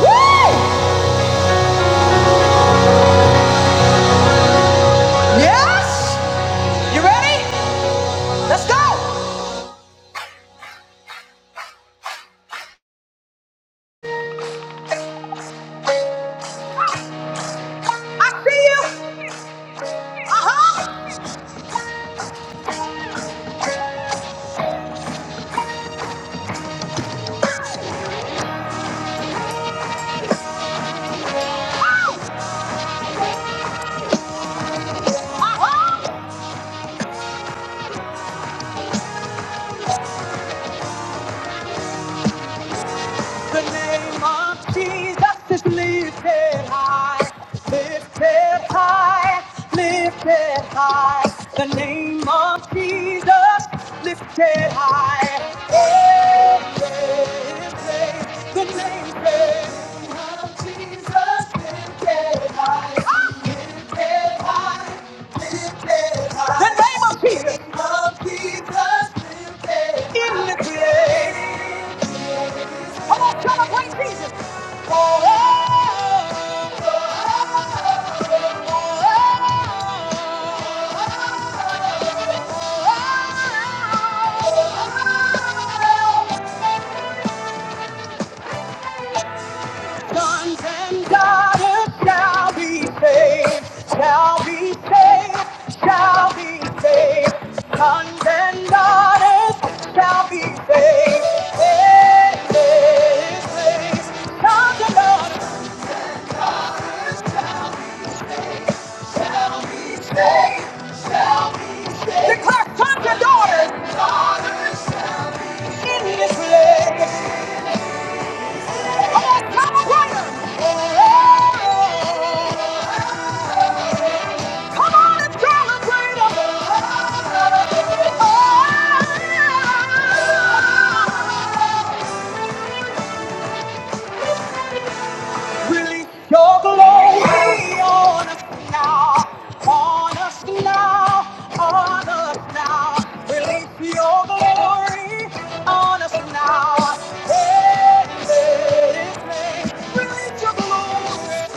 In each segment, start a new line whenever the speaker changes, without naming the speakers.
Woo! Yes! You ready? Let's go! I see you! Uh-huh! The name of Jesus is lifted high, lifted high, lifted high. The name of Jesus lifted high. Oh, praise, praise the name, praise of Jesus lifted high, lifted high, lifted high. The name of Jesus. the Name of Jesus lifted high. In the grave. Come on, come on, praise Jesus. Oh, God shall be saved, shall be saved, shall be saved. Sons and daughters shall be saved. in this place. Sons and daughters saved, shall be saved. Declare sons and daughters Daughters in this place. Come on, come on, celebrate 'em. Come on and celebrate us. Release your glory on us now, on us now, on us now. Release your glory on us now. Hey, hey, hey. Release your glory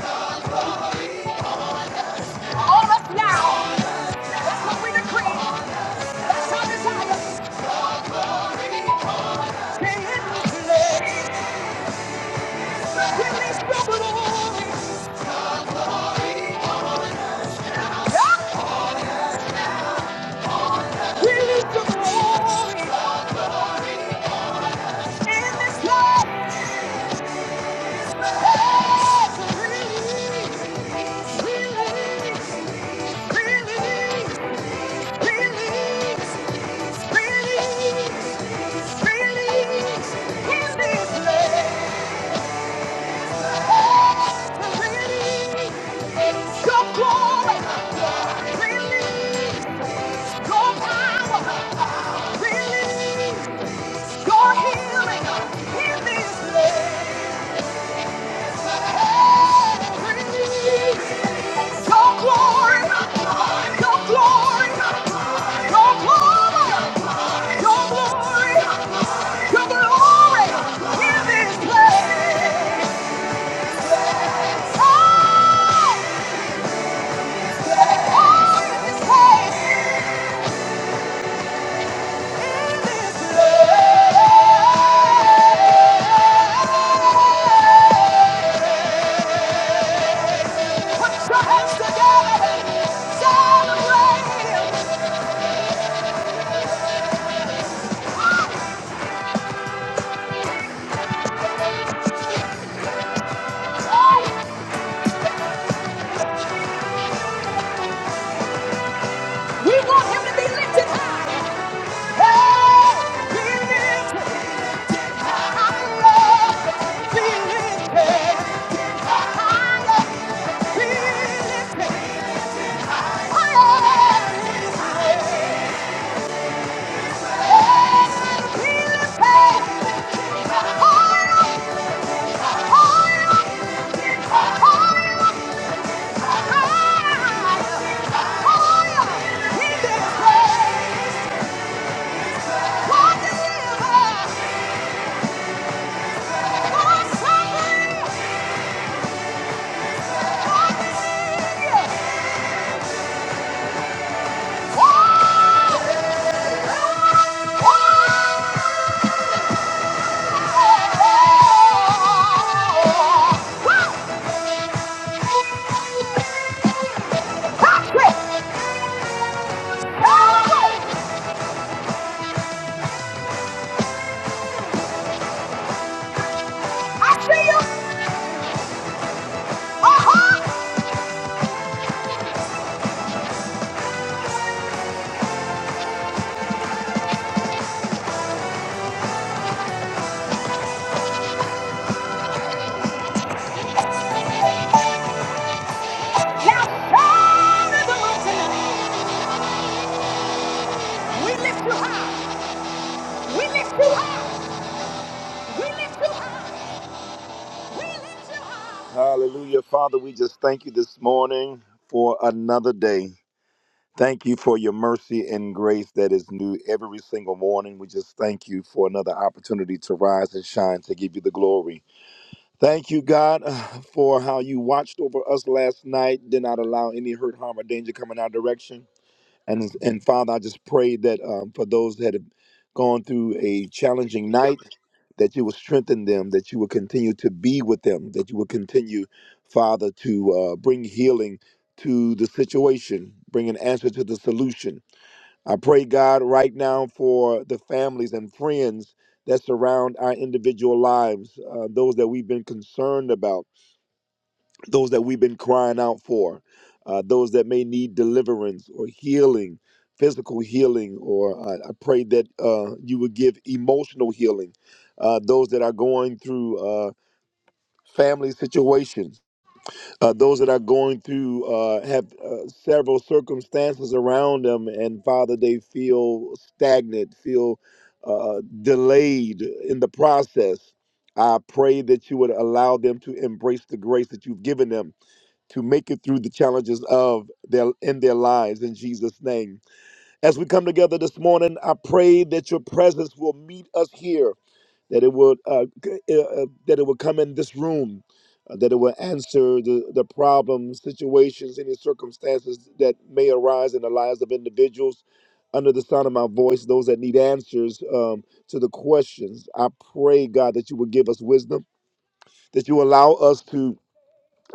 on us now. That's what we decree. That's our desire. Say it, Release your power, release your healing in this place. We want him to be lifted high. Be lifted higher. Be lifted Oh! Hallelujah. Father, we just thank you this morning for another day. Thank you for your mercy and grace that is new every single morning. We just thank you for another opportunity to rise and shine to give you the glory. Thank you, God, for how you watched over us last night, did not allow any hurt, harm, or danger coming our direction. And and Father, I just pray that um, for those that have gone through a challenging night, that you will strengthen them, that you will continue to be with them, that you will continue, Father, to uh, bring healing to the situation, bring an answer to the solution. I pray, God, right now for the families and friends that surround our individual lives, uh, those that we've been concerned about those that we've been crying out for, uh, those that may need deliverance or healing, physical healing, or I, I pray that uh, you would give emotional healing, uh, those that are going through uh, family situations, uh, those that are going through, uh, have uh, several circumstances around them, and Father, they feel stagnant, feel uh, delayed in the process. I pray that you would allow them to embrace the grace that you've given them to make it through the challenges of their in their lives in Jesus name. As we come together this morning, I pray that your presence will meet us here, that it will uh, c- uh, uh, that it will come in this room, uh, that it will answer the the problems, situations, any circumstances that may arise in the lives of individuals under the sound of my voice, those that need answers um, to the questions. I pray God that you will give us wisdom, that you allow us to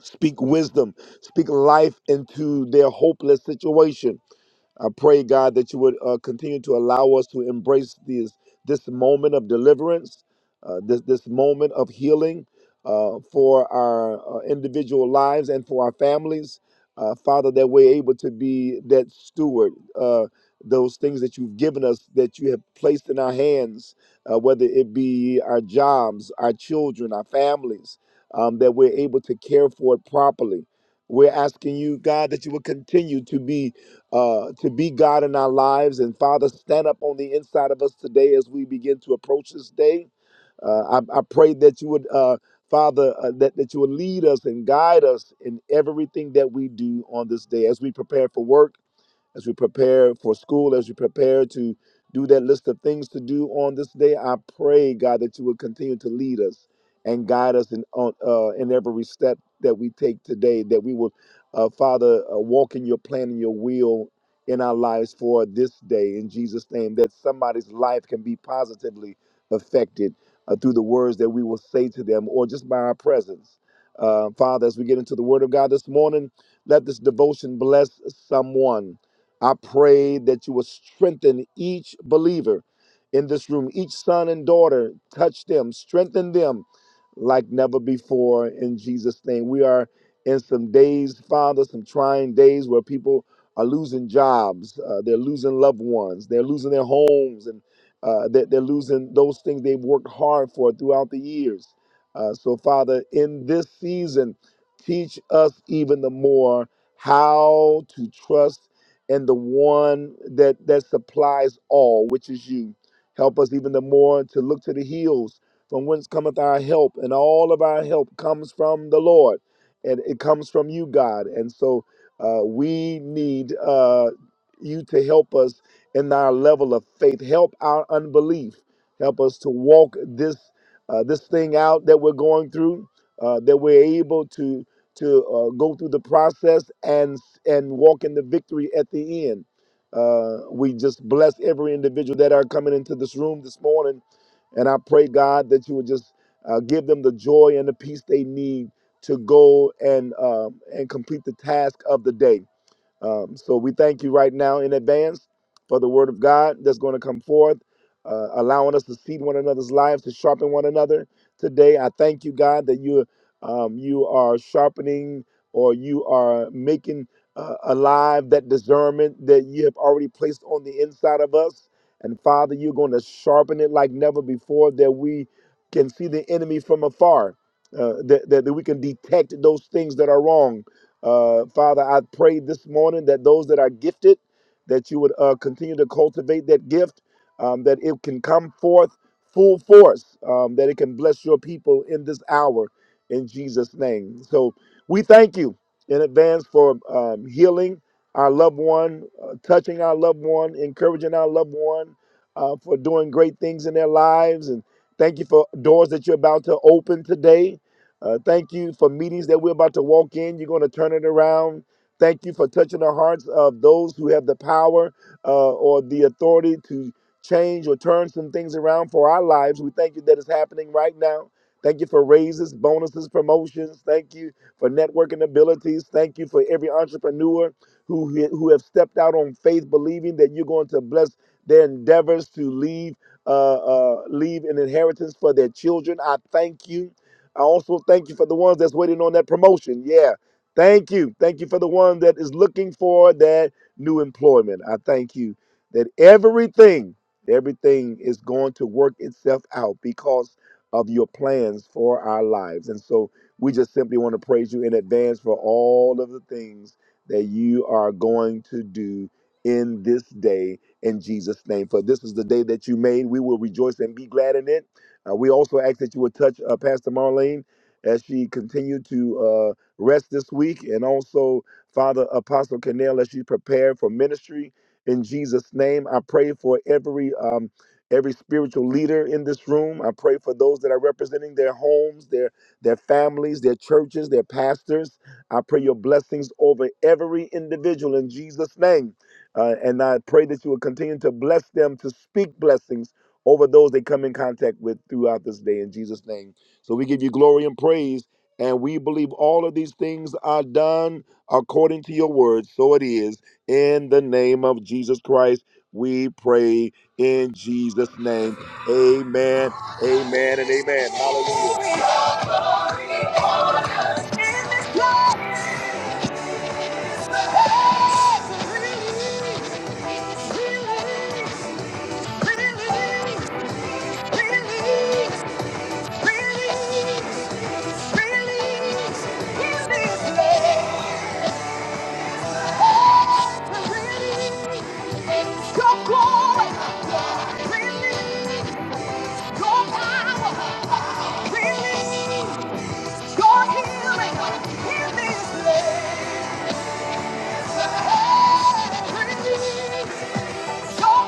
Speak wisdom. Speak life into their hopeless situation. I pray, God, that you would uh, continue to allow us to embrace these, this moment of deliverance, uh, this, this moment of healing uh, for our uh, individual lives and for our families. Uh, Father, that we're able to be that steward, uh, those things that you've given us, that you have placed in our hands, uh, whether it be our jobs, our children, our families, um, that we're able to care for it properly. We're asking you, God, that you will continue to be uh, to be God in our lives. And Father, stand up on the inside of us today as we begin to approach this day. Uh, I, I pray that you would, uh, Father, uh, that, that you would lead us and guide us in everything that we do on this day as we prepare for work as we prepare for school, as we prepare to do that list of things to do on this day, I pray, God, that you will continue to lead us and guide us in on, uh, in every step that we take today. That we will, uh, Father, uh, walk in your plan and your will in our lives for this day. In Jesus' name, that somebody's life can be positively affected uh, through the words that we will say to them, or just by our presence. Uh, Father, as we get into the Word of God this morning, let this devotion bless someone I pray that you will strengthen each believer in this room, each son and daughter. Touch them, strengthen them like never before in Jesus' name. We are in some days, Father, some trying days where people are losing jobs, uh, they're losing loved ones, they're losing their homes, and uh, they're, they're losing those things they've worked hard for throughout the years. Uh, so, Father, in this season, teach us even the more how to trust and the one that that supplies all, which is you. Help us even the more to look to the hills from whence cometh our help, and all of our help comes from the Lord, and it comes from you, God. And so uh, we need uh, you to help us in our level of faith. Help our unbelief. Help us to walk this uh, this thing out that we're going through. Uh, that we're able to to uh, go through the process and and walk in the victory at the end. Uh, we just bless every individual that are coming into this room this morning, and I pray God that you would just uh, give them the joy and the peace they need to go and um and complete the task of the day. Um, so we thank you right now in advance for the word of God that's going to come forth, uh, allowing us to seed one another's lives, to sharpen one another. Today, I thank you, God, that you um, you are sharpening or you are making uh, alive that discernment that you have already placed on the inside of us. And Father, you're going to sharpen it like never before, that we can see the enemy from afar, uh, that, that that we can detect those things that are wrong uh, Father, I pray this morning that those that are gifted, that you would uh, continue to cultivate that gift, um, that it can come forth full force, um, that it can bless your people in this hour in Jesus' name. So we thank you in advance for um, healing our loved one, uh, touching our loved one, encouraging our loved one, uh, for doing great things in their lives. And thank you for doors that you're about to open today uh, thank you for meetings that we're about to walk in. You're going to turn it around. Thank you for touching the hearts of those who have the power uh, or the authority to change or turn some things around for our lives. We thank you that it's happening right now. Thank you for raises, bonuses, promotions. Thank you for networking abilities. Thank you for every entrepreneur who who have stepped out on faith, believing that you're going to bless their endeavors to leave uh, uh, leave an inheritance for their children. I thank you I also thank you for the ones that's waiting on that promotion. Yeah. Thank you. Thank you for the one that is looking for that new employment. I thank you that everything, everything is going to work itself out because of your plans for our lives. And so we just simply want to praise you in advance for all of the things that you are going to do in this day in Jesus' name. For this is the day that you made. We will rejoice and be glad in it uh, we also ask that you would touch uh, Pastor Marlene as she continued to uh, rest this week, and also Father Apostle Canel as she prepared for ministry. In Jesus' name, I pray for every um, every spiritual leader in this room. I pray for those that are representing their homes, their their families, their churches, their pastors. I pray your blessings over every individual in Jesus' name. Uh, and I pray that you will continue to bless them to speak blessings over those they come in contact with throughout this day in Jesus' name. So we give you glory and praise. And we believe all of these things are done according to your word. So it is. In the name of Jesus Christ, we pray in Jesus' name. Amen, amen, and amen. Hallelujah. Go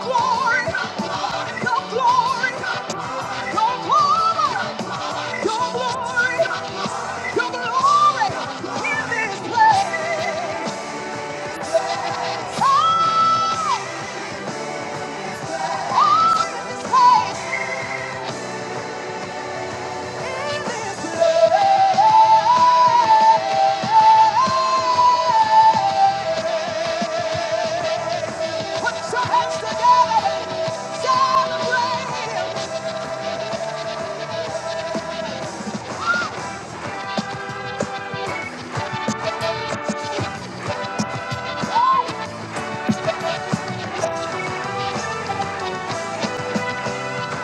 Glory, your glory, your glory. Your glory, your glory in this place. Oh, oh, in this place, in this place. Put your hands together, celebrate Him.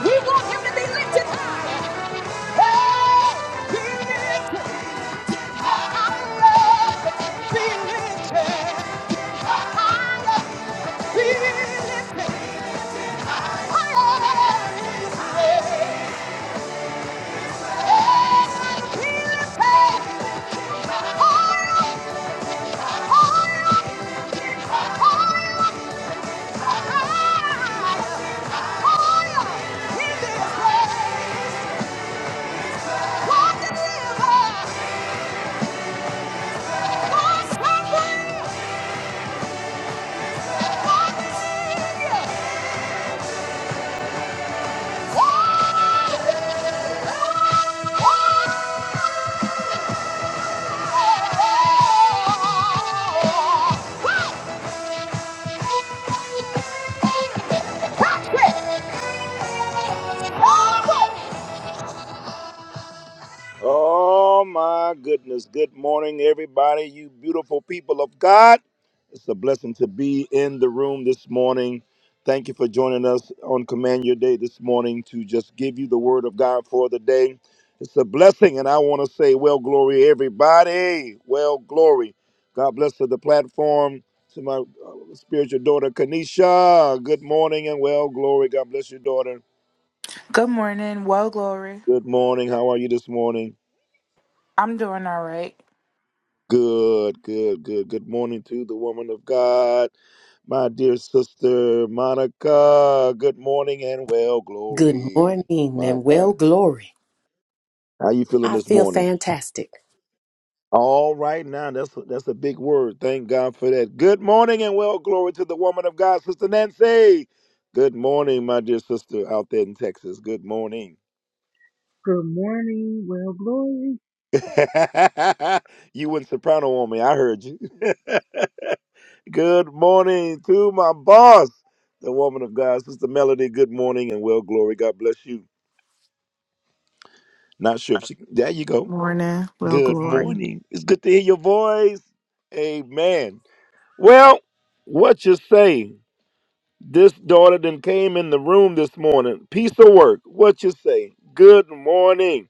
We want him to be lifted high. Hey, be lifted higher. Be higher. Be lifted What? Rock it! Oh my goodness. Good morning, everybody, you beautiful people of God. It's a blessing to be in the room this morning. Thank you for joining us on Command Your Day this morning to just give you the word of God for the day. It's a blessing, and I want to say, well, glory, everybody. Well, glory. God bless to the platform. To my uh, spiritual daughter, Kanisha. Good morning and well, glory. God bless your daughter.
Good morning. Well, Glory.
Good morning. How are you this morning?
I'm doing all right.
Good, good, good. Good morning to the woman of God, my dear sister Monica. Good morning and well
Good
glory.
morning
My
and well
God,
glory.
how you feeling
I
this
feel
morning?
fantastic.
All right, now that's that's a big word. Thank God for that. Good morning and well glory to the woman of God, Sister Nancy. Good morning, my dear sister out there in Texas. Good morning.
Good morning. Well, glory.
you went soprano on me. I heard you. Good morning to my boss, the woman of God, Sister Melody. Good morning and well glory. God bless you. Not sure if she. There you go.
Morning, well,
Good
glory.
morning. It's good to hear your voice. Amen. Well, what you say? This daughter then came in the room this morning. Piece of work. What you say? Good morning,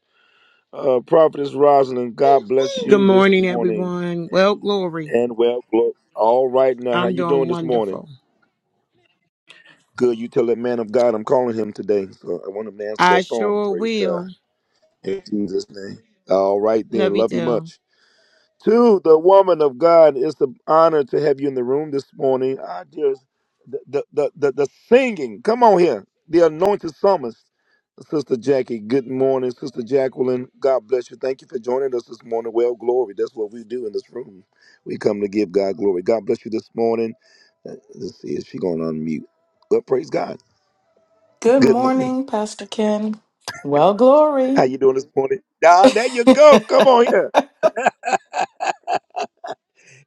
uh, Prophetess Rosalind. God bless
Good
you this
morning,
morning
everyone. Well, glory.
and well glory. All right now, how
I'm
you
doing
doing this morning?
wonderful.
Good, you tell that man of God I'm calling him today. So I want him to answer
I
that phone.
sure
Praise
will.
God. In Jesus' name. All right, then. Love you
Novitel.
much. To the woman of God, it's an honor to have you in the room this morning. I just, the, the, the, the, the singing, come on here. The anointed psalmist, Sister Jackie. Good morning, Sister Jacqueline. God bless you. Thank you for joining us this morning. Well, glory. That's what we do in this room. We come to give God glory. God bless you this morning. Uh, Let's see, is she going to unmute? Well, praise God.
Good
Good morning.
morning, Pastor Ken. Well,
How
glory.
you doing this morning? Ah, there you
Good
go. Come on here.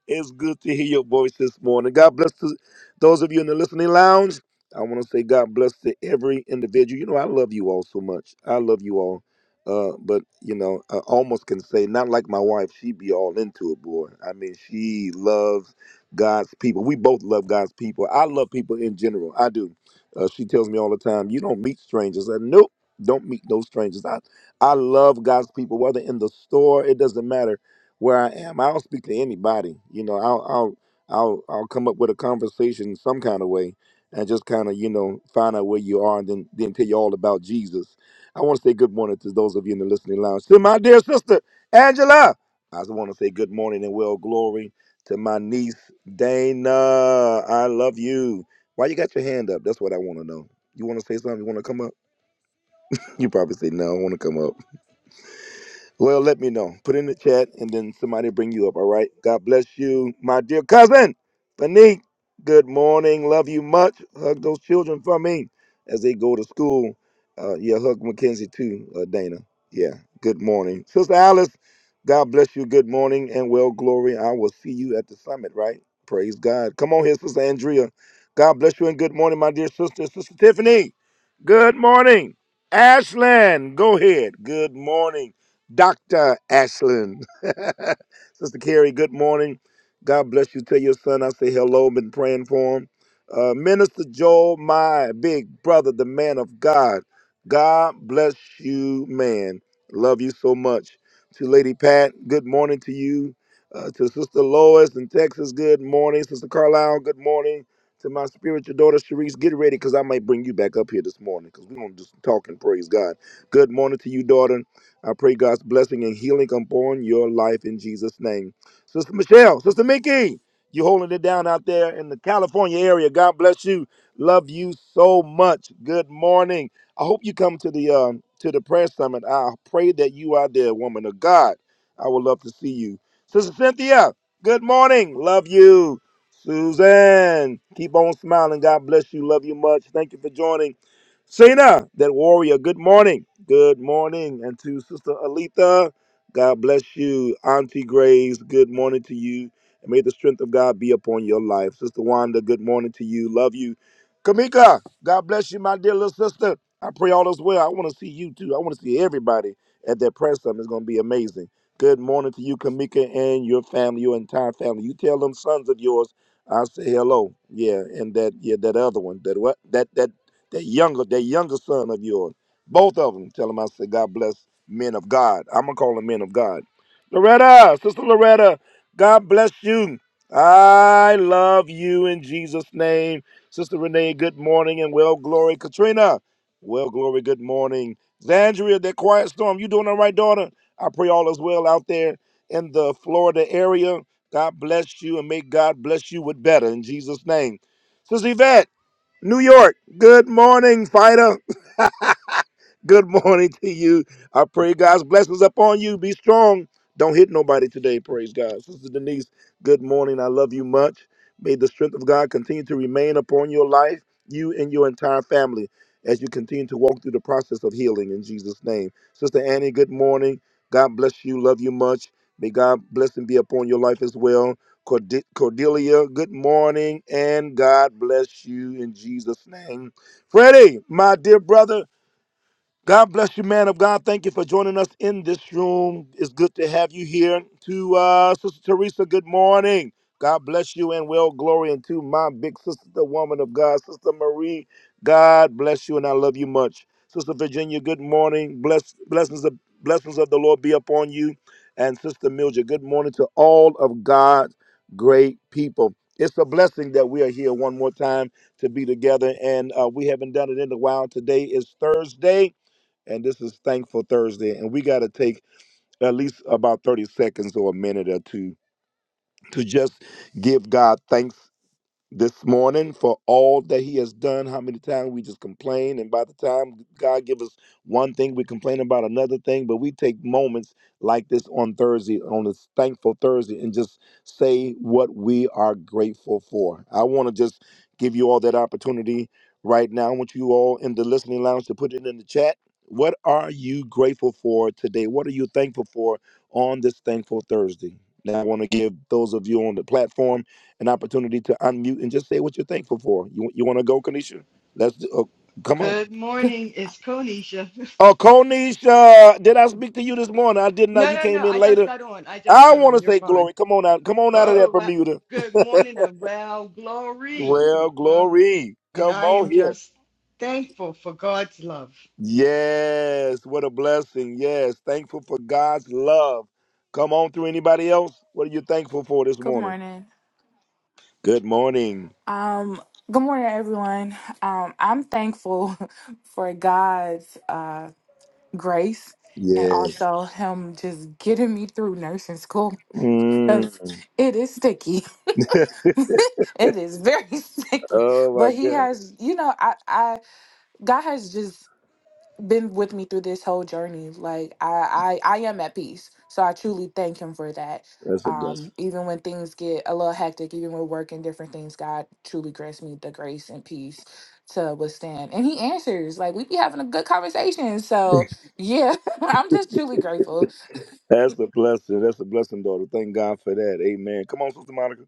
It's good to hear your voice this morning. God bless to those of you in the listening lounge. I want to say God bless to every individual. You know, I love you all so much. I love you all. Uh, but you know, I almost can say not like my wife. She be all into it, boy. I mean, she loves God's people. We both love God's people. I love people in general. I do. Uh, she tells me all the time, "You don't meet strangers." I said, nope, don't meet those strangers. I I love God's people, whether in the store, it doesn't matter where I am. I don't speak to anybody. You know, I'll I'll I'll I'll come up with a conversation in some kind of way and just kind of, you know, find out where you are and then then tell you all about Jesus. I want to say good morning to those of you in the listening lounge. To my dear sister, Angela. I just want to say good morning and well glory to my niece Dana. I love you. Why you got your hand up? That's what I want to know. You want to say something? You want to come up? You probably say no. I want to come up. Well, let me know. Put in the chat and then somebody bring you up, all right? God bless you, my dear cousin, Fanique. Good morning. Love you much. Hug those children for me as they go to school. Uh, yeah, hug Mackenzie too, uh, Dana. Yeah, good morning. Sister Alice, God bless you. Good morning and well, glory. I will see you at the summit, right? Praise God. Come on here, Sister Andrea. God bless you and good morning, my dear sister. Sister Tiffany, good morning. Ashland, go ahead. Good morning. Dr. Ashland. Sister Carrie, good morning. God bless you. Tell your son I say hello. Been praying for him. Uh, Minister Joel, my big brother, the man of God. God bless you, man. Love you so much. To Lady Pat, good morning to you. Uh, to Sister Lois in Texas, good morning. Sister Carlisle, good morning. To my spiritual daughter, Sharice, get ready because I might bring you back up here this morning because we're going to just talk and praise God. Good morning to you, daughter. I pray God's blessing and healing upon your life in Jesus' name. Sister Michelle, Sister Mickey, you are holding it down out there in the California area. God bless you. Love you so much. Good morning. I hope you come to the um, to the prayer summit. I pray that you are there, woman of God. I would love to see you. Sister Cynthia, good morning. Love you. Suzanne, keep on smiling. God bless you. Love you much. Thank you for joining. Cena, that warrior, good morning. Good morning. And to Sister Alita, God bless you. Auntie Grace, good morning to you. And may the strength of God be upon your life. Sister Wanda, good morning to you. Love you. Kamika, God bless you, my dear little sister. I pray all is well. I want to see you too. I want to see everybody at that press summit. It's going to be amazing. Good morning to you, Kamika, and your family, your entire family. You tell them sons of yours, I say hello. Yeah, and that yeah, that other one, that what that that that younger, that younger son of yours. Both of them. Tell them I said, God bless men of God. I'm gonna call them men of God. Loretta, sister Loretta, God bless you. I love you in Jesus' name. Sister Renee, good morning and well glory. Katrina, well glory, good morning. Zandria, that quiet storm, you doing all right, daughter? I pray all is well out there in the Florida area. God bless you and may God bless you with better in Jesus' name. Sister Yvette, New York, good morning, fighter. Good morning to you. I pray God's blessings upon you. Be strong. Don't hit nobody today. Praise God. Sister Denise, good morning. I love you much. May the strength of God continue to remain upon your life, you and your entire family, as you continue to walk through the process of healing in Jesus' name. Sister Annie, good morning. God bless you. Love you much. May God bless and be upon your life as well. Cord- Cordelia, good morning, and God bless you in Jesus' name. Freddie, my dear brother. God bless you, man of God. Thank you for joining us in this room. It's good to have you here. To uh, Sister Teresa, good morning. God bless you and well glory. And to my big sister, the woman of God, Sister Marie, God bless you and I love you much. Sister Virginia, good morning. Bless, blessings, of, blessings of the Lord be upon you. And Sister Mildred, good morning to all of God's great people. It's a blessing that we are here one more time to be together. And uh, we haven't done it in a while. Today is Thursday and this is Thankful Thursday, and we got to take at least about 30 seconds or a minute or two to just give God thanks this morning for all that he has done how many times we just complain and by the time god give us one thing we complain about another thing but we take moments like this on thursday on this thankful thursday and just say what we are grateful for i want to just give you all that opportunity right now i want you all in the listening lounge to put it in the chat what are you grateful for today what are you thankful for on this thankful thursday now i want to give those of you on the platform an opportunity to unmute and just say what you're thankful for. You you want to go, Kanisha? Let's do, oh, come on.
Good morning. It's Konisha.
Oh, Konisha, did I speak to you this morning? I did not.
No,
You
no, no.
came in
I just
later.
got on. I just
I
got
want
on.
to
You're
say
fine.
glory. Come on out. Come on
Oh,
out of
oh, oh,
that
well,
Bermuda.
good morning and well, glory.
Well,
Uh,
glory.
and
Come
I
on
am
here.
just thankful for God's love.
Yes, what a blessing. Yes, thankful for God's love. Come on through. Anybody else? What are you thankful for this
Good
morning?
morning.
Good morning.
Um, good morning, everyone. Um, I'm thankful for God's uh, grace and
Yes.
also Him just getting me through nursing school because
Mm.
it is sticky. it is very sticky.
Oh my
But He
God,
has, you know, I, I God has just been with me through this whole journey. Like I, I, I am at peace. So I truly thank him for that.
that's a blessing.
Um, even when things get a little hectic, even with work and different things, God truly grants me the grace and peace to withstand. And he answers. Like we be having a good conversation. So yeah, I'm just truly grateful.
That's a blessing. That's a blessing, daughter. Thank God for that. Amen. Come on, Sister Monica.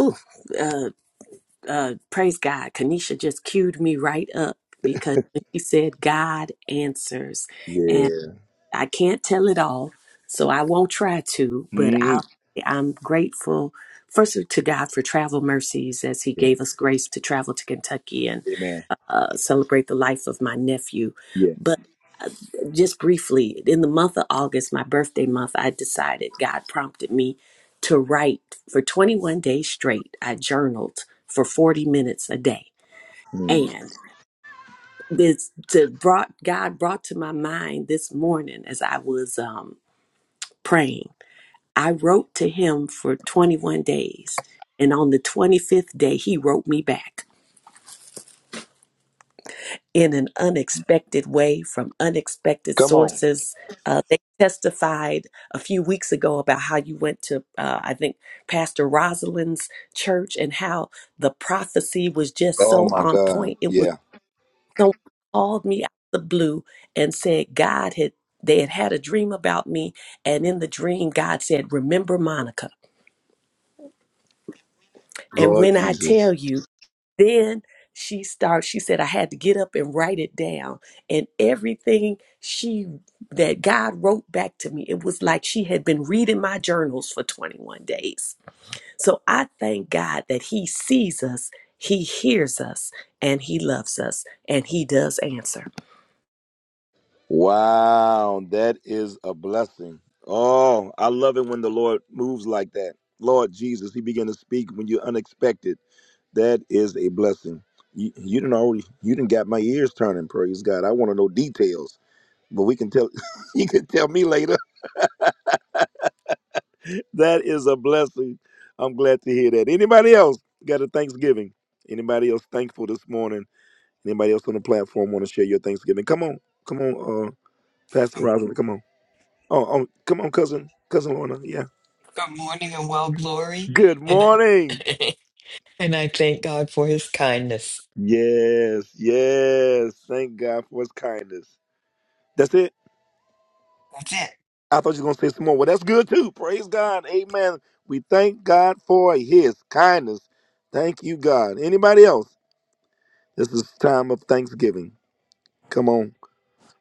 Ooh, uh, uh, praise God. Kanisha just cued me right up because she said God answers. And
Yeah.
I can't tell it all, so I won't try to, but
Mm.
I'll, I'm grateful, first of- to God for travel mercies as He
Yeah.
gave us grace to travel to Kentucky and
Amen.
uh, celebrate the life of my nephew.
Yeah.
just briefly, in the month of August, my birthday month, I decided God prompted me to write for 21 days straight. I journaled for 40 minutes a day.
Mm.
And this to brought God brought to my mind this morning as I was um, praying. I wrote to him for 21 days. And on the 25th day, he wrote me back. in an unexpected way from unexpected
Come on.
sources. Uh, they testified a few weeks ago about how you went to, uh, I think, Pastor Rosalind's church and how the prophecy was just
Oh
so
my
on
God.
point. It was
Yeah.
someone called me out of the blue and said God had they had had a dream about me, and in the dream God said, "Remember Monica." And
Lord
when I tell
Jesus.
you then she starts she said i had to get up and write it down and everything she that god wrote back to me it was like she had been reading my journals for 21 days so i thank god that he sees us he hears us and he loves us and he does answer
Wow. That is a blessing. Oh, I love it when the Lord moves like that. Lord Jesus, He began to speak when you're unexpected. That is a blessing. You, you didn't already. You didn't got my ears turning. Praise God. I want to know details, but we can tell. you can tell me later. that is a blessing. I'm glad to hear that. Anybody else got a Thanksgiving? Anybody else thankful this morning? Anybody else on the platform want to share your Thanksgiving? Come on, come on, uh, Pastor
Um,
Rosalind, come on. Oh, oh, come on, cousin, cousin Lorna. Yeah.
Good morning and well glory.
Good
And
morning.
and I thank God for his kindness.
Yes, yes. Thank God for His kindness. That's it.
That's it.
I thought you were gonna say some more. Well, that's good too. Praise God. Amen. We thank God for His kindness. Thank you, God. Anybody else? This is time of Thanksgiving. Come on.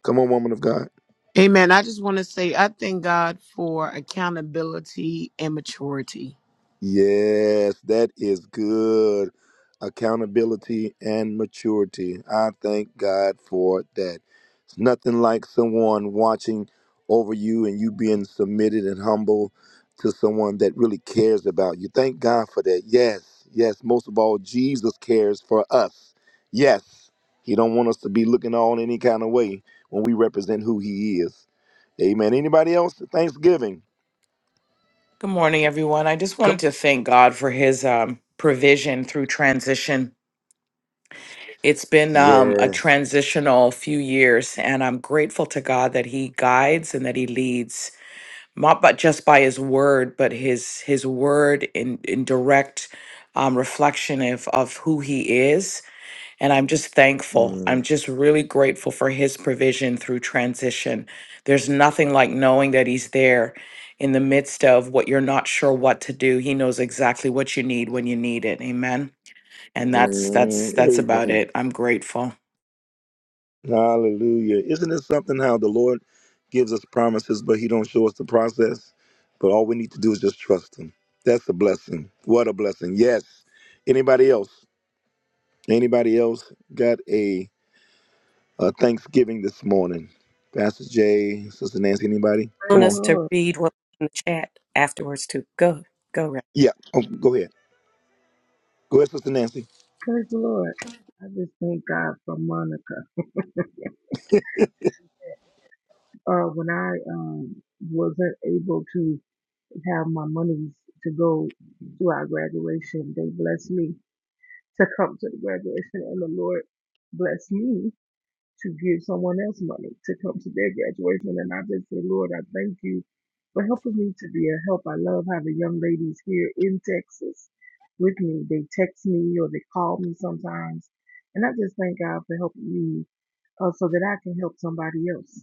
Come on, woman of God.
Amen. I just want to say I thank God for accountability and maturity.
Yes, that is good. Accountability and maturity. I thank God for that. It's nothing like someone watching over you and you being submitted and humble to someone that really cares about you. Thank God for that. Yes, yes. Most of all, Jesus cares for us. Yes. He don't want us to be looking on any kind of way when we represent who he is. Amen. Anybody else? Thanksgiving.
morning, everyone. I just wanted to thank God for his um, provision through transition. It's been um, a
Yes.
transitional few years, and I'm grateful to God that he guides and that he leads, not but just by his word, but his his word in, in direct um, reflection of, of who he is And I'm just thankful. I'm
Mm,
just really grateful for his provision through transition. There's nothing like knowing that he's there in the midst of what you're not sure what to do. He knows exactly what you need when you need it. Amen. And that's that's
mm,
that's about
Amen.
it. I'm grateful.
Hallelujah. Isn't it something how the Lord gives us promises, but He don't show us the process? But all we need to do is just trust Him. That's a blessing. What a blessing. Yes. Anybody else? Anybody else got a, a Thanksgiving this morning? Pastor Jay, Sister Nancy, anybody?
i
Praise
Come
want
the
on.
us to
Lord.
read what was in the chat afterwards too go go
Yeah. Oh, go ahead. Go ahead, Sister Nancy.
Praise the Lord. I just thank God for Monica. Uh, when I um, wasn't able to have my monies to go to our graduation, they blessed me to come to the graduation, and the Lord blessed me. to give someone else money to come to their graduation. And I just say, Lord, I thank you for helping me to be a help. I love having young ladies here in Texas with me. They text me or they call me sometimes. And I just thank God for helping me uh, so that I can help somebody else.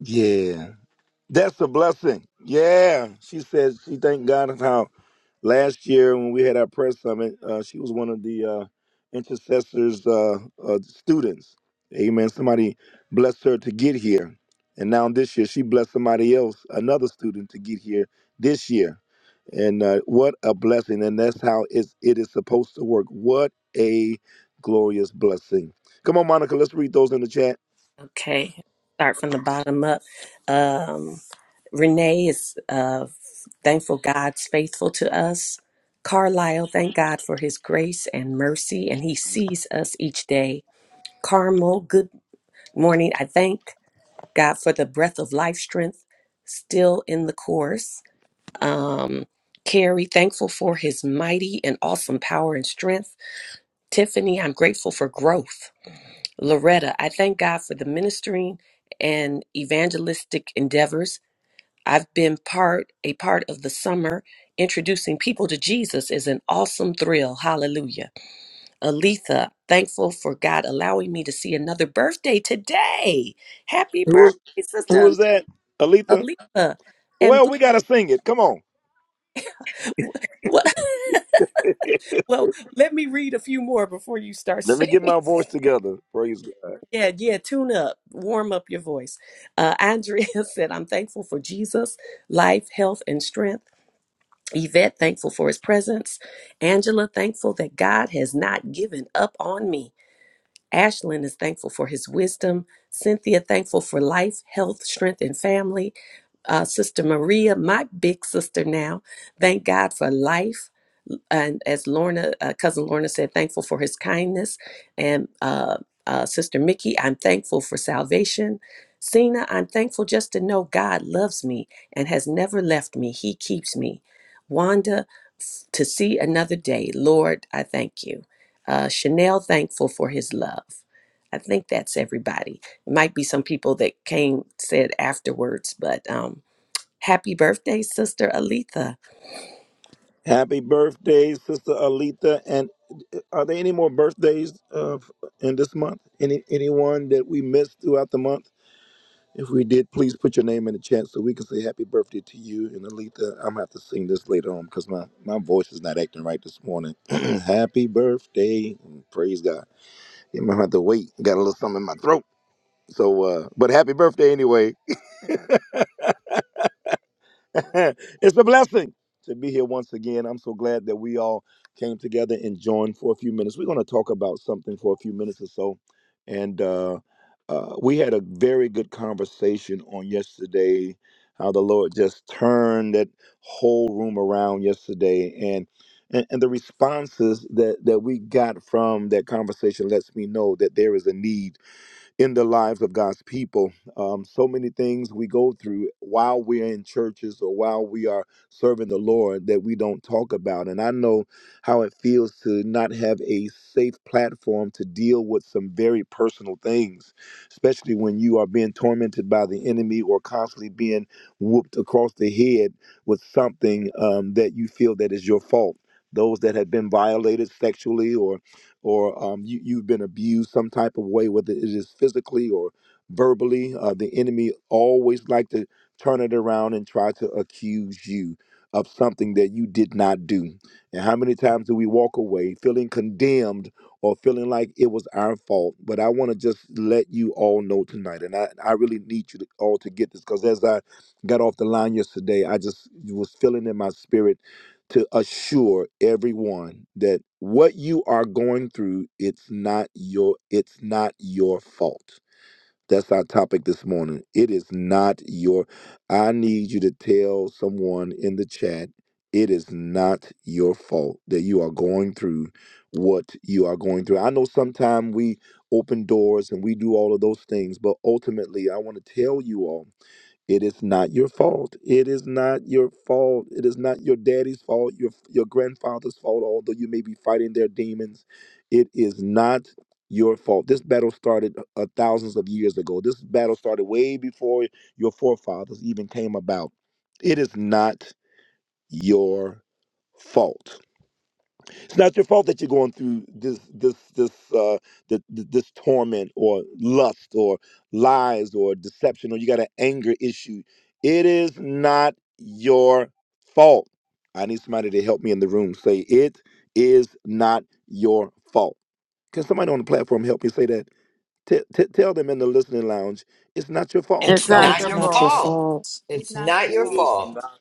Yeah. That's a blessing. Yeah. She says she thanked God how last year when we had our press summit, uh, she was one of the uh, intercessors uh, uh, students. Amen. Somebody blessed her to get here. And now this year, she blessed somebody else, another student, to get here this year. And uh, what a blessing. And that's how it's, it is supposed to work. What a glorious blessing. Come on, Monica, let's read those in the chat.
Okay, start from the bottom up. Um, Renee is uh, thankful God's faithful to us. Carlisle, thank God for his grace and mercy, and he sees us each day. Carmel, good morning. I thank God for the breath of life strength still in the course. Um, Carrie, thankful for his mighty and awesome power and strength. Tiffany, I'm grateful for growth. Loretta, I thank God for the ministering and evangelistic endeavors. I've been part a part of the summer. Introducing people to Jesus is an awesome thrill. Hallelujah. Aletha, thankful for God allowing me to see another birthday today. Happy
Who was,
birthday,
who
sister
was that? Aletha?
Aletha. And
Well,
bl-
we got to sing it. Come on.
well, well, let me read a few more before you start
Let me get
singing.
my voice together. Praise God.
Yeah, yeah, tune up, warm up your voice. Uh, Andrea said, I'm thankful for Jesus, life, health, and strength. Yvette, thankful for his presence. Angela, thankful that God has not given up on me. Ashlyn is thankful for his wisdom. Cynthia, thankful for life, health, strength, and family. Uh, sister Maria, my big sister now, thank God for life and as Lorna, uh, cousin Lorna said, thankful for his kindness, and uh, uh, sister Mickey, I'm thankful for salvation. Cena, I'm thankful just to know God loves me and has never left me. He keeps me. Wanda, f- to see another day. Lord, I thank you. Uh, Chanel, thankful for his love. I think that's everybody. It might be some people that came said afterwards, but um, happy birthday, sister Aletha.
Happy birthday, Sister Alita. And uh, are there any more birthdays uh, in this month? Any Anyone that we missed throughout the month? If we did, please put your name in the chat so we can say happy birthday to you. And Alita, I'm going to have to sing this later on because my, my voice is not acting right this morning. happy birthday. Praise God. Yeah, I'm going to have to wait. Got a little something in my throat. So, uh, but happy birthday anyway. it's a blessing to be here once again. I'm so glad that we all came together and joined for a few minutes. We're going to talk about something for a few minutes or so. And uh, uh, we had a very good conversation on yesterday, how the Lord just turned that whole room around yesterday. And and, and the responses that, that we got from that conversation lets me know that there is a need in the lives of God's people. Um, so many things we go through while we're in churches or while we are serving the Lord that we don't talk about. And I know how it feels to not have a safe platform to deal with some very personal things, especially when you are being tormented by the enemy or constantly being whooped across the head with something um, that you feel that is your fault. Those that have been violated sexually or or um, you, you've been abused some type of way, whether it is physically or verbally. Uh, the enemy always like to turn it around and try to accuse you of something that you did not do. And how many times do we walk away feeling condemned or feeling like it was our fault? But I want to just let you all know tonight, and I, I really need you to, all to get this because as I got off the line yesterday, I just was feeling in my spirit to assure everyone that what you are going through it's not your it's not your fault that's our topic this morning it is not your i need you to tell someone in the chat it is not your fault that you are going through what you are going through i know sometimes we open doors and we do all of those things but ultimately i want to tell you all it is not your fault. It is not your fault. It is not your daddy's fault, your your grandfather's fault, although you may be fighting their demons. It is not your fault. This battle started uh, thousands of years ago. This battle started way before your forefathers even came about. It is not your fault it's not your fault that you're going through this this this uh the, this torment or lust or lies or deception or you got an anger issue it is not your fault i need somebody to help me in the room say it is not your fault can somebody on the platform help me say that T- t- tell them in the listening lounge it's not your fault
It's
It's
tell
It
not
them
not
It's
your
your
not your
It's
fault.
fault.
fault.
it's
It's
not your
not your
it
fault.
is
fault.
not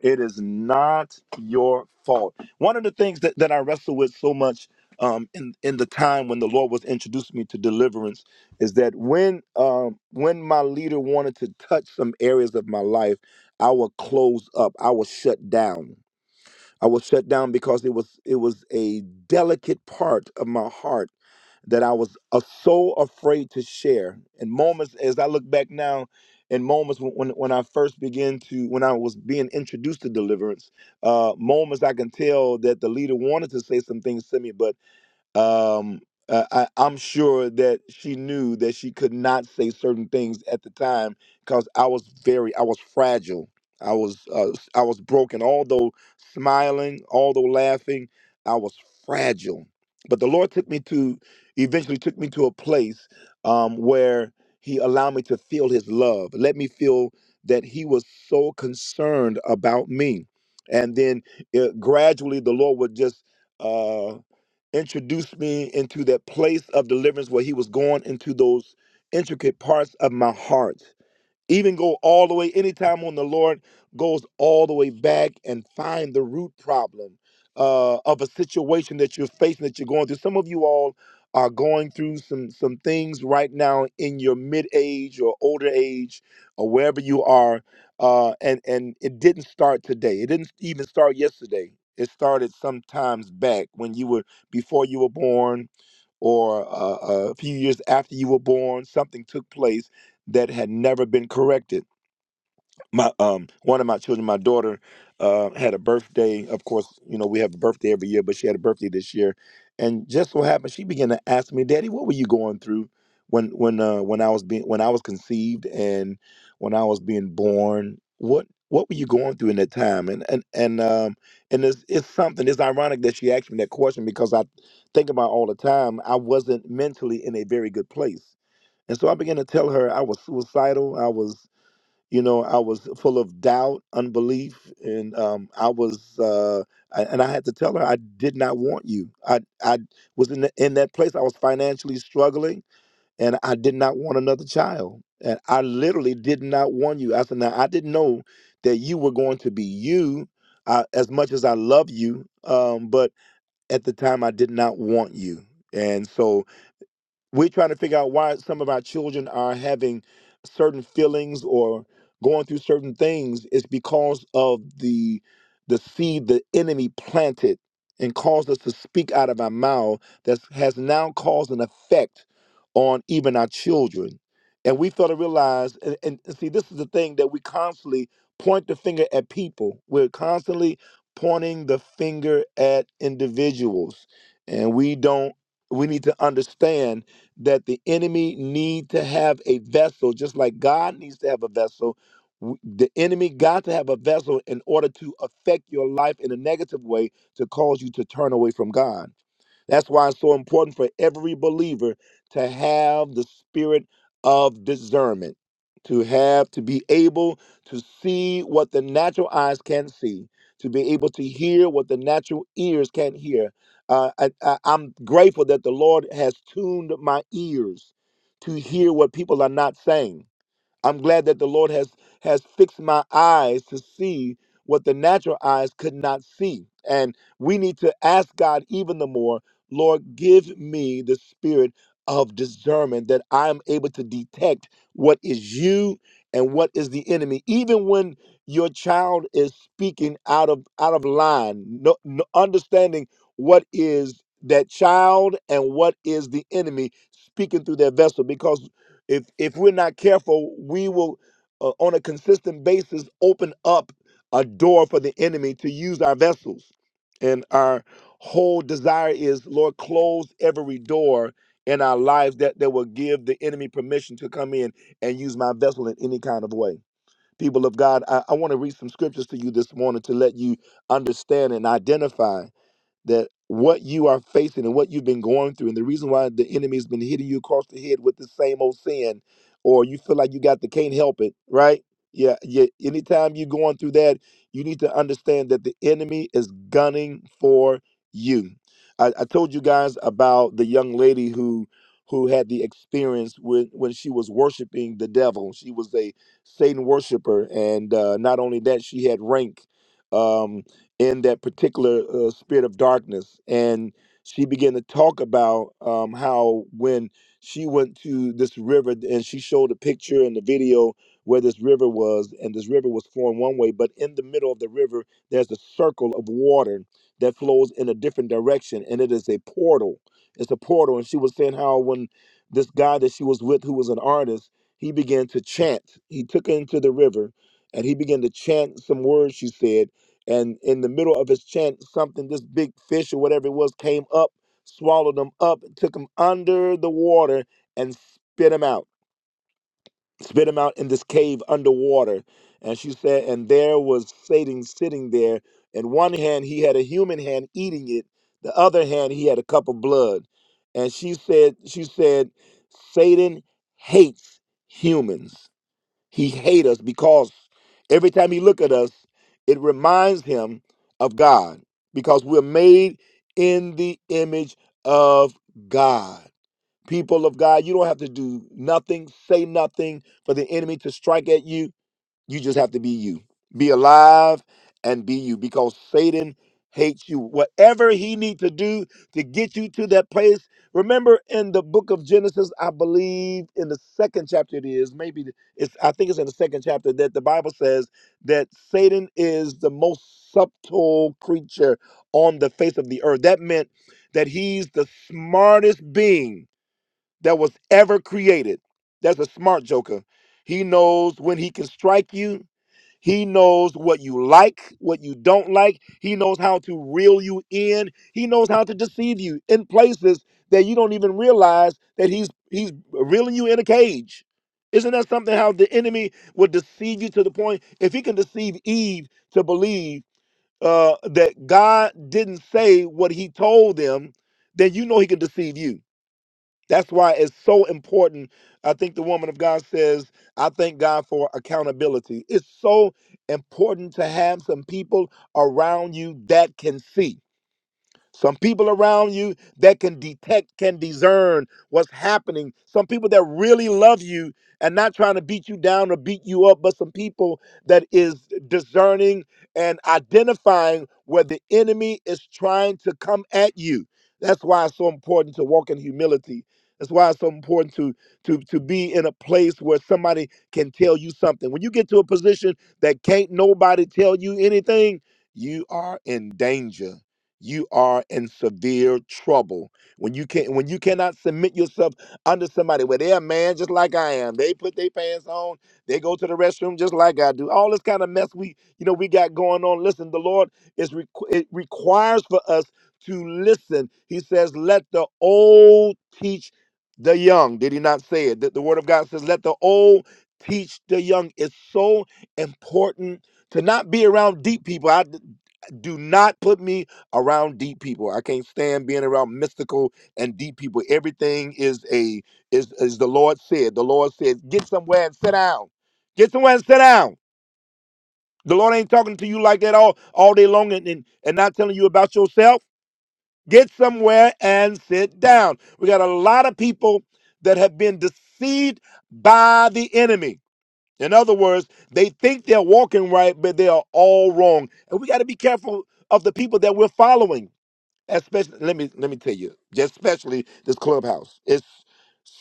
it is not your fault. One of the things that, that I wrestle with so much um, in in the time when the Lord was introducing me to deliverance is that when um, when my leader wanted to touch some areas of my life, I would close up. I would shut down. I would shut down because it was it was a delicate part of my heart that I was uh, so afraid to share. And moments, as I look back now, and moments when, when, when I first began to, when I was being introduced to deliverance, uh, moments I can tell that the leader wanted to say some things to me, but um uh, I, i'm sure that she knew that she could not say certain things at the time because i was very i was fragile i was uh, s- i was broken although smiling although laughing i was fragile but the lord took me to eventually took me to a place um, where he allowed me to feel his love let me feel that he was so concerned about me and then uh gradually the lord would just uh, introduced me into that place of deliverance where he was going into those intricate parts of my heart even go all the way anytime when the lord goes all the way back and find the root problem uh, of a situation that you're facing that you're going through some of you all are going through some some things right now in your mid age or older age or wherever you are uh, and and it didn't start today it didn't even start yesterday it started some times back when you were before you were born or uh, a few years after you were born, something took place that had never been corrected my um one of my children, my daughter, uh, had a birthday. Of course, you know we have a birthday every year, but she had a birthday this year, and just so happened she began to ask me, "Daddy, what were you going through when when uh, when I was being when I was conceived and when I was being born? What what were you going through in that time?" And and and um and it's it's something. It's ironic that she asked me that question because I think about all the time. I wasn't mentally in a very good place. And so I began to tell her I was suicidal. I was you know i was full of doubt unbelief and um, i was uh, I, and i had to tell her i did not want you i i was in, the, in that place i was financially struggling and i did not want another child and i literally did not want you i said now i didn't know that you were going to be you I, as much as i love you um, but at the time i did not want you and so we're trying to figure out why some of our children are having certain feelings or going through certain things it's because of the the seed the enemy planted and caused us to speak out of our mouth that has now caused an effect on even our children and we fail to realize and, and see this is the thing that we constantly point the finger at people we're constantly pointing the finger at individuals and we don't we need to understand that the enemy need to have a vessel just like god needs to have a vessel w- the enemy got to have a vessel in order to affect your life in a negative way to cause you to turn away from god that's why it's so important for every believer to have the spirit of discernment, to have, to be able to see what the natural eyes can't see, to be able to hear what the natural ears can't hear. Uh, I, I, I'm grateful that the Lord has tuned my ears to hear what people are not saying I'm glad that the Lord has has fixed my eyes to see what the natural eyes could not see. And we need to ask God even the more, Lord, give me the spirit of discernment that I am able to detect what is you and what is the enemy. Even when your child is speaking out of out of line, no, no, understanding what is that child and what is the enemy speaking through their vessel because if if we're not careful we will uh, on a consistent basis open up a door for the enemy to use our vessels and our whole desire is lord close every door in our lives that that will give the enemy permission to come in and use my vessel in any kind of way people of god i, I want to read some scriptures to you this morning to let you understand and identify that what you are facing and what you've been going through, and the reason why the enemy has been hitting you across the head with the same old sin, or you feel like you got the can't help it, right? Yeah, yeah. Anytime you're going through that, you need to understand that the enemy is gunning for you. I, I told you guys about the young lady who who had the experience when when she was worshiping the devil. She was a Satan worshiper, and uh, not only that, she had rank. Um, in that particular uh, spirit of darkness. And she began to talk about um, how when she went to this river and she showed a picture and the video where this river was, and this river was flowing one way, but in the middle of the river, there's a circle of water that flows in a different direction, and it is a portal. It's a portal. And she was saying how when this guy that she was with, who was an artist, he began to chant. He took her into the river and he began to chant some words she said and in the middle of his chant, something, this big fish or whatever it was, came up, swallowed him up, took him under the water, and spit him out. Spit him out in this cave underwater. And she said, and there was Satan sitting there. In one hand, he had a human hand eating it, the other hand, he had a cup of blood. And she said, she said, Satan hates humans he hates us because every time he look at us, it reminds him of God because we're made in the image of God. People of God, you don't have to do nothing, say nothing for the enemy to strike at you you just have to be you. Be alive and be you because Satan hates you. Whatever he needs to do to get you to that place. Remember in the book of Genesis, I believe in the second chapter it is, maybe the- it's I think it's in the second chapter that the Bible says that Satan is the most subtle creature on the face of the earth. That meant that he's the smartest being that was ever created. That's a smart joker. He knows when he can strike you he knows what you like, what you don't like. He knows how to reel you in. He knows how to deceive you in places that you don't even realize that he's he's reeling you in a cage. Isn't that something how the enemy would deceive you to the point if he can deceive Eve to believe uh, that God didn't say what he told them, then you know he can deceive you that's why it's so important. I think the woman of God says, I thank God for accountability. It's so important to have some people around you that can see. Some people around you that can detect, can discern what's happening. Some people that really love you and not trying to beat you down or beat you up, but some people that is discerning and identifying where the enemy is trying to come at you. That's why it's so important to walk in humility. That's why it's so important to to to be in a place where somebody can tell you something. When you get to a position that can't nobody tell you anything, you are in danger you are in severe trouble when you can not when you cannot submit yourself under somebody where they're a man just like I am. They put their pants on, they go to the restroom just like I do. All this kind of mess we you know we got going on. Listen, the Lord is requ- it requires for us to listen. He says, "Let the old teach the young." Did he not say it? The, the Word of God says, "Let the old teach the young." It's so important to not be around deep people do not put me around deep people. I can't stand being around mystical and deep people. Everything is a is is the Lord said. The Lord said, get somewhere and sit down. Get somewhere and sit down. The Lord ain't talking to you like that all all day long and and, and not telling you about yourself. Get somewhere and sit down. We got a lot of people that have been deceived by the enemy. In other words, they think they're walking right, but they are all wrong. And we got to be careful of the people that we're following. Especially, let me let me tell you, just especially this clubhouse. It's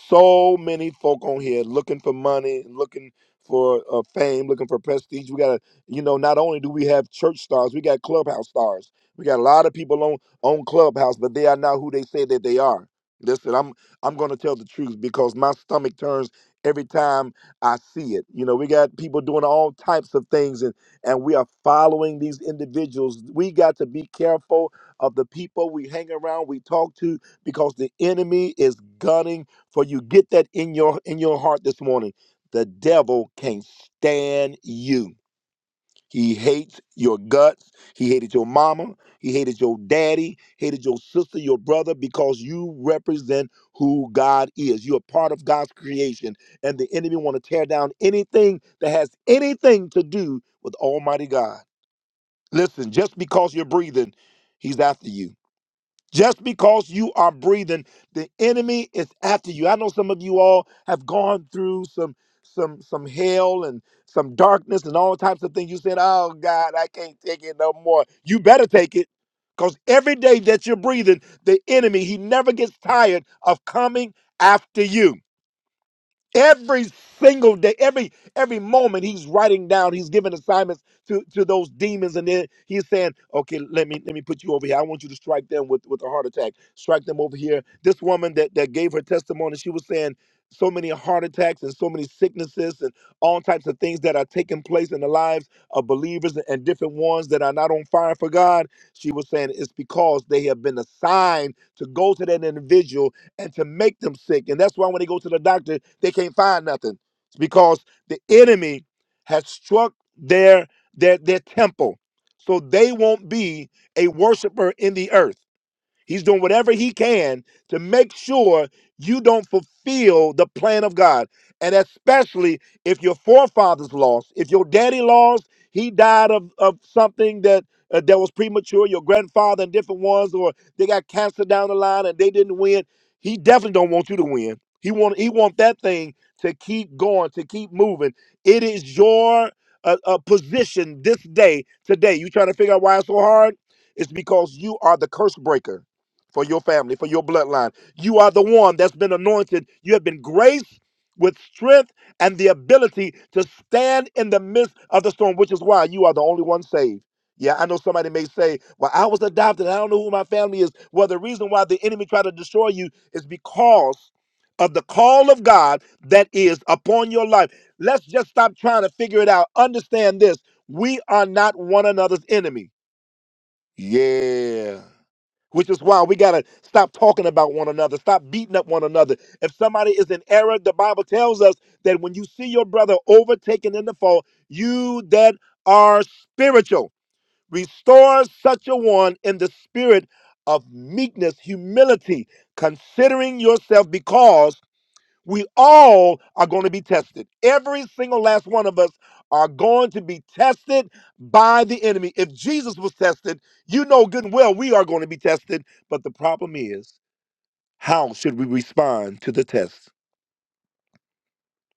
so many folk on here looking for money, looking for uh, fame, looking for prestige. We got to, you know, not only do we have church stars, we got clubhouse stars. We got a lot of people on on clubhouse, but they are not who they say that they are. Listen, I'm I'm going to tell the truth because my stomach turns every time I see it. You know, we got people doing all types of things, and and we are following these individuals. We got to be careful of the people we hang around, we talk to, because the enemy is gunning for you. Get that in your in your heart this morning. The devil can't stand you. He hates your guts. He hated your mama. He hated your daddy. Hated your sister, your brother, because you represent who God is. You are part of God's creation, and the enemy want to tear down anything that has anything to do with Almighty God. Listen, just because you're breathing, he's after you. Just because you are breathing, the enemy is after you. I know some of you all have gone through some some some hell and some darkness and all types of things. You said, "Oh God, I can't take it no more." You better take it, because every day that you're breathing, the enemy he never gets tired of coming after you every single day every every moment he's writing down he's giving assignments to to those demons and then he's saying okay let me let me put you over here i want you to strike them with with a heart attack strike them over here this woman that that gave her testimony she was saying so many heart attacks and so many sicknesses and all types of things that are taking place in the lives of believers and different ones that are not on fire for god she was saying it's because they have been assigned to go to that individual and to make them sick. And that's why when they go to the doctor, they can't find nothing. It's because the enemy has struck their their their temple. So they won't be a worshiper in the earth. He's doing whatever he can to make sure you don't fulfill the plan of God. And especially if your forefathers lost, if your daddy lost, he died of, of something that uh, that was premature, your grandfather and different ones, or they got cancer down the line and they didn't win. He definitely don't want you to win. He want he want that thing to keep going, to keep moving. It is your uh, uh, position this day, today. You trying to figure out why it's so hard? It's because you are the curse breaker for your family, for your bloodline. You are the one that's been anointed. You have been graced with strength and the ability to stand in the midst of the storm, which is why you are the only one saved. Yeah, I know somebody may say, Well, I was adopted. I don't know who my family is. Well, the reason why the enemy tried to destroy you is because of the call of God that is upon your life. Let's just stop trying to figure it out. Understand this we are not one another's enemy. Yeah which is why we got to stop talking about one another, stop beating up one another. If somebody is in error, the Bible tells us that when you see your brother overtaken in the fall, you that are spiritual, restore such a one in the spirit of meekness, humility, considering yourself because we all are going to be tested. Every single last one of us are going to be tested by the enemy. If Jesus was tested, you know good and well we are going to be tested. But the problem is, how should we respond to the test?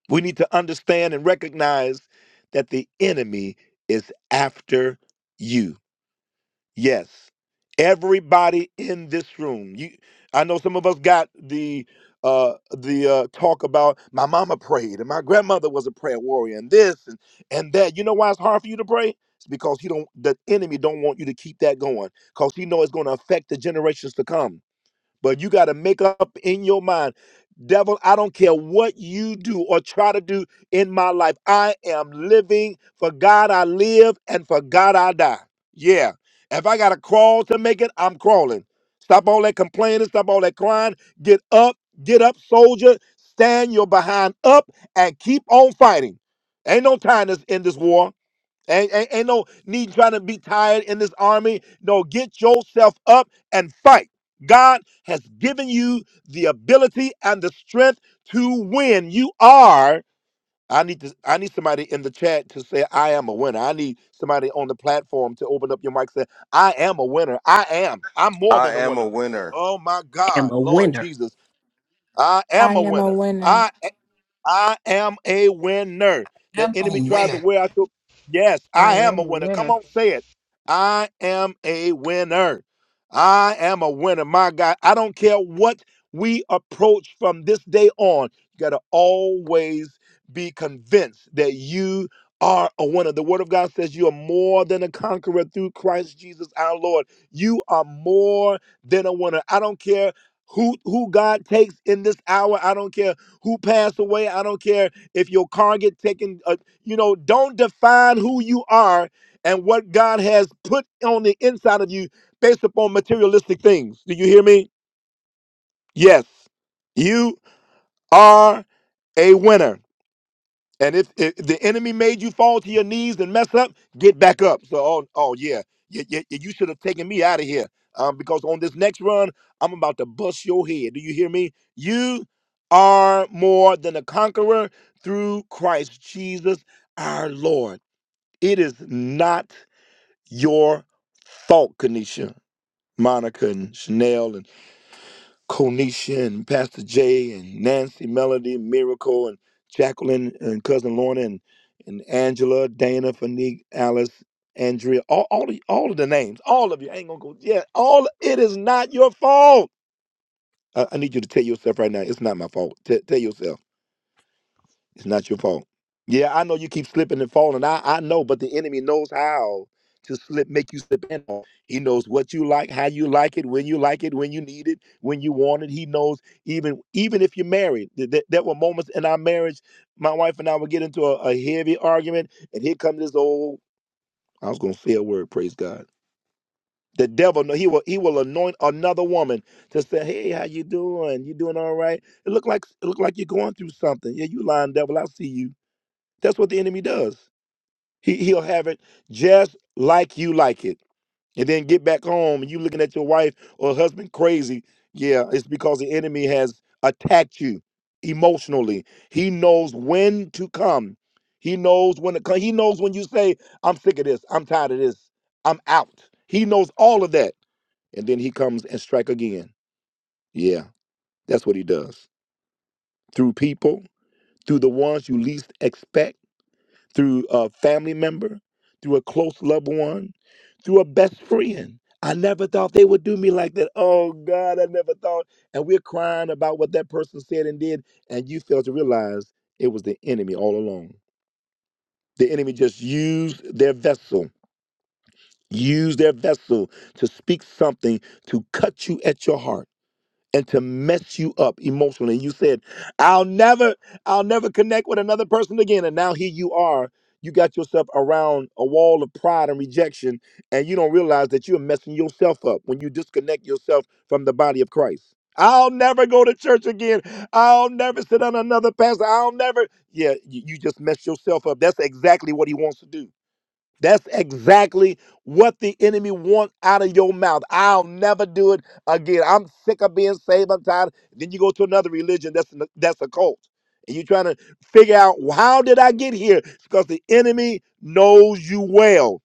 We need to understand and recognize that the enemy is after you. Yes. Everybody in this room. You I know some of us got the uh the uh talk about my mama prayed and my grandmother was a prayer warrior and this and and that. You know why it's hard for you to pray? It's because he don't the enemy don't want you to keep that going cuz he know it's going to affect the generations to come. But you got to make up in your mind, devil, I don't care what you do or try to do in my life. I am living for God I live and for God I die. Yeah. If I got to crawl to make it, I'm crawling. Stop all that complaining, stop all that crying. Get up, get up, soldier. Stand your behind up and keep on fighting. Ain't no time this- in this war. Ain't, ain't, ain't no need trying to be tired in this army. No, get yourself up and fight. God has given you the ability and the strength to win. You are. I need to. I need somebody in the chat to say, "I am a winner." I need somebody on the platform to open up your mic and say, "I am a winner. I am. I'm more than
I
a
am
winner."
a winner.
Oh my
am
God,
a
Lord
winner.
Jesus, I am
I
a
am a
winner.
winner.
I I am a winner. The
And I'm
enemy
a
tries to
winner.
wear out your. Yes,
I
I am
am
a
a
winner. Come
winner.
on, say it. I am a winner. I am a winner. My God, I don't care what we approach from this day on. You got to always be convinced that you are a winner. The Word of God says you are more than a conqueror through Christ Jesus our Lord. You are more than a winner. I don't care who who God takes in this hour. I don't care who passed away. I don't care if your car get taken. Uh, you know, don't define who you are and what God has put on the inside of you based upon materialistic things. Do you hear me? Yes, you are a winner. And if, if the enemy made you fall to your knees and mess up, get back up. So, oh, oh yeah, you, you, you should have taken me out of here um, because on this next run, I'm about to bust your head. Do you hear me? You are more than a conqueror through Christ Jesus our Lord. It is not your fault, Kanisha, Monica, and Chanel, Konisha and Pastor Jay and Nancy Melody, Miracle and Jacqueline and Cousin Lorna and, and Angela, Dana, Fanique, Alice, Andrea, all all of, all of the names, all of you. I ain't gonna go. Yeah, all it is not your fault. I, I need you to tell yourself right now, it's not my fault. T- tell yourself. It's not your fault. Yeah, I know you keep slipping and falling. I, I know, but the enemy knows how to slip, make you slip and fall. He knows what you like, how you like it, when you like it, when you need it, when you want it. He knows even even if you're married. Th- th- there were moments in our marriage, my wife and I would get into a, a heavy argument, and here comes this old. I was gonna say a word, praise God. The devil, no, he will he will anoint another woman to say, "Hey, how you doing? You doing all right? It look like it look like you're going through something. Yeah, you lying devil. I see you." That's what the enemy does. He he'll have it just like you like it. And then get back home and you looking at your wife or husband crazy. Yeah, it's because the enemy has attacked you emotionally. He knows when to come. He knows when to come. He knows when you say, I'm sick of this, I'm tired of this, I'm out. He knows all of that. And then he comes and strike again. Yeah, that's what he does. Through people, through the ones you least expect through a family member, through a close loved one, through a best friend. I never thought they would do me like that. Oh God, I never thought. And we're crying about what that person said and did, and you fail to realize it was the enemy all along. The enemy just used their vessel, used their vessel to speak something to cut you at your heart and to mess you up emotionally. you said, I'll never, I'll never connect with another person again. And now here you are. You got yourself around a wall of pride and rejection, and you don't realize that you're messing yourself up when you disconnect yourself from the body of Christ. I'll never go to church again. I'll never sit on another pastor. I'll never. Yeah, you, you just mess yourself up. That's exactly what he wants to do. That's exactly what the enemy wants out of your mouth. I'll never do it again. I'm sick of being saved. I'm tired. Then you go to another religion that's n- that's a cult, and you're trying to figure out "Well, how did I get here? Because the enemy knows you well.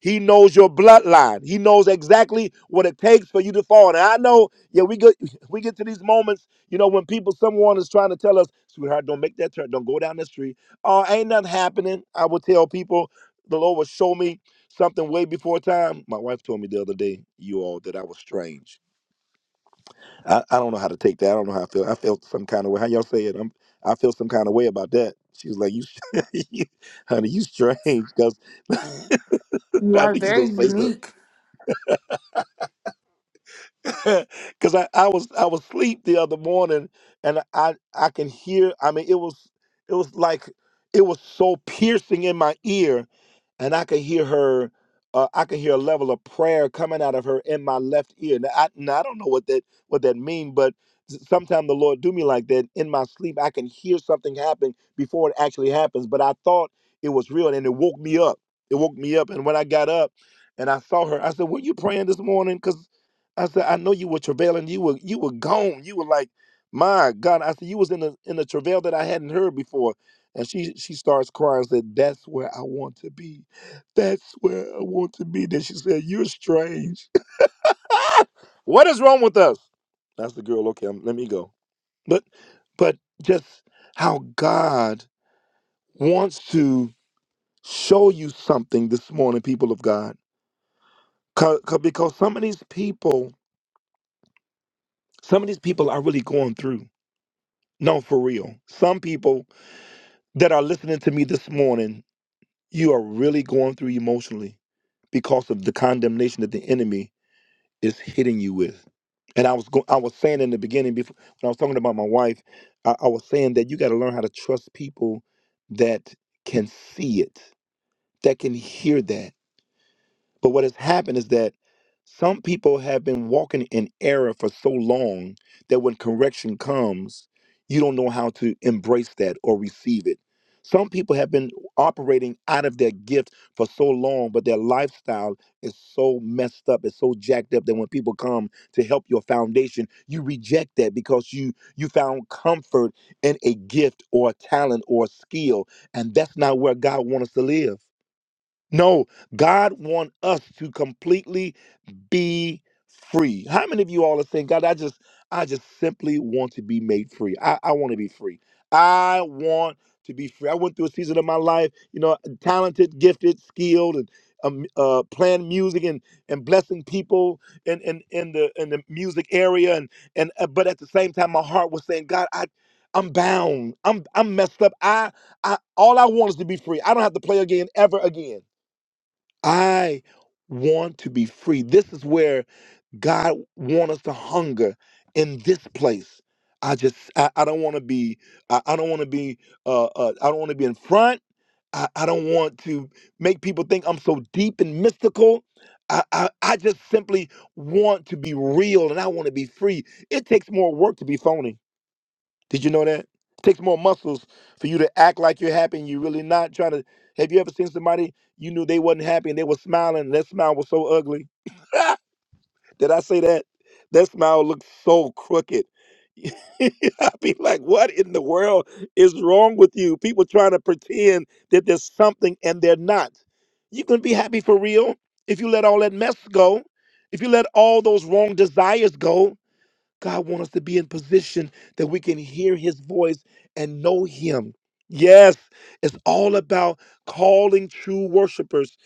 He knows your bloodline. He knows exactly what it takes for you to fall. And I know, yeah, we get we get to these moments, you know, when people, someone is trying to tell us, sweetheart, don't make that turn, don't go down the street. Oh, ain't nothing happening. I will tell people, the Lord will show me something way before time. My wife told me the other day, you all, that I was strange. I, I don't know how to take that. I don't know how I feel. I felt some kind of way. How y'all say it? I'm, I feel some kind of way about that. She was like, you, you honey, you strange, because
You
I
are
think she's
very
gonna say something.
unique.
Cause I, I was I was asleep the other morning and I I can hear I mean it was it was like it was so piercing in my ear and I could hear her uh, I could hear a level of prayer coming out of her in my left ear. Now I, now I don't know what that what that mean, but sometimes the Lord do me like that in my sleep. I can hear something happen before it actually happens, but I thought it was real and it woke me up. It woke me up, and when I got up and I saw her, I said, "Were you praying this morning?" I said, I know you were travailing. You were you were gone. You were like, my God. I said, you was in a in a travail that I hadn't heard before. And she she starts crying. Said, that's where I want to be. That's where I want to be. Then she said, you're strange. what is wrong with us? That's the girl. Okay, I'm, let me go. But but just how God wants to show you something this morning, people of God. 'Cause- 'cause- because some of these people, some of these people are really going through. No, for real. Some people that are listening to me this morning, you are really going through emotionally because of the condemnation that the enemy is hitting you with. And I was go- I was saying in the beginning before when I was talking about my wife, I, I was saying that you got to learn how to trust people that can see it, that can hear that But what has happened is that some people have been walking in error for so long that when correction comes, you don't know how to embrace that or receive it. Some people have been operating out of their gift for so long, but their lifestyle is so messed up, it's so jacked up that when people come to help your foundation, you reject that because you you found comfort in a gift or a talent or a skill, and that's not where God wants us to live. No, God wants us to completely be free. How many of you all are saying, God, I just I just simply want to be made free. I, I want to be free. I want to be free. I went through a season of my life, you know, talented, gifted, skilled, and um, uh, playing music and and blessing people in, in in the in the music area, and and uh, but at the same time, my heart was saying, God, I I'm bound. I'm I'm messed up. I I all I want is to be free. I don't have to play again ever again. I want to be free. This is where God wants us to hunger in this place. I just I, I don't want to be I, I don't want to be uh, uh I don't want to be in front. I, I don't want to make people think I'm so deep and mystical. I, I, I just simply want to be real and I want to be free. It takes more work to be phony did you know that? It takes more muscles for you to act like you're happy and you're really not trying to. Have you ever seen somebody you knew they wasn't happy and they were smiling and that smile was so ugly? Did I say that? That smile looked so crooked. I'd be like, what in the world is wrong with you? People trying to pretend that there's something and they're not. You can be happy for real if you let all that mess go, if you let all those wrong desires go, God wants us to be in position that we can hear his voice and know him. Yes, it's all about calling true worshipers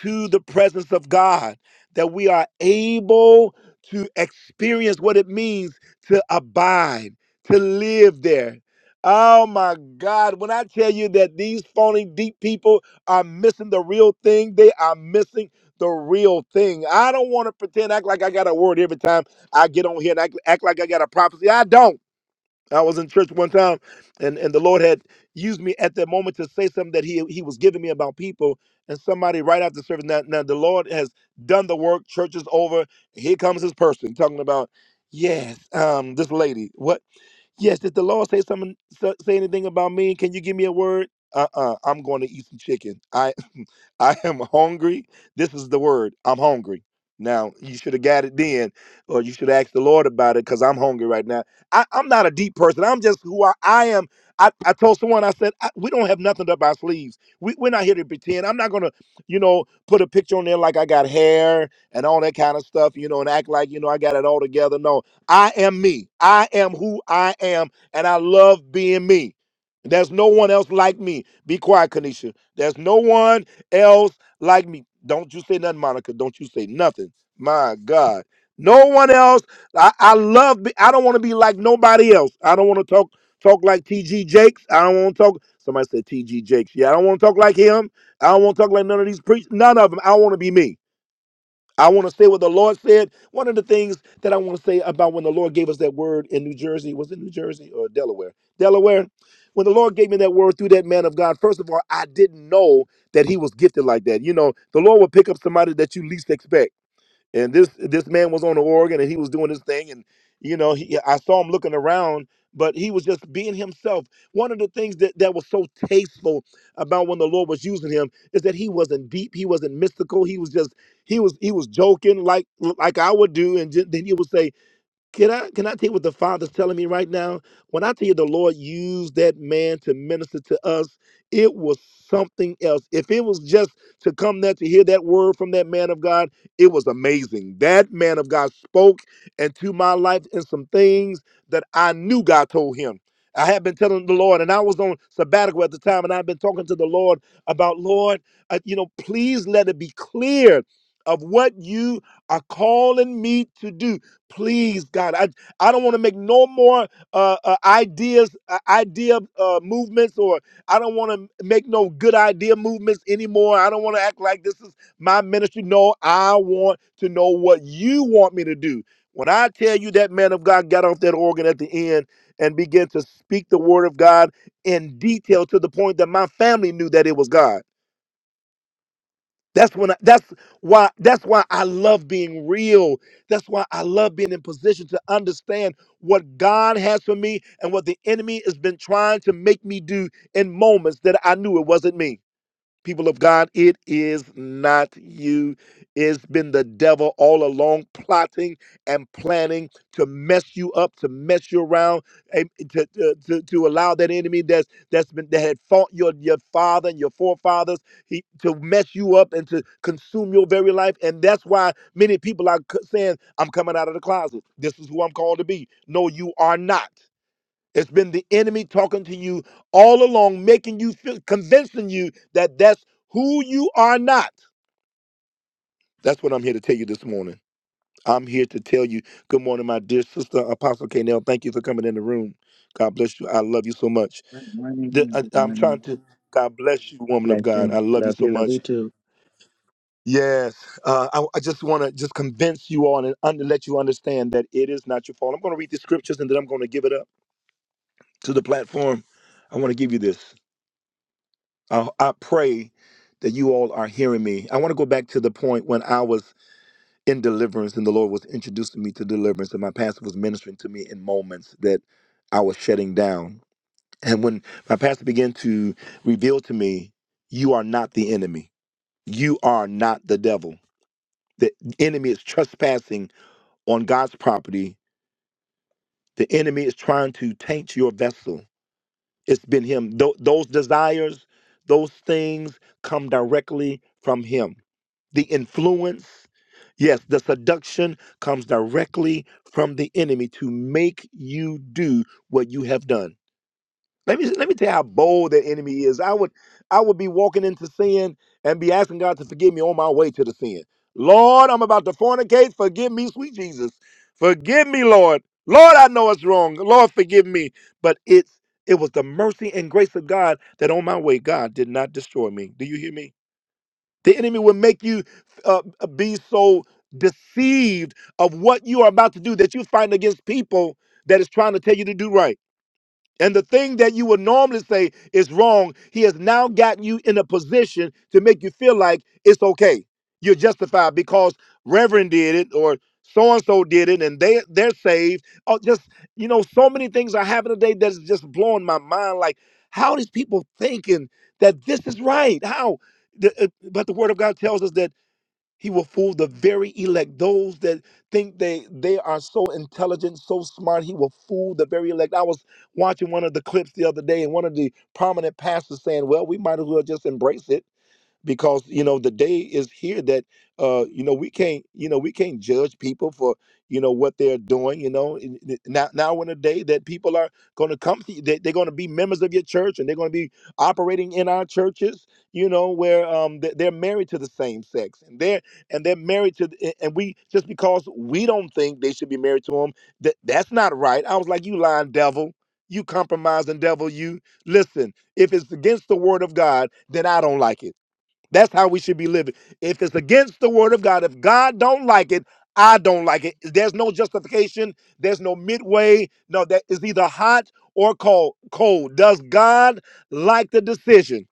to the presence of God, that we are able to experience what it means to abide, to live there. Oh my God, when I tell you that these phony deep people are missing the real thing, they are missing the real thing. I don't want to pretend act like I got a word every time I get on here and act, act like I got a prophecy. I don't. I was in church one time, and, and the Lord had used me at that moment to say something that He He was giving me about people. And somebody right after service, now, now the Lord has done the work. Church is over. Here comes this person talking about, yes, um, this lady. What? Yes, did the Lord say something? so- Say anything about me? Can you give me a word? Uh, uh-uh, I'm going to eat some chicken. I, I am hungry. This is the word. I'm hungry. Now you should have got it then, or you should ask the Lord about it because I'm hungry right now. I, I'm not a deep person. I'm just who I, I am. I, I told someone I said I, we don't have nothing up our sleeves. We, we're not here to pretend. I'm not gonna, you know, put a picture on there like I got hair and all that kind of stuff, you know, and act like you know I got it all together. No, I am me. I am who I am, and I love being me. There's no one else like me. Be quiet, Kanisha. There's no one else like me. Don't you say nothing, Monica. Don't you say nothing. My God. No one else. I, I love. Be, I don't want to be like nobody else. I don't want to talk talk like T.G. Jakes. I don't want to talk. Somebody said T.G. Jakes. Yeah, I don't want to talk like him. I don't want to talk like none of these preachers. None of them. I want to be me. I want to say what the Lord said. One of the things that I want to say about when the Lord gave us that word in New Jersey, was it New Jersey or Delaware? Delaware. When the Lord gave me that word through that man of God, first of all, I didn't know that he was gifted like that. You know, the Lord will pick up somebody that you least expect and this this man was on the organ and he was doing his thing and you know he i saw him looking around but he was just being himself one of the things that, that was so tasteful about when the lord was using him is that he wasn't deep he wasn't mystical he was just he was he was joking like like i would do and ju- then he would say can I can I tell you what the Father's telling me right now? When I tell you the Lord used that man to minister to us, it was something else. If it was just to come there to hear that word from that man of God, it was amazing. That man of God spoke into my life in some things that I knew God told him. I had been telling the Lord, and I was on sabbatical at the time, and I've been talking to the Lord about, Lord, uh, you know, please let it be clear of what you are calling me to do please god i i don't want to make no more uh, uh ideas uh, idea uh movements or i don't want to make no good idea movements anymore i don't want to act like this is my ministry no i want to know what you want me to do when i tell you that man of god got off that organ at the end and began to speak the word of god in detail to the point that my family knew that it was god that's when I, that's why that's why I love being real. That's why I love being in position to understand what God has for me and what the enemy has been trying to make me do in moments that I knew it wasn't me people of God, it is not you. It's been the devil all along plotting and planning to mess you up, to mess you around, and to, to, to, to allow that enemy that's that's been that had fought your your father and your forefathers he, to mess you up and to consume your very life. And that's why many people are c- saying, "I'm coming out of the closet. This is who I'm called to be." No, you are not. It's been the enemy talking to you all along, making you feel, convincing you that that's who you are not. That's what I'm here to tell you this morning. I'm here to tell you, good morning, my dear sister, Apostle Kanell. Thank you for coming in the room. God bless you. I love you so much.
Good
The-
morning.
I,
Good
am trying
morning.
to, God bless you, woman of God. I
Blessing.
love you
Love
so
you. Love
much.
you too.
Yes, uh, I, I just want to just convince you all and under, let you understand that it is not your fault. I'm going to read the scriptures and then I'm going to give it up to the platform. I want to give you this. I, I pray that you all are hearing me. I want to go back to the point when I was in deliverance and the Lord was introducing me to deliverance, and my pastor was ministering to me in moments that I was shutting down. And when my pastor began to reveal to me, you are not the enemy, you are not the devil. The enemy is trespassing on God's property, the enemy is trying to taint your vessel. It's been him. Tho- those desires, those things come directly from him. The influence, yes, the seduction comes directly from the enemy to make you do what you have done. Let me let me tell you how bold that enemy is. I would I would be walking into sin and be asking God to forgive me on my way to the sin. Lord, I'm about to fornicate. Forgive me, sweet Jesus. Forgive me, Lord. Lord, I know it's wrong. Lord, forgive me. But it's it was the mercy and grace of God that on my way, God did not destroy me. Do you hear me? The enemy will make you uh, be so deceived of what you are about to do that you fight against people that is trying to tell you to do right. And the thing that you would normally say is wrong, he has now gotten you in a position to make you feel like it's okay. You're justified because Reverend did it or so and so did it and they they're saved. Oh, just you know, so many things are happening today that's just blowing my mind. Like, how are these people thinking that this is right? How? The, uh, but the word of God tells us that he will fool the very elect. Those that think they they are so intelligent, so smart, he will fool the very elect. I was watching one of the clips the other day, and one of the prominent pastors saying, "Well, we might as well just embrace it." because you know the day is here that uh you know we can't you know we can't judge people for you know what they're doing you know in- in- now now in a day that people are going to come to you, they, they're going to be members of your church and they're going to be operating in our churches you know where um they- they're married to the same sex and they're and they're married to the- and we just because we don't think they should be married to them that that's not right i was like you lying devil you compromising devil you listen if it's against the word of god then i don't like it that's how we should be living. If it's against the word of God, if God don't like it, I don't like it. There's no justification. There's no midway. No, that is either hot or cold. Cold. Does God like the decision?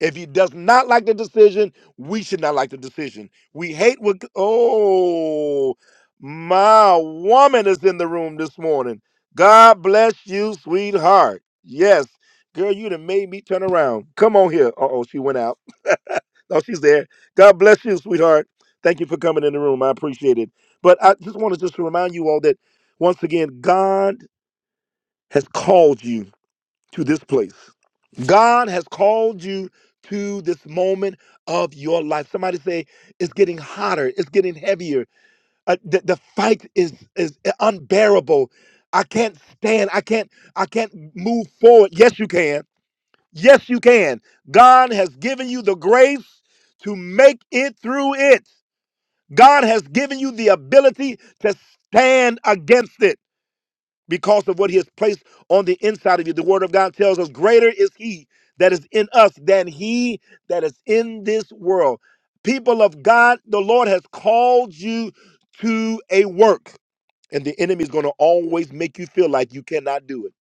If he does not like the decision, we should not like the decision. We hate what. Oh, my woman is in the room this morning. God bless you, sweetheart. Yes, girl, you done made me turn around. Come on here. Uh oh, she went out. Oh, she's there. God bless you, sweetheart. Thank you for coming in the room. I appreciate it. But I just wanted just to remind you all that once again, God has called you to this place. God has called you to this moment of your life. Somebody say it's getting hotter, it's getting heavier. Uh, the, the fight is is unbearable. I can't stand. I can't. I can't move forward. Yes, you can. Yes, you can. God has given you the grace to make it through it. God has given you the ability to stand against it because of what He has placed on the inside of you. The Word of God tells us, Greater is He that is in us than He that is in this world. People of God, the Lord has called you to a work, and the enemy is going to always make you feel like you cannot do it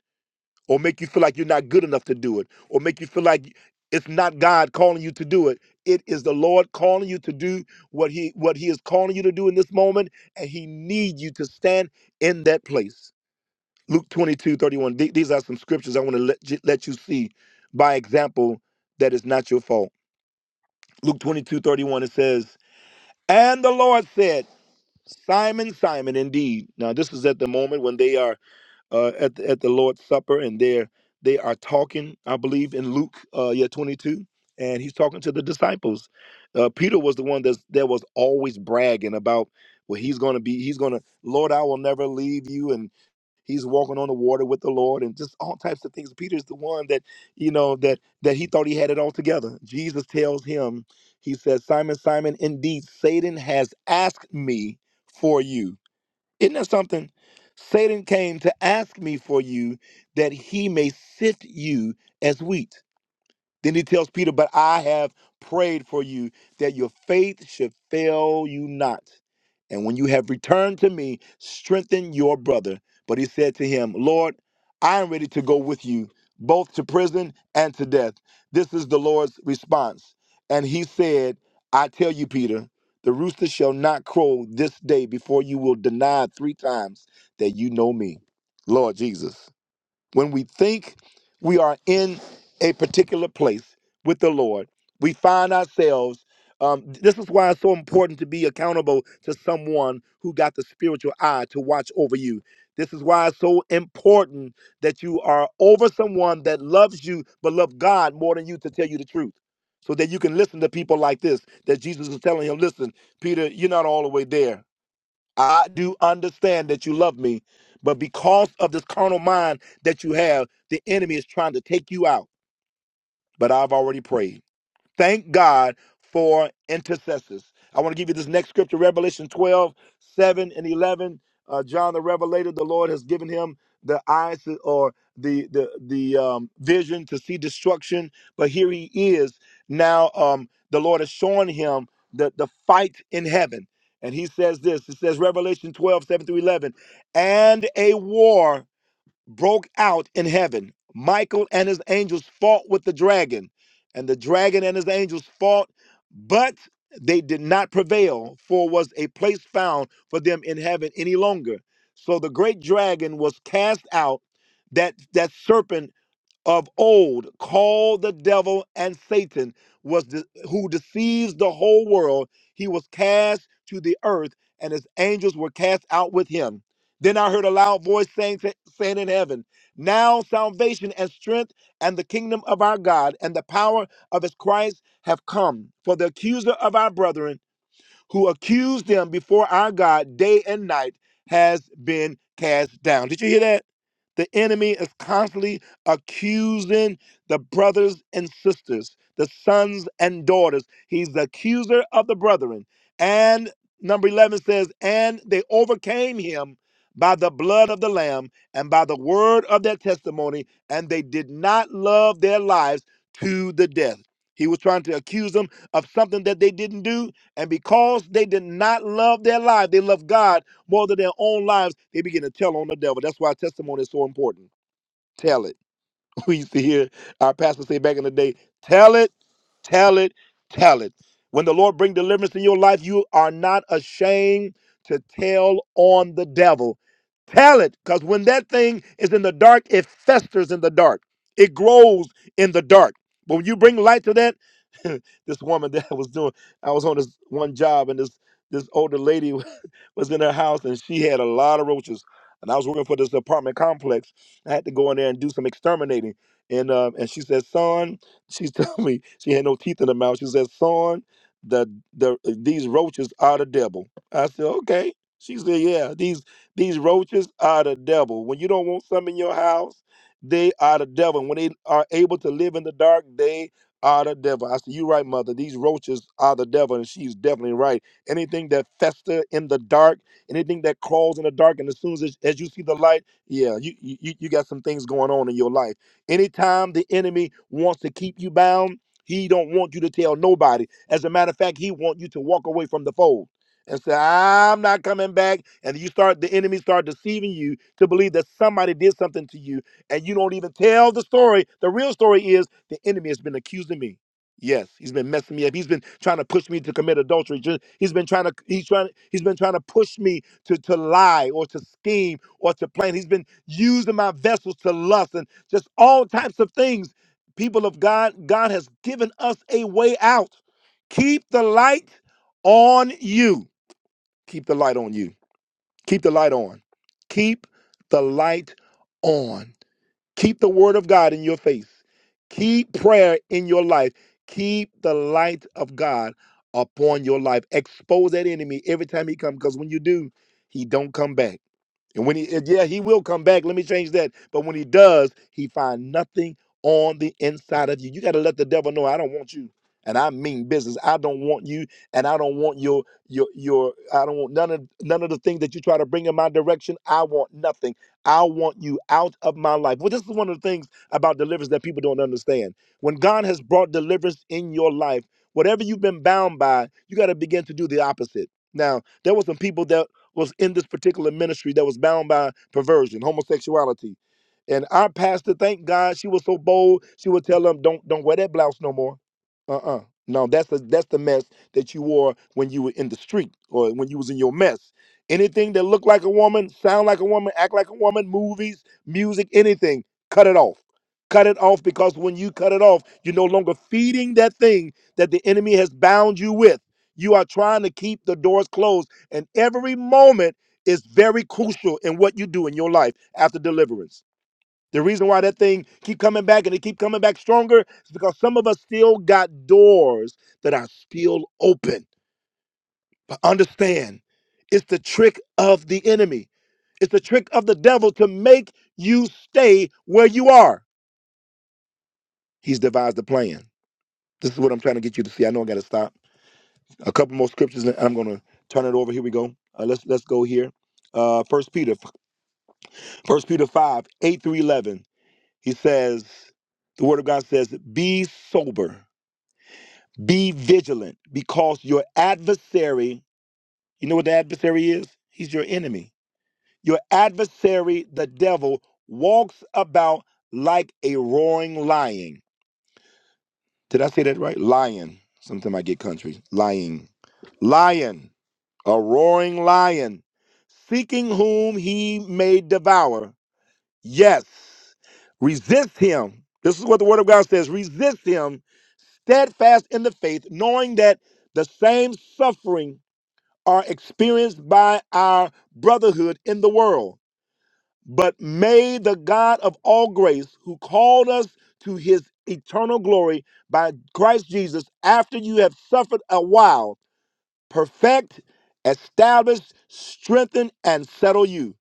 or make you feel like you're not good enough to do it, or make you feel like it's not God calling you to do it. It is the Lord calling you to do what He what He is calling you to do in this moment, and He needs you to stand in that place. Luke 22:31. Th- These are some scriptures I want to let, j- let you see by example that it's not your fault. Luke 22:31. it says, And the Lord said, Simon, Simon, indeed. Now, this is at the moment when they are uh, at the, at the Lord's Supper, and there they are talking. I believe in Luke, uh, yeah, twenty two, and he's talking to the disciples. Uh, Peter was the one that's, that was always bragging about, well, he's going to be, he's going to, Lord, I will never leave you, and he's walking on the water with the Lord, and just all types of things. Peter's the one that you know that that he thought he had it all together. Jesus tells him, he says, Simon, Simon, indeed Satan has asked me for you isn't that something? Satan came to ask me for you that he may sift you as wheat. Then he tells Peter, But I have prayed for you that your faith should fail you not. And when you have returned to me, strengthen your brother. But he said to him, Lord, I am ready to go with you, both to prison and to death. This is the Lord's response. And he said, I tell you, Peter, the rooster shall not crow this day before you will deny three times that you know me. Lord Jesus. When we think we are in a particular place with the Lord, we find ourselves. Um, this is why it's so important to be accountable to someone who got the spiritual eye to watch over you. This is why it's so important that you are over someone that loves you but love God more than you to tell you the truth. So that you can listen to people like this, that Jesus is telling him, listen, Peter, you're not all the way there. I do understand that you love me, but because of this carnal mind that you have, the enemy is trying to take you out. But I've already prayed. Thank God for intercessors. I want to give you this next scripture, Revelation 12:7 and 11. Uh, John the Revelator, the Lord has given him the eyes to- or the the the um, vision to see destruction, but here he is now. Um, the Lord has shown him the the fight in heaven, and he says this. It says Revelation 12:7 through 11, and a war broke out in heaven. Michael and his angels fought with the dragon, and the dragon and his angels fought, but they did not prevail, for was a place found for them in heaven any longer. So the great dragon was cast out, that that serpent of old called the devil and Satan was de- who deceives the whole world. He was cast to the earth, and his angels were cast out with him. Then I heard a loud voice saying, to- saying in heaven, Now salvation and strength and the kingdom of our God and the power of his Christ have come. For the accuser of our brethren who accused them before our God day and night has been cast down. Did you hear that? The enemy is constantly accusing the brothers and sisters, the sons and daughters. He's the accuser of the brethren. And number 11 says, And they overcame him by the blood of the Lamb and by the word of their testimony, and they did not love their lives to the death. He was trying to accuse them of something that they didn't do, and because they did not love their lives, they loved God more than their own lives, they begin to tell on the devil. That's why testimony is so important. Tell it. we used to hear our pastor say back in the day, tell it, tell it, tell it. When the Lord bring deliverance in your life, you are not ashamed to tell on the devil. Tell it, because when that thing is in the dark, it festers in the dark. It grows in the dark. But when you bring light to that, this woman that I was doing, I was on this one job, and this this older lady was in her house, and she had a lot of roaches. And I was working for this apartment complex, I had to go in there and do some exterminating. And um, and she said, son, she told me she had no teeth in her mouth. She said, son, the the these roaches are the devil. I said, okay. She said, yeah, these these roaches are the devil. When you don't want some in your house, they are the devil. When they are able to live in the dark, they are the devil. I said, you right, mother. These roaches are the devil, and she's definitely right. Anything that fester in the dark, anything that crawls in the dark, and as soon as, as you see the light yeah, you, you you got some things going on in your life. Anytime the enemy wants to keep you bound, he don't want you to tell nobody. As a matter of fact, he want you to walk away from the fold and say, "I'm not coming back." And you start the enemy start deceiving you to believe that somebody did something to you, and you don't even tell the story. The real story is the enemy has been accusing me. Yes, he's been messing me up. He's been trying to push me to commit adultery. Ju- He's been trying to he's trying he's been trying to push me to to lie or to scheme or to plan. He's been using my vessels to lust and just all types of things. People of God, God has given us a way out. Keep the light on you. Keep the light on you. Keep the light on. Keep the light on. Keep the word of God in your face. Keep prayer in your life. Keep the light of God upon your life. Expose that enemy every time he comes because when you do, he don't come back. And when he, uh, yeah, he will come back. Let me change that. But when he does, he find nothing on the inside of you. You got to let the devil know, I don't want you, and I mean business. I don't want you, and I don't want your your your. I don't want none of none of the things that you try to bring in my direction. I want nothing. I want you out of my life. Well, this is one of the things about deliverance that people don't understand. When God has brought deliverance in your life, whatever you've been bound by, you got to begin to do the opposite. Now, there were some people that was in this particular ministry that was bound by perversion, homosexuality. And our pastor, thank God, she was so bold. She would tell them, "Don't don't wear that blouse no more. Uh-uh. No, that's the that's the mess that you wore when you were in the street or when you was in your mess. Anything that looked like a woman, sound like a woman, act like a woman, movies, music, anything, cut it off. Cut it off because when you cut it off, you're no longer feeding that thing that the enemy has bound you with. You are trying to keep the doors closed and every moment is very crucial in what you do in your life after deliverance. The reason why that thing keep coming back and it keep coming back stronger is because some of us still got doors that are still open. But understand, it's the trick of the enemy. It's the trick of the devil to make you stay where you are. He's devised a plan. This is what I'm trying to get you to see. I know I got to stop. A couple more scriptures and I'm going to turn it over. Here we go. Uh, let's let's go here. Uh, First Peter First Peter 5, 8 through 11, he says, the word of God says, be sober, be vigilant, because your adversary, you know what the adversary is? He's your enemy. Your adversary, the devil, walks about like a roaring lion. Did I say that right? Lion. Sometimes I get country. Lying. Lion. A roaring lion. Seeking whom he may devour. Yes. Resist him. This is what the word of God says resist him, steadfast in the faith, knowing that the same suffering are experienced by our brotherhood in the world. But may the God of all grace, who called us to his eternal glory by Christ Jesus, after you have suffered a while, perfect, establish, strengthen, and settle you.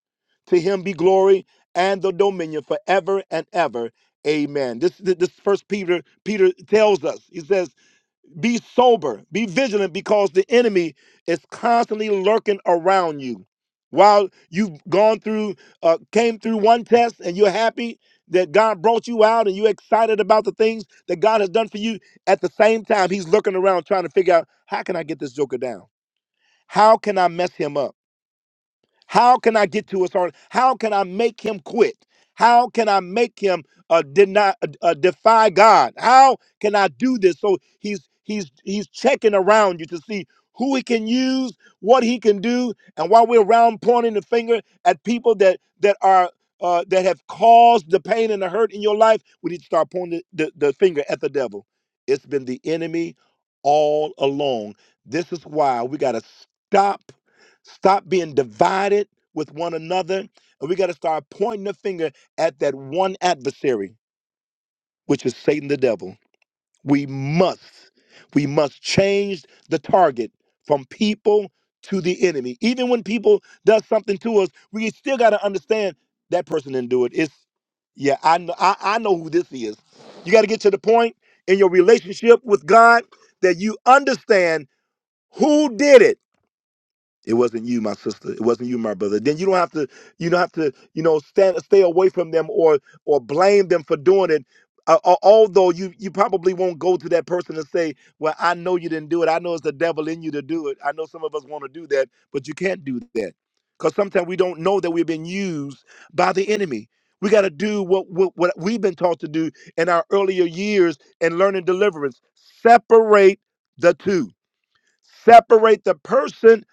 To him be glory and the dominion forever and ever. Amen. This this first Peter Peter tells us. He says, "Be sober, be vigilant, because the enemy is constantly lurking around you." While you've gone through, uh, came through one test, and you're happy that God brought you out, and you're excited about the things that God has done for you. At the same time, He's looking around trying to figure out how can I get this joker down how can I mess him up? How can I get to his heart? How can I make him quit? How can I make him uh, deny, uh, uh, defy God? How can I do this? So he's he's he's checking around you to see who he can use, what he can do, and while we're around pointing the finger at people that that are uh, that have caused the pain and the hurt in your life, we need to start pointing the, the, the finger at the devil. It's been the enemy all along. This is why we got to stop Stop being divided with one another. And we got to start pointing the finger at that one adversary, which is Satan the devil. We must, we must change the target from people to the enemy. Even when people does something to us, we still got to understand that person didn't do it. It's yeah, I know I, I know who this is. You got to get to the point in your relationship with God that you understand who did it it wasn't you, my sister. It wasn't you, my brother. Then you don't have to, you don't have to, you know, stand, stay away from them or or blame them for doing it. Uh, al- although you you probably won't go to that person and say, "Well, I know you didn't do it. I know it's the devil in you to do it. I know some of us want to do that, but you can't do that because sometimes we don't know that we've been used by the enemy. We got to do what, what what we've been taught to do in our earlier years and learning deliverance. Separate the two Separate the person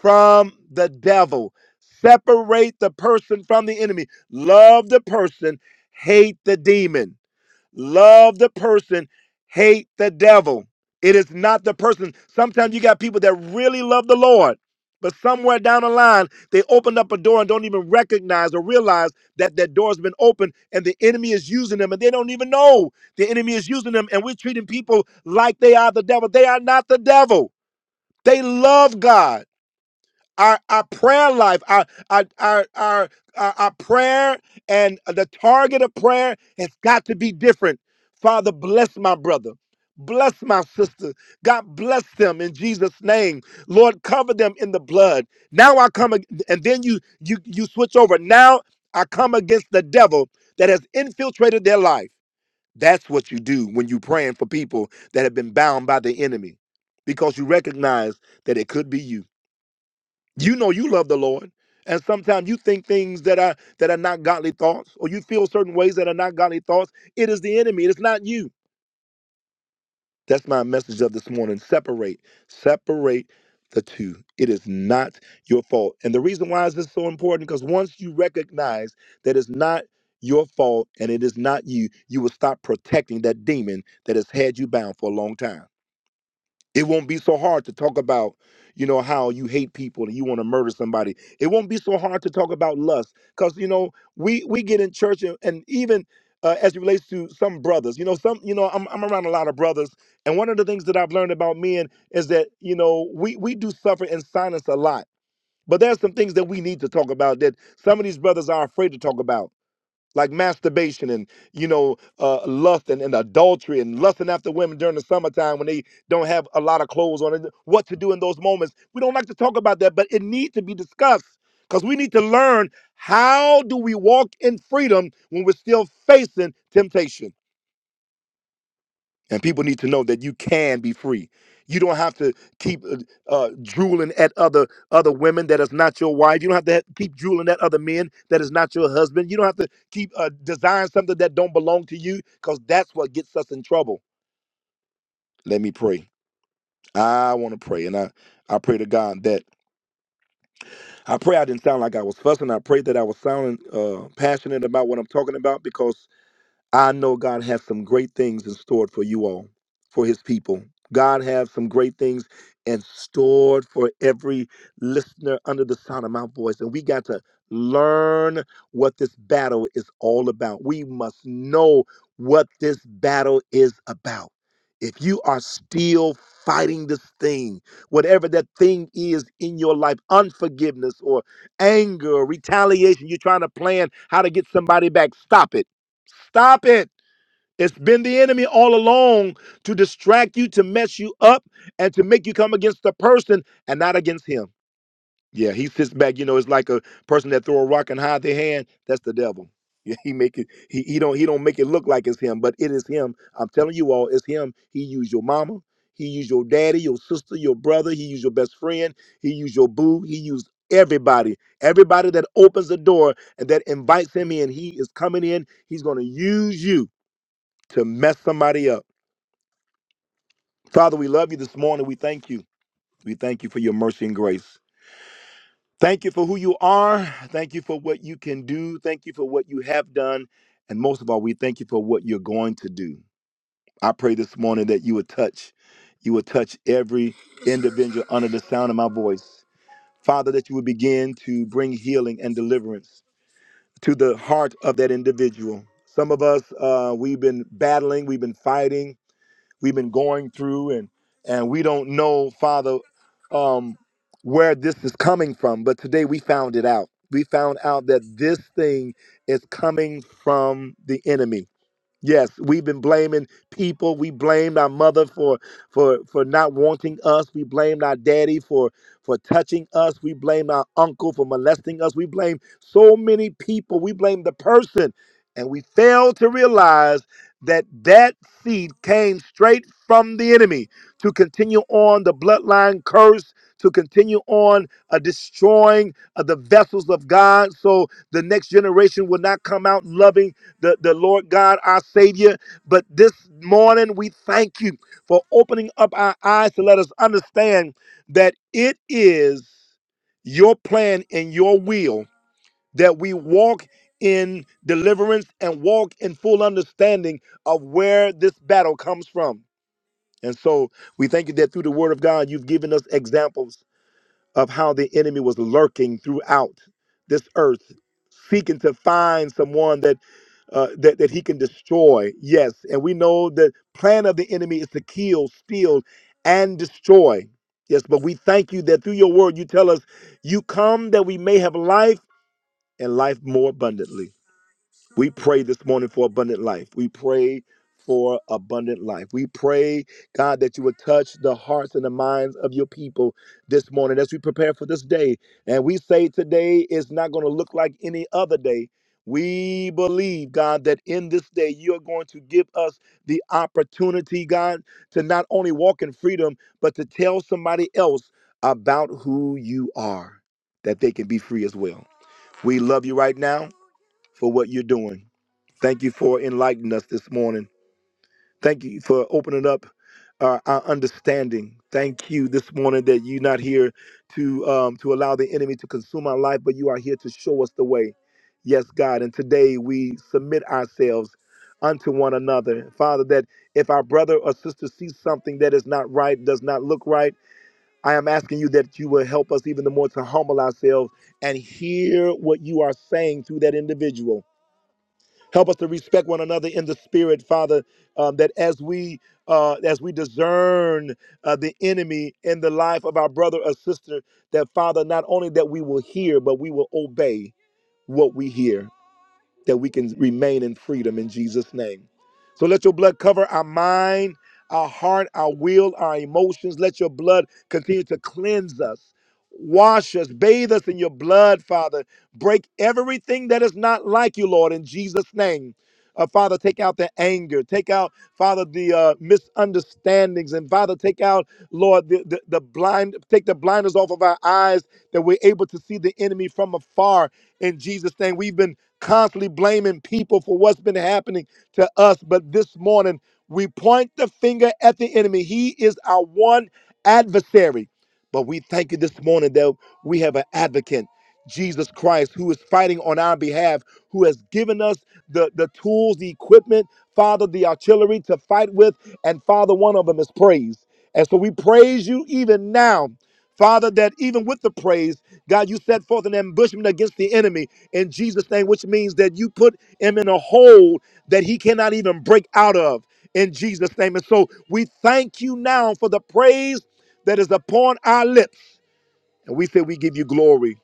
from the devil. Separate the person from the enemy. Love the person, hate the demon. Love the person, hate the devil. It is not the person. Sometimes you got people that really love the Lord, but somewhere down the line, they opened up a door and don't even recognize or realize that that door has been opened and the enemy is using them and they don't even know the enemy is using them. And we're treating people like they are the devil. They are not the devil. They love God. Our, our prayer life, our, our, our, our, our, our prayer and the target of prayer has got to be different. Father, bless my brother. Bless my sister. God bless them in Jesus' name. Lord, cover them in the blood. Now I come ag- and then you you you switch over. Now I come against the devil that has infiltrated their life. That's what you do when you're praying for people that have been bound by the enemy because you recognize that it could be you. You know you love the Lord. And sometimes you think things that are that are not godly thoughts, or you feel certain ways that are not godly thoughts. It is the enemy. It's not you. That's my message of this morning. Separate, separate the two. It is not your fault. And the reason why is this so important because once you recognize that it's not your fault and it is not you, you will stop protecting that demon that has had you bound for a long time. It won't be so hard to talk about, you know, how you hate people and you want to murder somebody. It won't be so hard to talk about lust because you know we we get in church and, and even uh, as it relates to some brothers, you know, some you know I'm I'm around a lot of brothers, and one of the things that I've learned about men is that you know we we do suffer in silence a lot, but there's some things that we need to talk about that some of these brothers are afraid to talk about like masturbation and you know uh, lust and, and adultery and lusting after women during the summertime when they don't have a lot of clothes on and what to do in those moments we don't like to talk about that but it needs to be discussed because we need to learn how do we walk in freedom when we're still facing temptation and people need to know that you can be free. You don't have to keep uh, uh, drooling at other other women that is not your wife. You don't have to ha- keep drooling at other men that is not your husband. You don't have to keep uh, desiring something that don't belong to you because that's what gets us in trouble. Let me pray. I want to pray, and I I pray to God that I pray I didn't sound like I was fussing. I pray that I was sounding uh, passionate about what I'm talking about because I know God has some great things in store for you all, for his people. God has some great things in store for every listener under the sound of my voice. And we got to learn what this battle is all about. We must know what this battle is about. If you are still fighting this thing, whatever that thing is in your life, unforgiveness or anger retaliation, you're trying to plan how to get somebody back, stop it Stop it. It's been the enemy all along to distract you, to mess you up, and to make you come against the person and not against him. Yeah, he sits back. You know, it's like a person that throw a rock and hide their hand. That's the devil. Yeah, he make it. He, he don't. He don't make it look like it's him, but it is him. I'm telling you all, it's him. He used your mama. He used your daddy, your sister, your brother. He used your best friend. He used your boo. He used everybody. Everybody that opens the door and that invites him in, he is coming in. He's going to use you to mess somebody up. Father, we love you this morning. We thank you. We thank you for your mercy and grace. Thank you for who you are. Thank you for what you can do. Thank you for what you have done. And most of all, we thank you for what you're going to do. I pray this morning that you would touch, you would touch every individual under the sound of my voice. Father, that you would begin to bring healing and deliverance to the heart of that individual. Some of us, uh, we've been battling, we've been fighting, we've been going through and and we don't know father um where this is coming from but today we found it out we found out that this thing is coming from the enemy Yes, we've been blaming people. We blamed our mother for for for not wanting us. We blamed our daddy for for touching us. We blamed our uncle for molesting us. We blame so many people. We blame the person, and we fail to realize that that seed came straight from the enemy to continue on the bloodline curse, to continue on uh, destroying uh, the vessels of God, so the next generation will not come out loving the, the Lord God, our Savior. But this morning, we thank you for opening up our eyes to let us understand that it is your plan and your will that we walk in deliverance and walk in full understanding of where this battle comes from. And so we thank you that through the word of God, you've given us examples of how the enemy was lurking throughout this earth, seeking to find someone that uh, that that he can destroy. Yes, and we know the plan of the enemy is to kill, steal, and destroy. Yes, but we thank you that through your word you tell us you come that we may have life and life more abundantly. We pray this morning for abundant life. We pray for abundant life. We pray, God, that you would touch the hearts and the minds of your people this morning as we prepare for this day. And we say today is not going to look like any other day. We believe, God, that in this day you are going to give us the opportunity, God, to not only walk in freedom, but to tell somebody else about who you are, that they can be free as well. We love you right now for what you're doing. Thank you for enlightening us this morning. Thank you for opening up uh, our understanding. Thank you this morning that you're not here to um, to allow the enemy to consume our life, but you are here to show us the way. Yes, God. And today we submit ourselves unto one another, Father. That if our brother or sister sees something that is not right, does not look right, I am asking you that you will help us even the more to humble ourselves and hear what you are saying through that individual Help us to respect one another in the spirit, Father, um, that as we uh, as we discern uh, the enemy in the life of our brother or sister, that Father, not only that we will hear, but we will obey what we hear, that we can remain in freedom in Jesus' name. So let your blood cover our mind, our heart, our will, our emotions. Let your blood continue to cleanse us, wash us, bathe us in your blood, Father. Break everything that is not like you, Lord, in Jesus' name. Uh, Father, take out the anger. Take out, Father, the uh, misunderstandings. And Father, take out, Lord, the, the, the blind, take the blinders off of our eyes that we're able to see the enemy from afar. In Jesus' name, we've been constantly blaming people for what's been happening to us. But this morning, we point the finger at the enemy. He is our one adversary. But we thank you this morning that we have an advocate, Jesus Christ, who is fighting on our behalf, who has given us the, the tools, the equipment, Father, the artillery to fight with. And Father, one of them is praise. And so we praise you even now. Father, that even with the praise, God, you set forth an ambushment against the enemy in Jesus' name, which means that you put him in a hole that he cannot even break out of in Jesus' name. And so we thank you now for the praise that is upon our lips. And we say, We give you glory.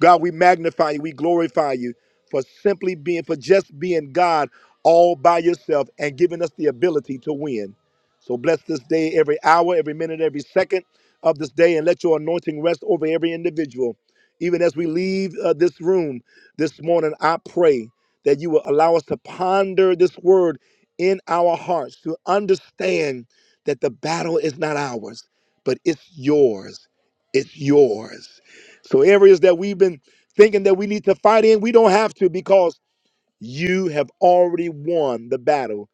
God, we magnify you, we glorify you for simply being, for just being God all by yourself and giving us the ability to win. So bless this day, every hour, every minute, every second of this day, and let your anointing rest over every individual. Even as we leave uh, this room this morning, I pray that you will allow us to ponder this word in our hearts, to understand that the battle is not ours, but it's yours. It's yours so areas that we've been thinking that we need to fight in, we don't have to because you have already won the battle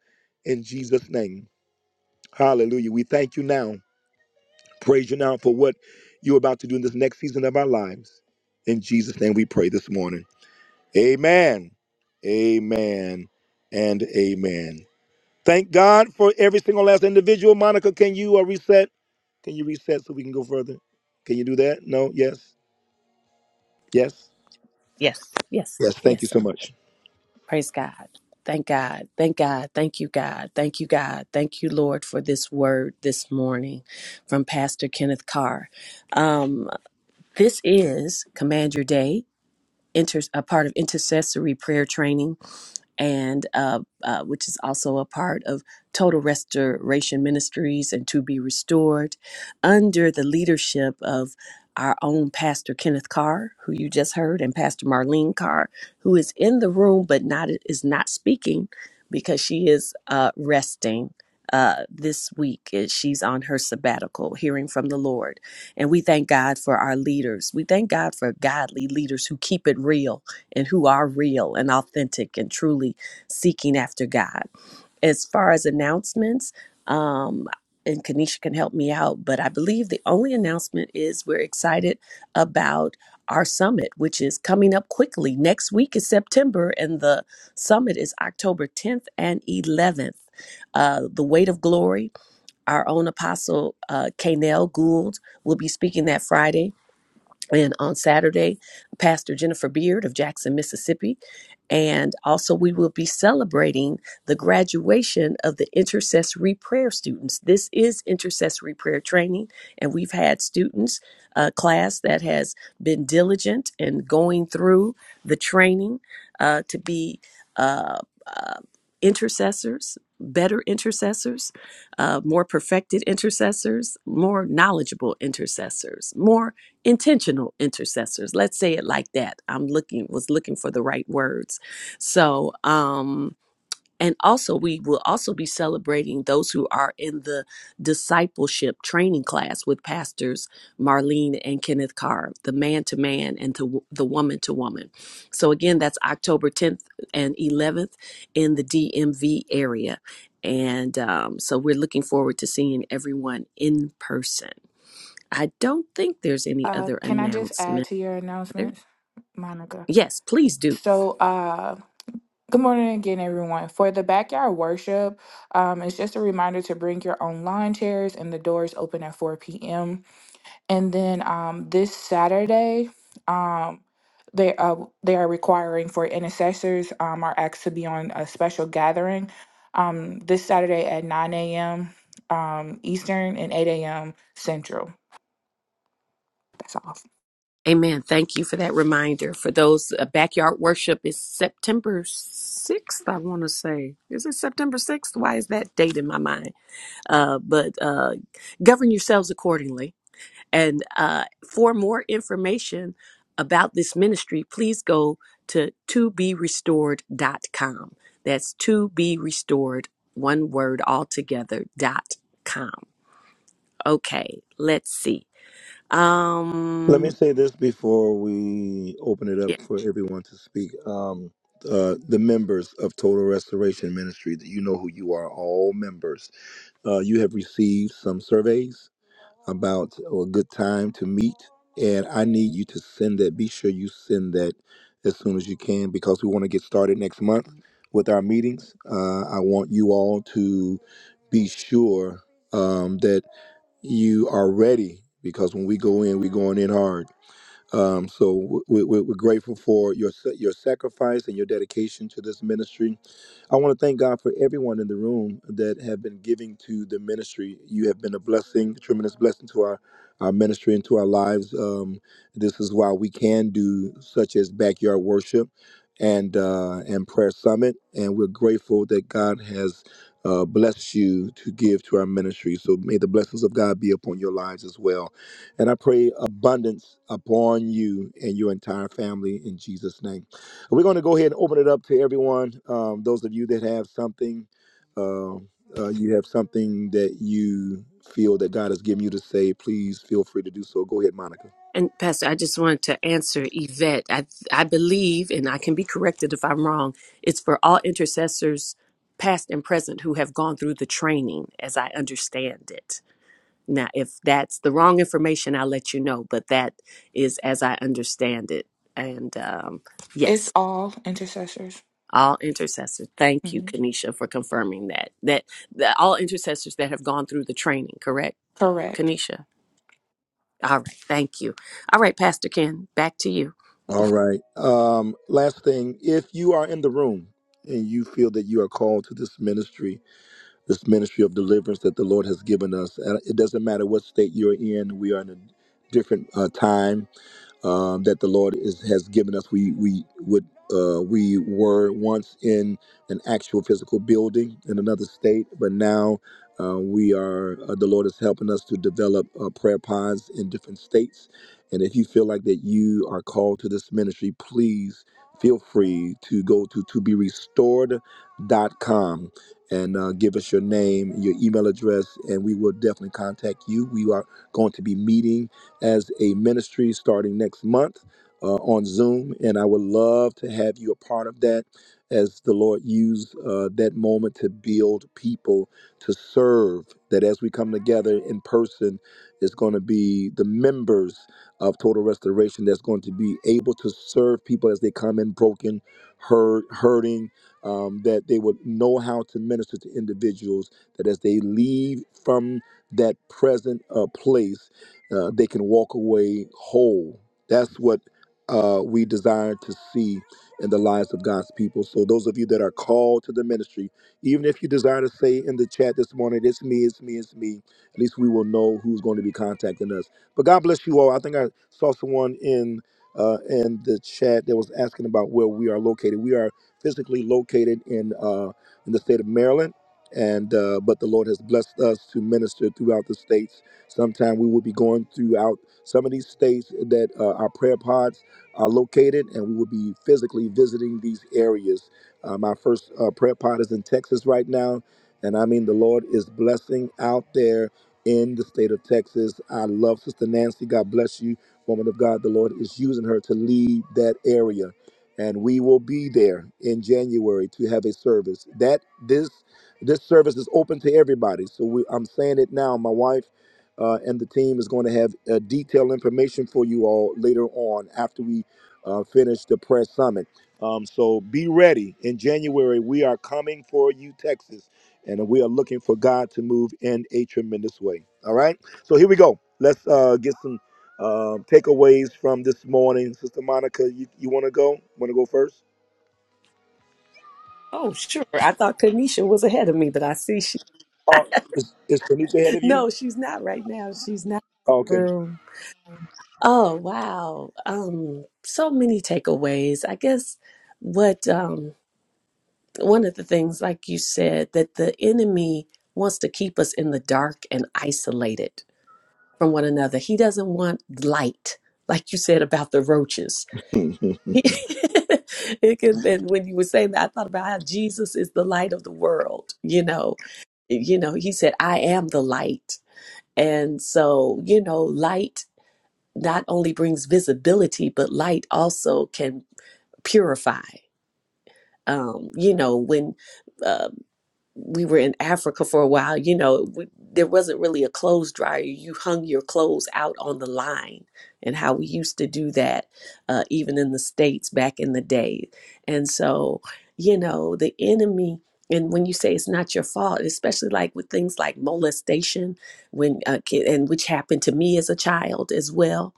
in Jesus' name. Hallelujah. We thank you now. Praise you now for what you're about to do in this next season of our lives. In Jesus' name we pray this morning. Amen. Amen. And amen. Thank God for every single last individual. Monica, can you uh, reset? Can you reset so we can go further? Can you do that? No? Yes? Yes?
Yes, yes,
Yes. Thank you
yes.
so much.
Praise God. Thank God. Thank God. Thank you, God. Thank you, God. Thank you, Lord, for this word this morning from Pastor Kenneth Carr. Um, This is Command Your Day, inter- a part of intercessory prayer training and uh, uh, which is also a part of Total Restoration Ministries and To Be Restored, under the leadership of our own Pastor Kenneth Carr, who you just heard, and Pastor Marlene Carr, who is in the room but not is not speaking because she is uh, resting. Uh, this week, Uh, she's on her sabbatical, hearing from the Lord. And we thank God for our leaders. We thank God for godly leaders who keep it real and who are real and authentic and truly seeking after God. As far as announcements, um, and Kanisha can help me out, but I believe the only announcement is we're excited about our summit, which is coming up quickly. Next week is September, and the summit is October 10th and 11th. Uh, the Weight of Glory, our own apostle, uh, Kanel Gould, will be speaking that Friday and on Saturday, Pastor Jennifer Beard of Jackson, Mississippi. And also, we will be celebrating the graduation of the intercessory prayer students. This is intercessory prayer training, and we've had students, a class that has been diligent in going through the training uh, to be uh, uh, intercessors, better intercessors, uh, more perfected intercessors, more knowledgeable intercessors, more intentional intercessors let's say it like that i'm looking was looking for the right words so um and also we will also be celebrating those who are in the discipleship training class with pastors marlene and kenneth carr the man to man and to the woman to woman so again that's october 10th and 11th in the dmv area and um, so we're looking forward to seeing everyone in person I don't think there's any
Uh,
other
can I just add
announcement.
to your announcements, Monica?
Yes, please do.
So uh Good morning again, everyone. For the backyard worship, um, it's just a reminder to bring your own lawn chairs, and the doors open at 4 p.m. And then um, this Saturday, um, they uh, they are requiring for intercessors um, are asked to be on a special gathering um, this Saturday at 9 a.m. Um, Eastern and 8 a.m. Central. That's all.
Amen. Thank you for that reminder. For those, uh, backyard worship is September 6th, I want to say. Is it September 6th? Why is that date in my mind? Uh, but uh, govern yourselves accordingly. And uh, for more information about this ministry, please go to to be restored dot com. That's to be restored, one word altogether, dot com. Okay, let's see.
Let me
Um,
say this before we open it up
yeah,
for everyone to speak. Um, uh, the members of Total Restoration Ministry, that you know who you are, all members. Uh, you have received some surveys about a good time to meet, and I need you to send that. Be sure you send that as soon as you can because we want to get started next month with our meetings. Uh, I want you all to be sure um, that you are ready because when we go in, we're going in hard um, so we, we- we're grateful for your sa- your sacrifice and your dedication to this ministry. I want to thank God for everyone in the room that have been giving to the ministry. You have been a blessing, tremendous blessing to our our ministry and to our lives. Um, this is why we can do such as backyard worship and uh, and prayer summit, and we're grateful that God has. Uh, blessed you to give to our ministry. So may the blessings of God be upon your lives as well. And I pray abundance upon you and your entire family in Jesus' name. We're going to go ahead and open it up to everyone. Um, those of you that have something, uh, uh, you have something that you feel that God has given you to say, please feel free to do so. Go ahead, Monica.
and Pastor, I just wanted to answer Yvette. I I believe, and I can be corrected if I'm wrong. It's for all intercessors, past and present, who have gone through the training, as I understand it. Now, if that's the wrong information, I'll let you know. But that is as I understand it. And um,
It's
yes,
all intercessors.
all intercessors. Thank you,
Mhm.
Kanisha, for confirming that. That, that all intercessors that have gone through the training, correct,
Correct.
Kanisha? All right. Thank you. All right, Pastor Ken, back to you.
All right. Um, last thing, if you are in the room and you feel that you are called to this ministry, this ministry of deliverance that the Lord has given us, and it doesn't matter what state you're in, we are in a different uh, time um, that the Lord is, has given us. We we would uh, we were once in an actual physical building in another state, but now uh, we are. Uh, the Lord is helping us to develop uh, prayer pods in different states. And if you feel like that you are called to this ministry, please feel free to go to to be restored.com and uh, give us your name, your email address, and we will definitely contact you. We are going to be meeting as a ministry starting next month uh, on Zoom. And I would love to have you a part of that as the Lord used uh, that moment to build people to serve. That as we come together in person, it's going to be the members of Total Restoration that's going to be able to serve people as they come in broken, hurt, hurting. Um, that they would know how to minister to individuals, that as they leave from that present uh, place, uh, they can walk away whole. That's what uh, we desire to see in the lives of God's people. So, those of you that are called to the ministry, even if you desire to say in the chat this morning, it's me, it's me, it's me, at least we will know who's going to be contacting us. But God bless you all. I think I saw someone in. Uh, in the chat that was asking about where we are located. We are physically located in uh, in the state of Maryland, and uh, but the Lord has blessed us to minister throughout the states Sometimes we will be going throughout some of these states that uh, our prayer pods are located, and we will be physically visiting these areas. Uh, my first uh, prayer pod is in Texas right now, and I mean, the Lord is blessing out there in the state of Texas. I love Sister Nancy. God bless you, woman of God. The Lord is using her to lead that area. And we will be there in January to have a service. That this this service is open to everybody. So we, I'm saying it now. My wife uh, and the team is going to have uh, detailed information for you all later on after we uh, finish the press summit. Um, so be ready. In January, we are coming for you, Texas, and we are looking for God to move in a tremendous way. All right. So here we go. Let's uh, get some uh, takeaways from this morning. Sister Monica, you, you want to go? Want to go first?
Oh, sure. I thought Kanisha was ahead of me, but I see she.
Oh, Is, is Tanisha ahead of you?
No, she's not right now. She's not.
Oh,
in
okay.
Oh, wow. Um, so many takeaways. I guess what um one of the things, like you said, that the enemy wants to keep us in the dark and isolated from one another. He doesn't want light, like you said about the roaches. it can and when you were saying that i thought about how jesus is the light of the world you know you know he said i am the light and so you know light not only brings visibility but light also can purify um you know when um, we were in Africa for a while, you know, we, there wasn't really a clothes dryer. You hung your clothes out on the line, and how we used to do that, uh, even in the States back in the day. And so, you know, the enemy, and when you say it's not your fault, especially like with things like molestation, when uh, kid, and which happened to me as a child as well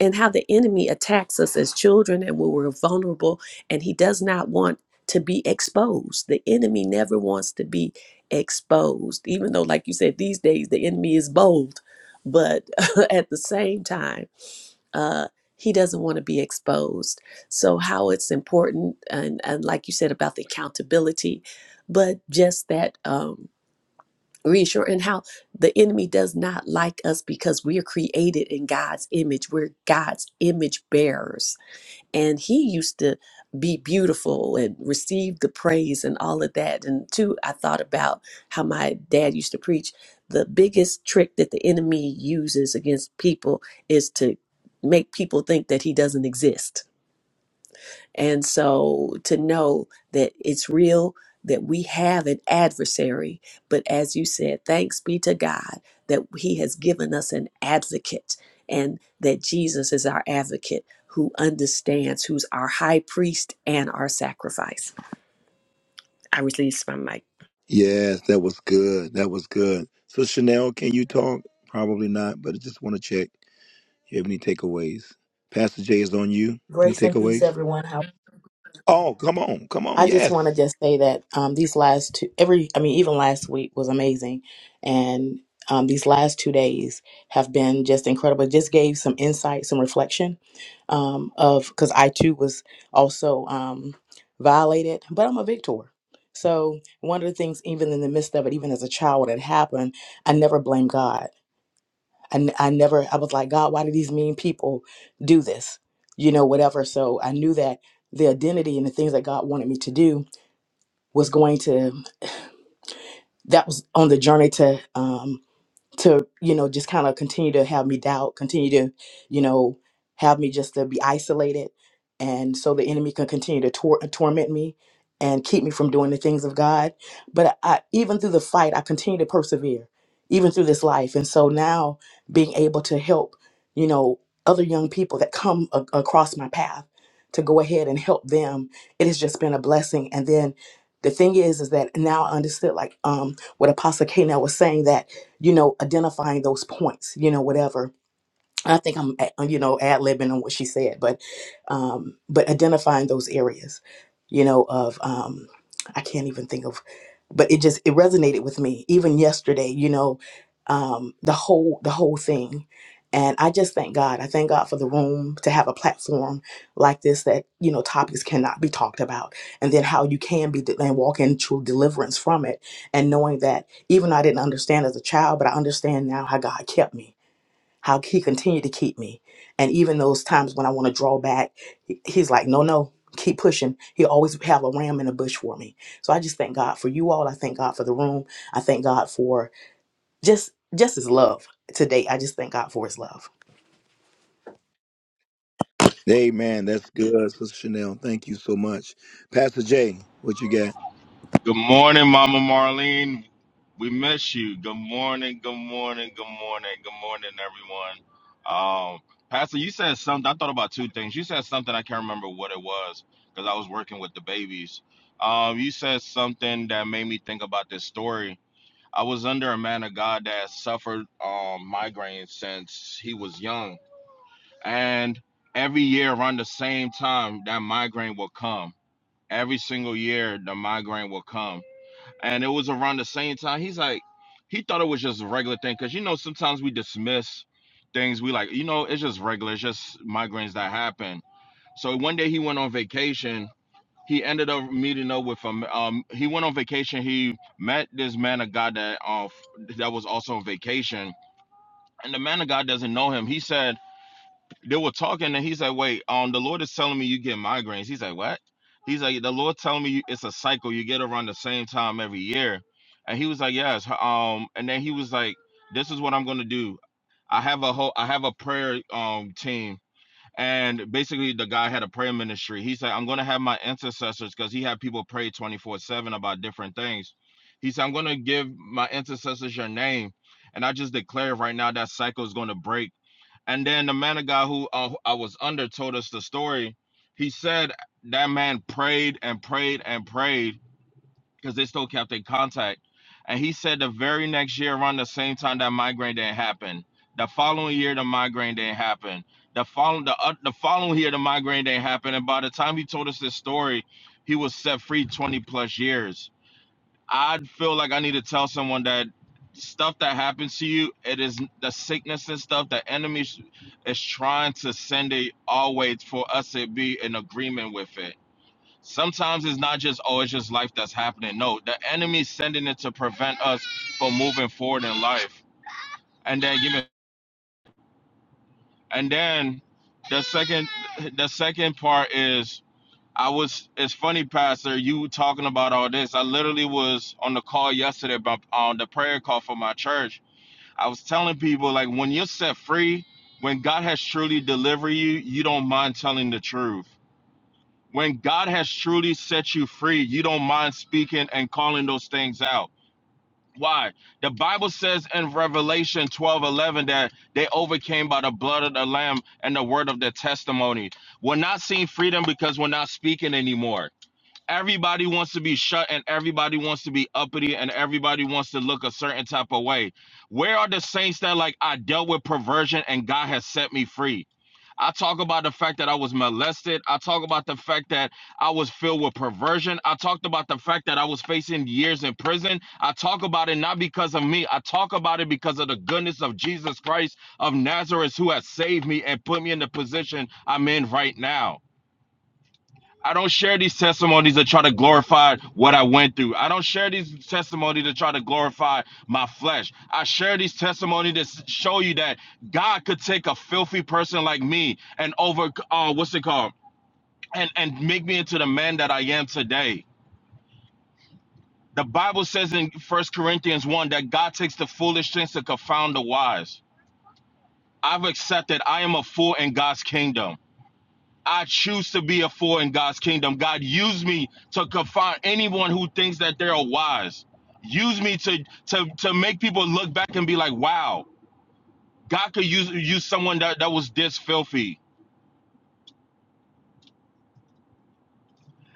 and how the enemy attacks us as children and when we're vulnerable and he does not want to be exposed the enemy never wants to be exposed even though like you said these days the enemy is bold but at the same time uh he doesn't want to be exposed so how it's important and, and like you said about the accountability but just that um, reassure and how the enemy does not like us because we are created in God's image. We're God's image bearers. And he used to be beautiful and receive the praise and all of that. And two, I thought about how my dad used to preach the biggest trick that the enemy uses against people is to make people think that he doesn't exist and so to know that it's real, that we have an adversary, but as you said, thanks be to God that He has given us an advocate and that Jesus is our advocate who understands, who's our high priest and our sacrifice. I release my mic.
Yes, that was good. That was good. So Chanel, can you talk? Probably not, but I just want to check. You have any takeaways? Pastor Jay is on you. Any
Grace and peace,
takeaways?
everyone. How
Oh, come on, come on.
I just
Yes.
want to just say that um, these last two, every, I mean, even last week was amazing, and um, these last two days have been just incredible. Just gave some insight, some reflection um, of because I too was also um, violated, but I'm a victor. So one of the things, even in the midst of it, even as a child, when it happened, I never blamed God. I I never, I was like, God, why do these mean people do this? You know, whatever. So I knew that the identity and the things that God wanted me to do was going to, that was on the journey to um, to you know just kind of continue to have me doubt continue to you know have me just to be isolated and so the enemy can continue to tor- torment me and keep me from doing the things of god but I, even through the fight i continue to persevere even through this life and so now being able to help you know other young people that come a- across my path to go ahead and help them it has just been a blessing and then the thing is is that now i understood like um what apostle k was saying that you know, identifying those points, you know, whatever. I think I'm, uh, you know, ad libbing on what she said, but, um, but identifying those areas, you know, of, um, I can't even think of, but it just it resonated with me even yesterday. You know, um, the whole the whole thing, and I just thank God. I thank God for the room to have a platform like this that you know topics cannot be talked about, and then how you can be de- and walk in true deliverance from it, and knowing that even though I didn't understand as a child, but I understand now how God kept me how he continued to keep me. And even those times when I want to draw back, he- he's like, no, no, keep pushing. He always have a ram in the bush for me. So I just thank God for you all. I thank God for the room. I thank God for just just his love today. I just thank God for his love.
Amen. That's good, Sister Chanel. Thank you so much, Pastor Jay. What you got?
Good morning, Mama Marlene. We miss you. Good morning, good morning, good morning, good morning, everyone. Um, Pastor, you said something. I thought about two things. You said something I can't remember what it was because I was working with the babies. Um, you said something that made me think about this story. I was under a man of God that suffered um, migraines since he was young, and every year around the same time, that migraine will come every single year the migraine will come and it was around the same time he's like he thought it was just a regular thing because you know sometimes we dismiss things we like you know it's just regular it's just migraines that happen so one day he went on vacation he ended up meeting up with him um he went on vacation he met this man of god that uh, that was also on vacation and the man of god doesn't know him he said they were talking and he's like, wait, um, the Lord is telling me you get migraines. He's like, what? He's like, the Lord telling me you, it's a cycle. You get around the same time every year. And he was like, yes. Um, and then he was like, this is what I'm gonna do. I have a whole, I have a prayer um team. And basically, the guy had a prayer ministry. He said, I'm gonna have my intercessors because he had people pray 24 seven about different things. He said, I'm gonna give my intercessors your name. And I just declare right now that cycle is going to break and then the man of God who uh, I was under told us the story. He said that man prayed and prayed and prayed because they still kept in contact. And he said the very next year, around the same time, that migraine didn't happen. The following year, the migraine didn't happen. The following the uh, the following year, the migraine didn't happen. And by the time he told us this story, he was set free twenty plus years I'd feel like I need to tell someone that stuff that happens to you, it is the sickness and stuff. The enemy is is trying to send it always for us to be in agreement with it. Sometimes it's not just oh, it's just life that's happening. No, the enemy's sending it to prevent us from moving forward in life. And then giving, and then the second, the second part is I was. It's funny, Pastor. You talking about all this? I literally was on the call yesterday, but on the prayer call for my church. I was telling people like, when you're set free, when God has truly delivered you, you don't mind telling the truth. When God has truly set you free, you don't mind speaking and calling those things out. Why? The Bible says in Revelation 12 11 that they overcame by the blood of the Lamb and the word of their testimony. We're not seeing freedom because we're not speaking anymore everybody wants to be shut and everybody wants to be uppity and everybody wants to look a certain type of way. Where are the saints that like I dealt with perversion and God has set me free? I talk about the fact that I was molested. I talk about the fact that I was filled with perversion. I talked about the fact that I was facing years in prison. I talk about it not because of me. I talk about it because of the goodness of Jesus Christ of Nazareth who has saved me and put me in the position I'm in right now. I don't share these testimonies to try to glorify what I went through. I don't share these testimonies to try to glorify my flesh. I share these testimonies to show you that God could take a filthy person like me and over uh what's it called? And and make me into the man that I am today. The Bible says in First Corinthians 1 that God takes the foolish things to confound the wise. I've accepted I am a fool in God's kingdom. I choose to be a fool in God's kingdom. God, use me to confront anyone who thinks that they're wise. Use me to to to make people look back and be like, wow, God could use use someone that, that was this filthy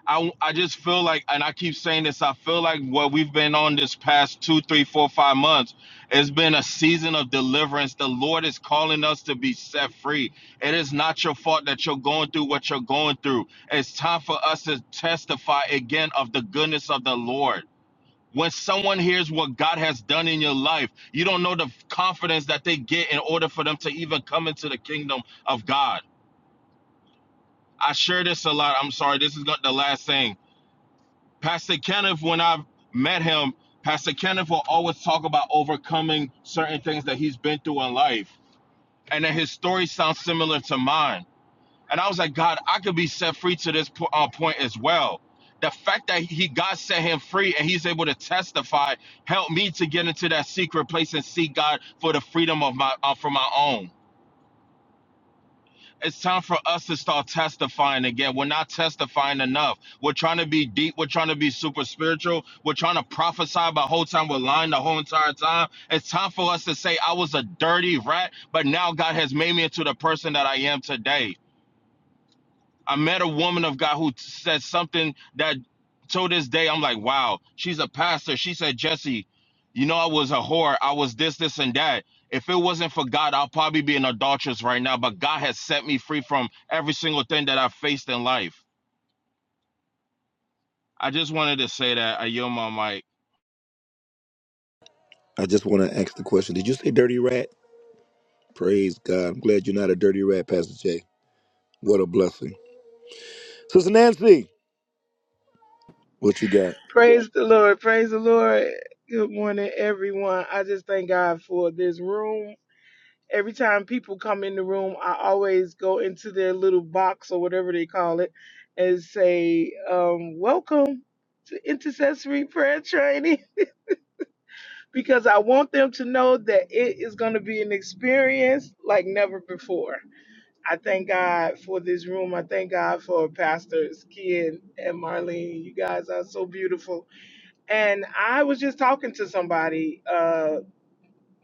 I, I just feel like, and I keep saying this, I feel like what we've been on this past two, three, four, five months, it's been a season of deliverance. The Lord is calling us to be set free. It is not your fault that you're going through what you're going through. It's time for us to testify again of the goodness of the Lord. When someone hears what God has done in your life, you don't know the confidence that they get in order for them to even come into the kingdom of God. I share this a lot. I'm sorry. This is not the last thing Pastor Kenneth, when I've met him, Pastor Kenneth will always talk about overcoming certain things that he's been through in life. And then his story sounds similar to mine. And I was like, God, I could be set free to this po- uh, point as well. The fact that he God set him free and he's able to testify helped me to get into that secret place and seek God for the freedom of my uh, for my own. It's time for us to start testifying again. We're not testifying enough. We're trying to be deep. We're trying to be super spiritual. We're trying to prophesy the whole time. We're lying the whole entire time. It's time for us to say, I was a dirty rat, but now God has made me into the person that I am today. I met a woman of God who t- said something that to this day I'm like, wow, she's a pastor. She said, Jesse, you know, I was a whore. I was this, this, and that. If it wasn't for God, I'll probably be an adulteress right now. But God has set me free from every single thing that I've faced in life. I just wanted to say that I yield my mic.
I just want to ask the question. Did you say dirty rat? Praise God. I'm glad you're not a dirty rat, Pastor Jay. What a blessing, Sister Nancy. What you got?
Praise the Lord. Praise the Lord. Good morning, everyone. I just thank God for this room. Every time people come in the room, I always go into their little box or whatever they call it and say, um, Welcome to intercessory prayer training because I want them to know that it is going to be an experience like never before. I thank God for this room. I thank God for pastors Ken and Marlene. You guys are so beautiful. And I was just talking to somebody. uh,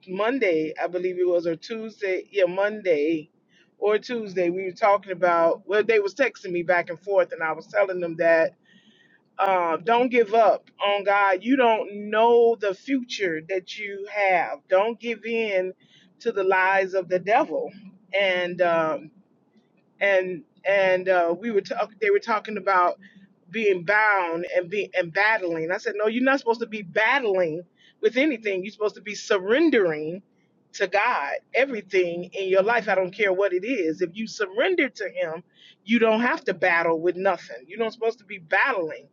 Monday, I believe it was, or Tuesday, yeah, Monday or Tuesday, we were talking about. Well, they was texting me back and forth, and I was telling them that uh, don't give up on God. You don't know the future that you have. Don't give in to the lies of the devil. And um, and and uh, we were talk. They were talking about being bound and be and battling. I said, no, you're not supposed to be battling with anything. You're supposed to be surrendering to God everything in your life. I don't care what it is. If you surrender to Him, you don't have to battle with nothing. You're not supposed to be battling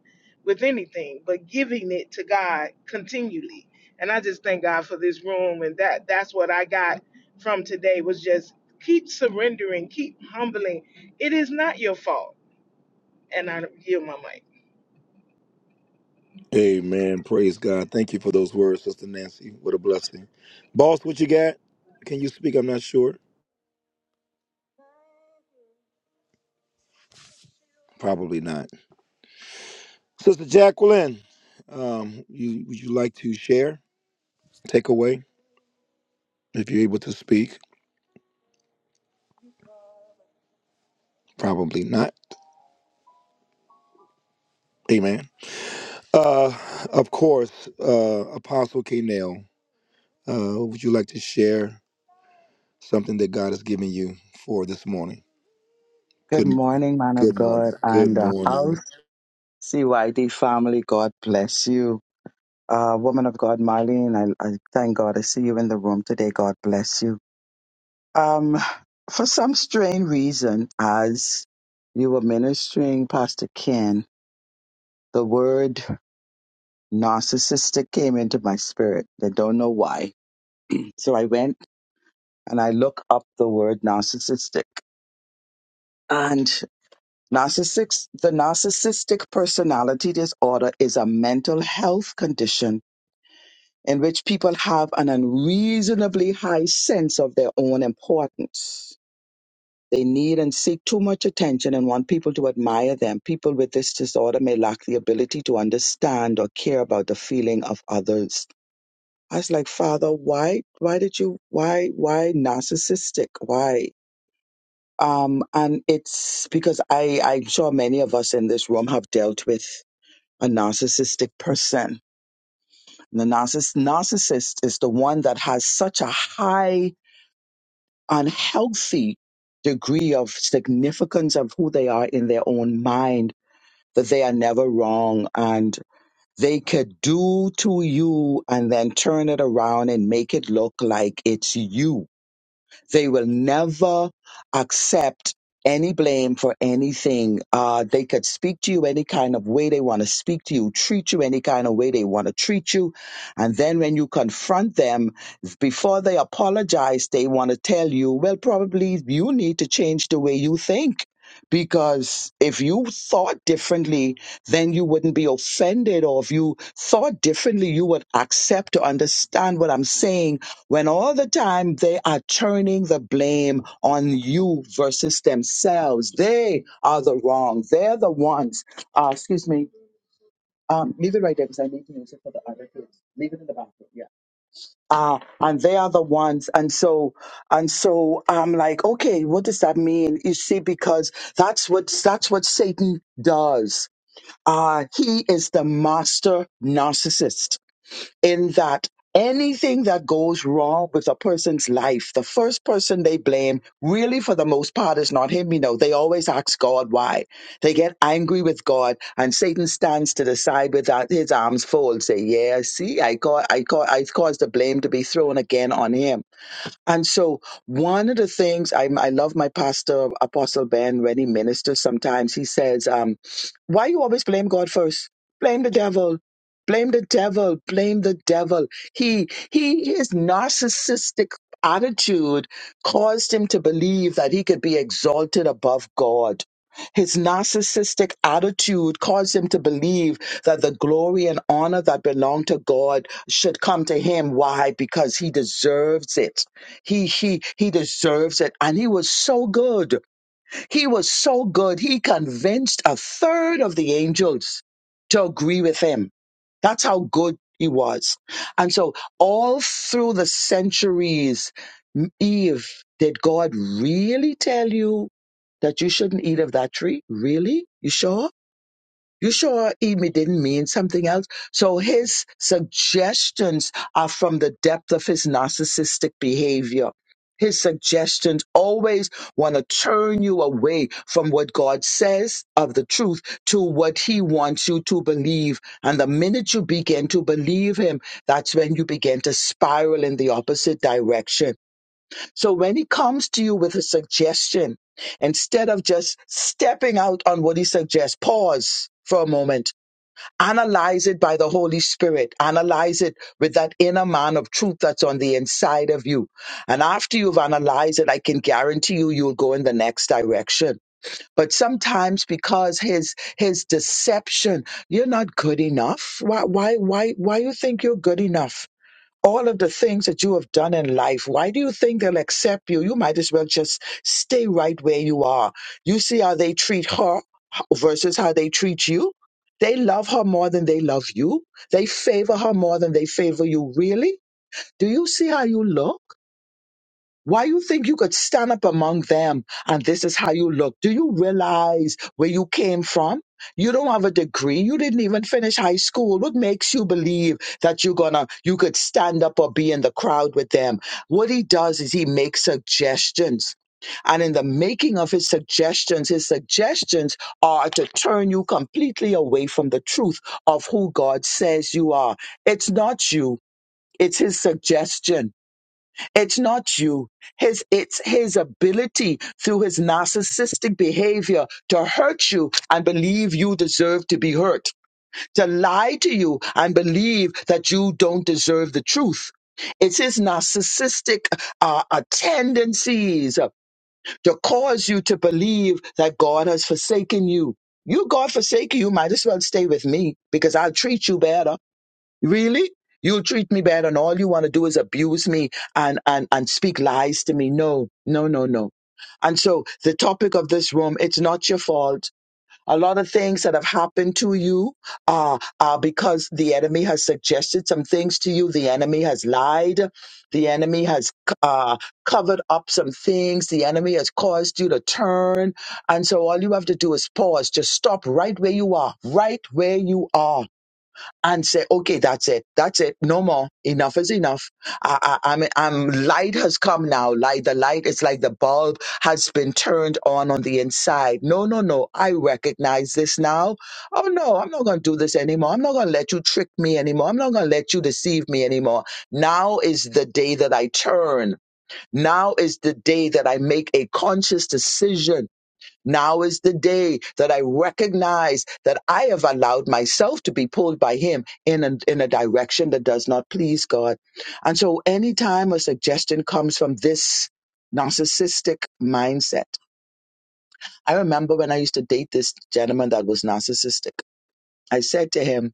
with anything, but giving it to God continually. And I just thank God for this room and that that's what I got from today was just keep surrendering, keep humbling. It is not your fault. And I yield my mic.
Amen. Praise God. Thank you for those words, Sister Nancy. What a blessing. Boss, what you got? Can you speak? I'm not sure. Probably not. Sister Jacqueline, um, you, would you like to share, take away, if you're able to speak? Probably not. Amen. Uh, of course, uh, Apostle K. Nail, uh, would you like to share something that God has given you for this morning?
Good
Good morning.
morning, man of
Good morning.
God and
Good
uh,
morning.
house. CYD family, God bless you. Uh, woman of God, Marlene, I, I thank God I see you in the room today. God bless you. Um, for some strange reason, as you were ministering, Pastor Ken, the word narcissistic came into my spirit. I don't know why. So I went and I looked up the word narcissistic. and. Narcissist, the narcissistic personality disorder is a mental health condition in which people have an unreasonably high sense of their own importance. They need and seek too much attention and want people to admire them. People with this disorder may lack the ability to understand or care about the feeling of others. I was like, Father, why, why did you, why, why narcissistic? Why? Um, and it's because I, I'm sure many of us in this room have dealt with a narcissistic person. The narciss- narcissist is the one that has such a high, unhealthy degree of significance of who they are in their own mind that they are never wrong and they could do to you and then turn it around and make it look like it's you They will never accept any blame for anything. Uh, they could speak to you any kind of way they want to speak to you, treat you any kind of way they want to treat you. And then when you confront them, before they apologize, they want to tell you, well, probably you need to change the way you think. Because if you thought differently, then you wouldn't be offended. Or if you thought differently, you would accept or understand what I'm saying when all the time they are turning the blame on you versus themselves. They are the wrong. They're the ones. Uh, excuse me. Um, leave it right there because I need to use it for the other kids. Leave it in the bathroom. Yeah. Uh, and they are the ones. And so, and so I'm like, okay, what does that mean? You see, because that's what, that's what Satan does. Uh, he is the master narcissist in that anything that goes wrong with a person's life, the first person they blame, really for the most part, is not him. You know, they always ask God why. They get angry with God, and Satan stands to the side with that, his arms folded, say, "Yeah, see, I got, I got, I caused the blame to be thrown again on him." And so, one of the things I, I love my pastor, Apostle Ben, when he ministers sometimes, he says, um, Why you always blame God first? Blame the devil. Blame the devil. Blame the devil. He, he, his narcissistic attitude caused him to believe that he could be exalted above God. His narcissistic attitude caused him to believe that the glory and honor that belong to God should come to him. Why? Because he deserves it he, he, he deserves it. And he was so good. He was so good. He convinced a third of the angels to agree with him. That's how good he was. And so all through the centuries, Eve, did God really tell you that you shouldn't eat of that tree? Really? You sure? You sure Emi didn't mean something else? So his suggestions are from the depth of his narcissistic behavior. His suggestions always want to turn you away from what God says of the truth to what he wants you to believe. And the minute you begin to believe him, that's when you begin to spiral in the opposite direction so when he comes to you with a suggestion, instead of just stepping out on what he suggests, pause for a moment, analyze it by the Holy Spirit, analyze it with that inner man of truth that's on the inside of you. And after you've analyzed it, I can guarantee you, you'll go in the next direction. But sometimes because his, his deception, you're not good enough. Why, why, why, why you think you're good enough? all of the things that you have done in life, why do you think they'll accept you? You might as well just stay right where you are. You see how they treat her versus how they treat you. They love her more than they love you. They favor her more than they favor you. Really? Do you see how you look? Why you think you could stand up among them and this is how you look? Do you realize where you came from? You don't have a degree. You didn't even finish high school. What makes you believe that you're gonna you could stand up or be in the crowd with them? What he does is he makes suggestions. And in the making of his suggestions, his suggestions are to turn you completely away from the truth of who God says you are. It's not you, it's his suggestion it's not you. His it's his ability through his narcissistic behavior to hurt you and believe you deserve to be hurt, to lie to you and believe that you don't deserve the truth. It's his narcissistic uh, uh, tendencies uh, to cause you to believe that God has forsaken you. You God forsaken, you might as well stay with me because I'll treat you better. Really? You'll treat me bad and all you want to do is abuse me and, and, and speak lies to me. No, no, no, no. And so the topic of this room, it's not your fault. A lot of things that have happened to you are, are because the enemy has suggested some things to you. The enemy has lied. The enemy has uh, covered up some things. The enemy has caused you to turn. And so all you have to do is pause. Just stop right where you are, right where you are and say, okay, that's it. That's it. No more. Enough is enough. I, I, I'm, I'm, light has come now. Light, the light is like the bulb has been turned on on the inside. No, no, no. I recognize this now. Oh no, I'm not going to do this anymore. I'm not going to let you trick me anymore. I'm not going to let you deceive me anymore. Now is the day that I turn. Now is the day that I make a conscious decision now is the day that I recognize that I have allowed myself to be pulled by him in a, in a direction that does not please God. And so anytime a suggestion comes from this narcissistic mindset, I remember when I used to date this gentleman that was narcissistic, I said to him,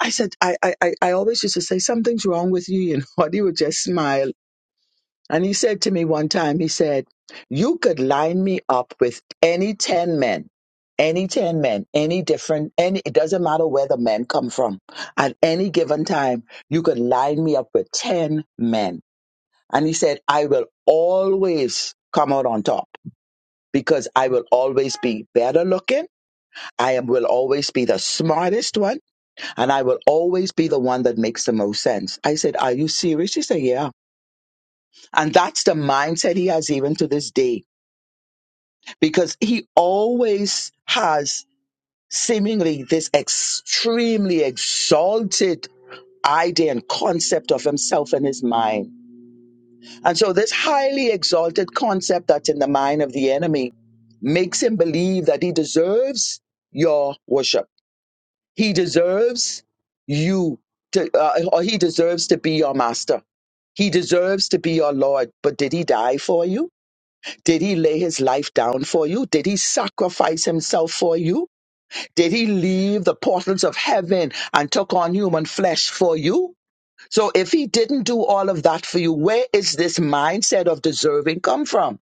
I said, I, I, I I always used to say, something's wrong with you, you know, and he would just smile And he said to me one time, he said, You could line me up with any 10 men, any 10 men, any different, any, it doesn't matter where the men come from. At any given time, you could line me up with 10 men. And he said, I will always come out on top because I will always be better looking. I am, will always be the smartest one and I will always be the one that makes the most sense. I said, Are you serious? He said, Yeah. And that's the mindset he has even to this day because he always has seemingly this extremely exalted idea and concept of himself in his mind. And so, this highly exalted concept that's in the mind of the enemy makes him believe that he deserves your worship. He deserves you to, uh, or he deserves to be your master. He deserves to be your Lord, but did he die for you? Did he lay his life down for you? Did he sacrifice himself for you? Did he leave the portals of heaven and took on human flesh for you? So if he didn't do all of that for you, where is this mindset of deserving come from?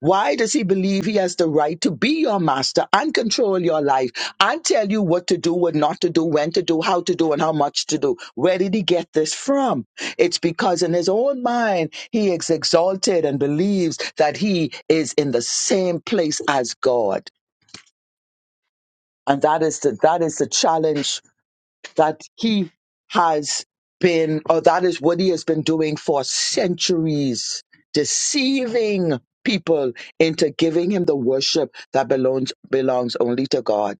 Why does he believe he has the right to be your master and control your life and tell you what to do, what not to do, when to do, how to do, and how much to do? Where did he get this from? It's because in his own mind, he is exalted and believes that he is in the same place as God. And that is the, that is the challenge that he has been, or that is what he has been doing for centuries, deceiving people into giving him the worship that belongs belongs only to God.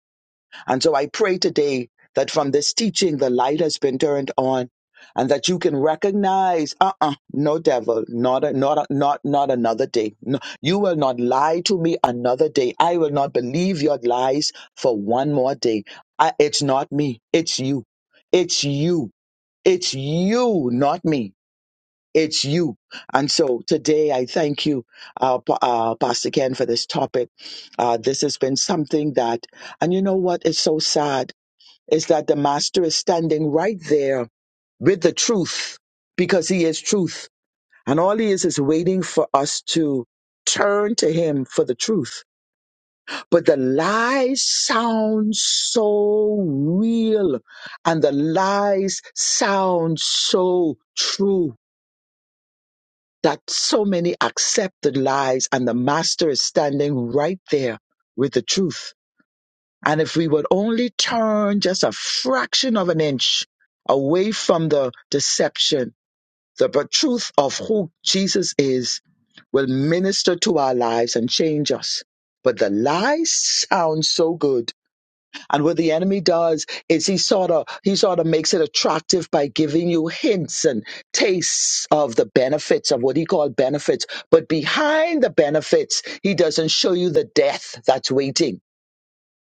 And so I pray today that from this teaching, the light has been turned on and that you can recognize, uh-uh, no devil, not, a, not, a, not, not another day. No, you will not lie to me another day. I will not believe your lies for one more day. I, it's not me. It's you. It's you. It's you, not me. It's you. And so today I thank you, uh, Pa- uh, Pastor Ken, for this topic. Uh, this has been something that, and you know what? It's so sad is that the master is standing right there with the truth because he is truth. And all he is is waiting for us to turn to him for the truth. But the lies sound so real and the lies sound so true that so many accept the lies and the master is standing right there with the truth And if we would only turn just a fraction of an inch away from the deception, the truth of who Jesus is will minister to our lives and change us. But the lie sounds so good. And what the enemy does is he sort of he sort of makes it attractive by giving you hints and tastes of the benefits of what he called benefits. But behind the benefits, he doesn't show you the death that's waiting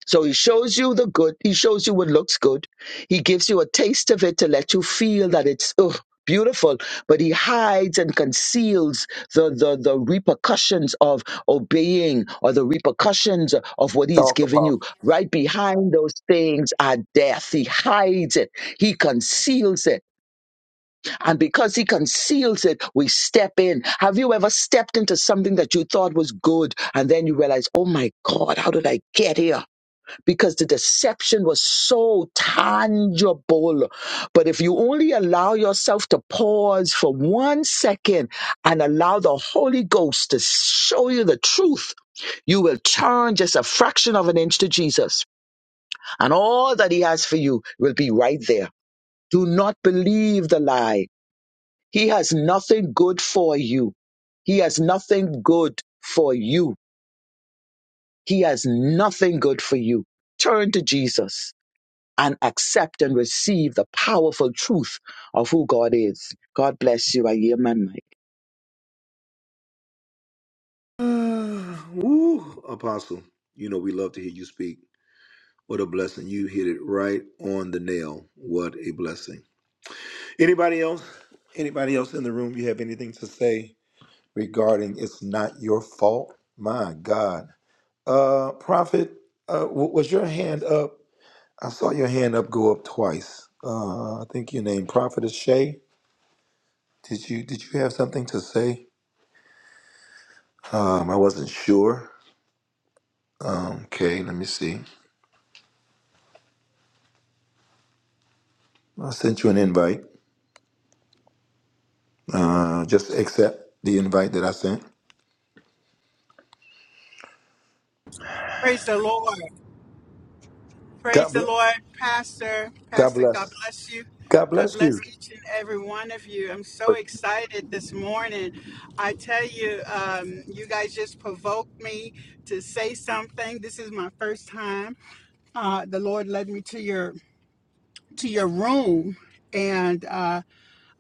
so he shows you the good. He shows you what looks good. He gives you a taste of it to let you feel that it's ugh, beautiful. But he hides and conceals the, the the repercussions of obeying or the repercussions of what he has given you. Right behind those things are death. He hides it. He conceals it. And because he conceals it, we step in. Have you ever stepped into something that you thought was good and then you realize, oh my God, how did I get here? because the deception was so tangible. But if you only allow yourself to pause for one second and allow the Holy Ghost to show you the truth, you will turn just a fraction of an inch to Jesus, and all that He has for you will be right there. Do not believe the lie. He has nothing good for you. He has nothing good for you. He has nothing good for you. Turn to Jesus and accept and receive the powerful truth of who God is. God bless you. I hear my mic.
Woo, Apostle, you know we love to hear you speak. What a blessing. You hit it right on the nail. What a blessing. Anybody else? Anybody else in the room you have anything to say regarding it's not your fault? My God. Uh Prophet, uh w- was your hand up? I saw your hand up go up twice. Uh I think your name Prophet is Shay. Did you did you have something to say? Um I wasn't sure. Um, okay, let me see. I sent you an invite. Uh, just accept the invite that I sent.
Praise the Lord. Praise
God
the
bless.
Lord, Pastor.
God
Pastor, God
bless.
bless you.
God
God
bless you.
bless each and every one of you. I'm so excited this morning. I tell you, um, you guys just provoked me to say something. This is my first time. Uh, the Lord led me to your to your room, and uh,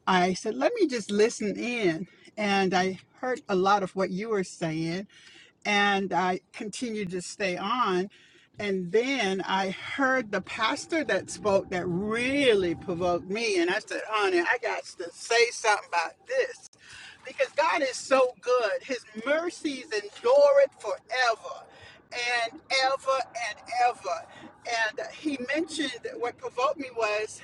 I said, "Let me just listen in." And I heard a lot of what you were saying, and I continued to stay on. And then I heard the pastor that spoke that really provoked me. And I said, honey, I got to say something about this because God is so good. His mercies endure it forever and ever and ever. And uh, he mentioned what provoked me was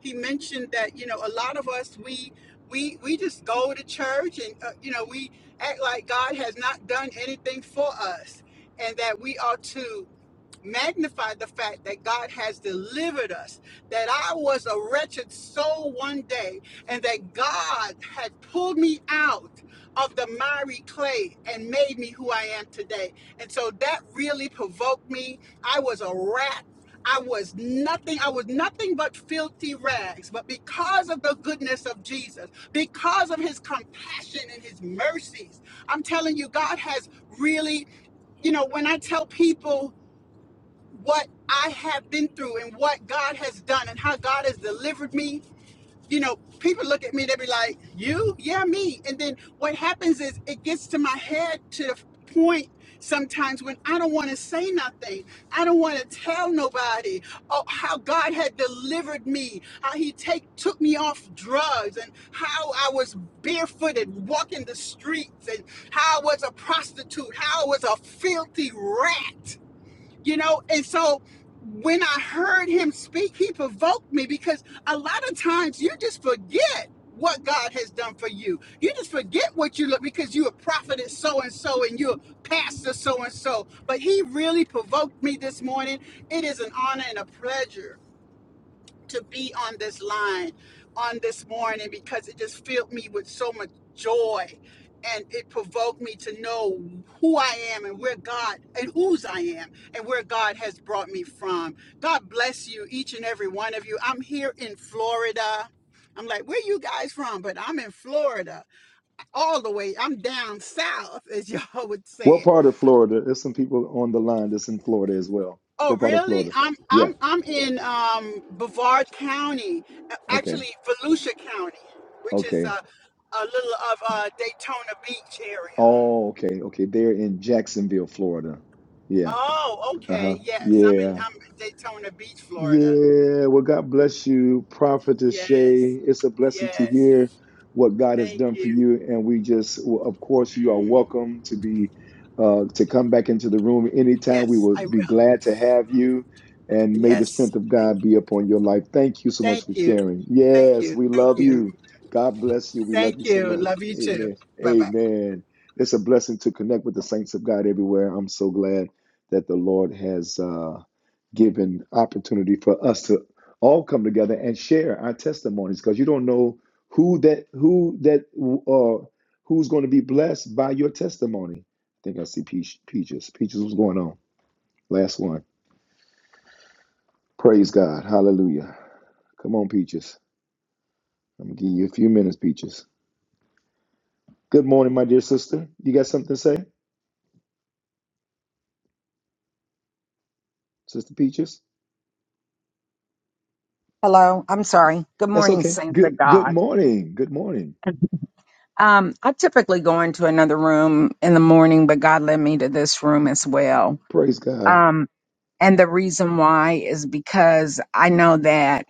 he mentioned that you know a lot of us we we we just go to church and uh, you know we act like God has not done anything for us and that we ought to magnify the fact that God has delivered us, that I was a wretched soul one day, and that God had pulled me out of the miry clay and made me who I am today. And so that really provoked me. I was a rat. I was nothing. I was nothing but filthy rags. But because of the goodness of Jesus, because of his compassion and his mercies, I'm telling you, God has really, you know, when I tell people what I have been through and what God has done and how God has delivered me. You know, people look at me, they be like, You? Yeah, me. And then what happens is it gets to my head to the point sometimes when I don't want to say nothing. I don't want to tell nobody oh, how God had delivered me, how He take, took me off drugs, and how I was barefooted walking the streets, and how I was a prostitute, how I was a filthy rat you know and so when i heard him speak he provoked me because a lot of times you just forget what god has done for you you just forget what you look because you're a prophet so and so and you're a pastor so and so but he really provoked me this morning it is an honor and a pleasure to be on this line on this morning because it just filled me with so much joy and it provoked me to know who I am and where God and whose I am and where God has brought me from. God bless you, each and every one of you. I'm here in Florida. I'm like, where you guys from? But I'm in Florida, all the way. I'm down south, as y'all would say it
What part of Florida? There's some people on the line that's in Florida as well.
Oh,
What part of
really?
Florida?
I'm
Yeah.
I'm I'm in um, Brevard County, uh,
Okay.
actually Volusia County, which is
Okay.
a, a little of uh, Daytona Beach area.
Oh, okay. Okay. They're in Jacksonville, Florida. Yeah.
Oh,
Uh-huh.
okay. Yes, I'm in
Yeah.
I'm in Daytona Beach, Florida.
Yeah, well, God bless you, Prophetess
Yes,
Shay. It's a blessing to
yes.
hear what God has
Thank
done for
you.
you, and we just, well, of course, you are
Mm,
welcome to be uh, to come back into the room anytime. We
Yes,
will
I
be
will.
glad to have you, and may
Yes.
the strength of
Thank,
God be upon your life. Thank you so
thank
much for
you.
sharing.
Thank
Yes,
you.
we
Thank
love
you.
you. God bless you. We love
Thank
you so
you.
much.
Love you too.
Amen.
Bye bye.
Amen. It's a blessing to connect with the saints of God everywhere. I'm so glad that the Lord has. Uh, given opportunity for us to all come together and share our testimonies because you don't know who that who that uh who's going to be blessed by your testimony. I think I see Peach, Peaches. Peaches, what's going on? Last one. Praise God. Hallelujah. Come on, Peaches. I'm gonna give you a few minutes, Peaches. Good morning, my dear sister. You got something to say, Sister Peaches?
Hello, I'm sorry. Good
That's
morning,
okay.
saints
Good
of
good
God.
morning. Good morning.
Um, I typically go into another room in the morning, but God led me to this room as well.
Praise God.
Um, and the reason why is because I know that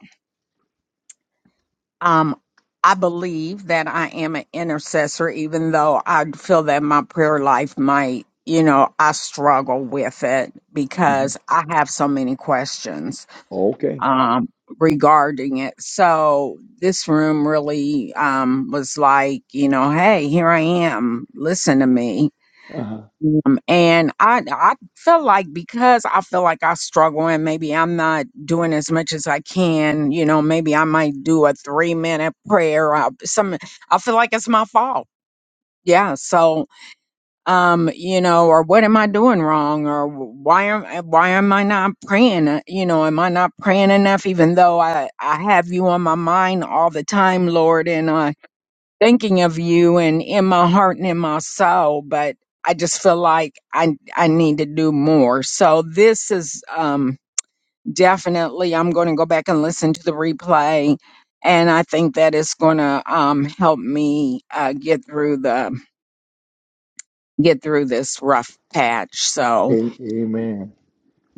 um, I believe that I am an intercessor, even though I feel that my prayer life might, you know, I struggle with it
hmm
because I have so many questions
Okay.
um, regarding it. So this room really um, was like, you know, hey, here I am. Listen to me.
Uh-huh.
Um, and I I feel like because I feel like I struggle and maybe I'm not doing as much as I can, you know, maybe I might do a three minute prayer. Uh, some I feel like it's my fault. Yeah. So um you know or what am i doing wrong or why am why am i not praying you know am i not praying enough even though i i have you on my mind all the time lord and i thinking of you and in my heart and in my soul but i just feel like i i need to do more so this is um definitely i'm going to go back and listen to the replay and i think that is going to um help me uh get through the get through this rough patch. So
A- amen.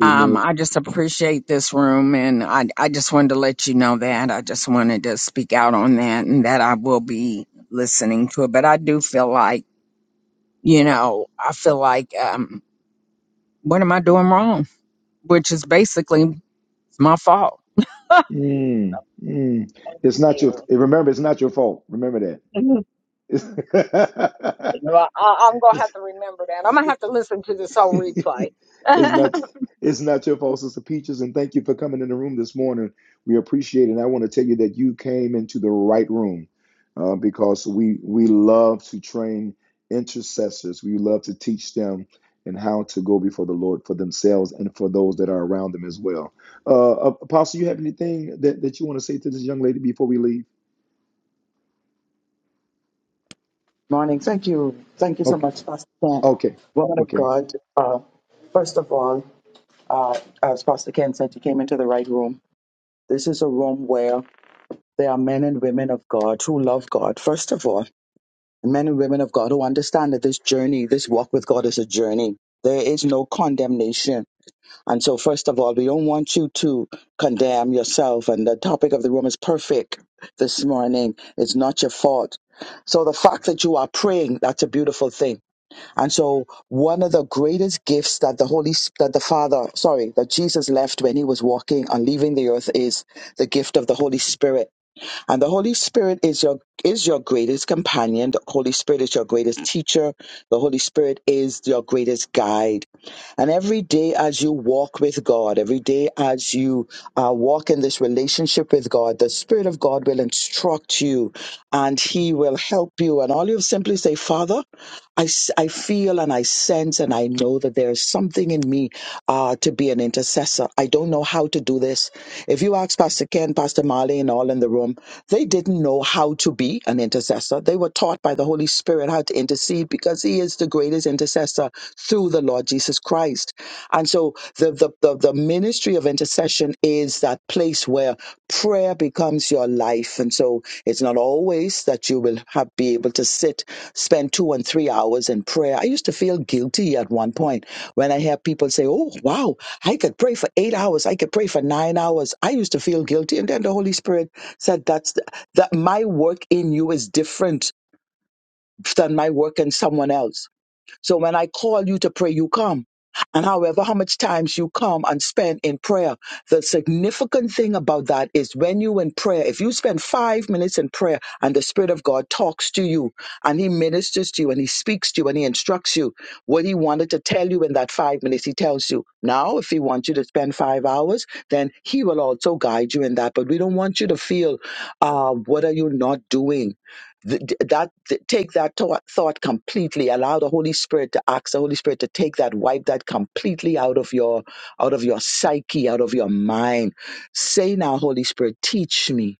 um,
Amen.
I just appreciate this room, and I, I just wanted to let you know that. I just wanted to speak out on that, and that I will be listening to it. But I do feel like, you know, I feel like, um, what am I doing wrong? Which is basically my fault. Thank
Mm, mm. It's not your.
you.
Remember, it's not your fault. Remember that.
well, I, I'm gonna have
It's,
to remember that. I'm gonna have to listen to this whole
it's,
replay.
it's not. It's not your fault, Sister Peaches. And thank you for coming in the room this morning. We appreciate it. And I want to tell you that you came into the right room uh, because we we love to train intercessors. We love to teach them and how to go before the Lord for themselves and for those that are around them as well. Uh, Apostle, you have anything that, that you want to say to this young lady before we leave?
Morning. Thank you. Thank you
Oh,
so much, Pastor Ken.
Okay,
Woman of
okay.
God, uh, first of all, uh, as Pastor Ken said, you came into the right room. This is a room where there are men and women of God who love God, first of all, and men and women of God who understand that this journey, this walk with God is a journey. There is no condemnation And so, first of all, we don't want you to condemn yourself. And the topic of the room is perfect this morning. It's not your fault. So, the fact that you are praying, that's a beautiful thing. And so, one of the greatest gifts that the Holy, Sp- that the Father, sorry, that Jesus left when he was walking and leaving the earth is the gift of the Holy Spirit. And the Holy Spirit is your is your greatest companion. The Holy Spirit is your greatest teacher. The Holy Spirit is your greatest guide and every day as you walk with God, every day as you uh, walk in this relationship with God, the Spirit of God will instruct you and He will help you. And all you simply say, Father, I, s- I feel and I sense and I know that there is something in me uh, to be an intercessor. I don't know how to do this. If you if you ask Pastor Ken, Pastor Marley, and all in the room, they didn't know how to be an intercessor. They were taught by the Holy Spirit how to intercede because He is the greatest intercessor through the Lord Jesus Christ. And so the, the, the, the ministry of intercession is that place where prayer becomes your life. And so it's not always that you will have, be able to sit, spend two and three hours in prayer. I used to feel guilty at one point when I hear people say, Oh, wow. I could pray for eight hours. I could pray for nine hours. I used to feel guilty. And then the Holy Spirit said, that's the, that my work in you is different than my work in someone else so when I call you to pray, you come. And however, how much times you come and spend in prayer, the significant thing about that is when you in prayer, if you spend five minutes in prayer and the Spirit of God talks to you and He ministers to you and He speaks to you and He instructs you what He wanted to tell you in that five minutes, He tells you. Now, if He wants you to spend five hours, then He will also guide you in that. But we don't want you to feel, uh, what are you not doing? Th- th- that th- take that thought, thought completely allow the holy spirit to ask the holy spirit to take that wipe that completely out of your out of your psyche out of your mind say now holy spirit teach me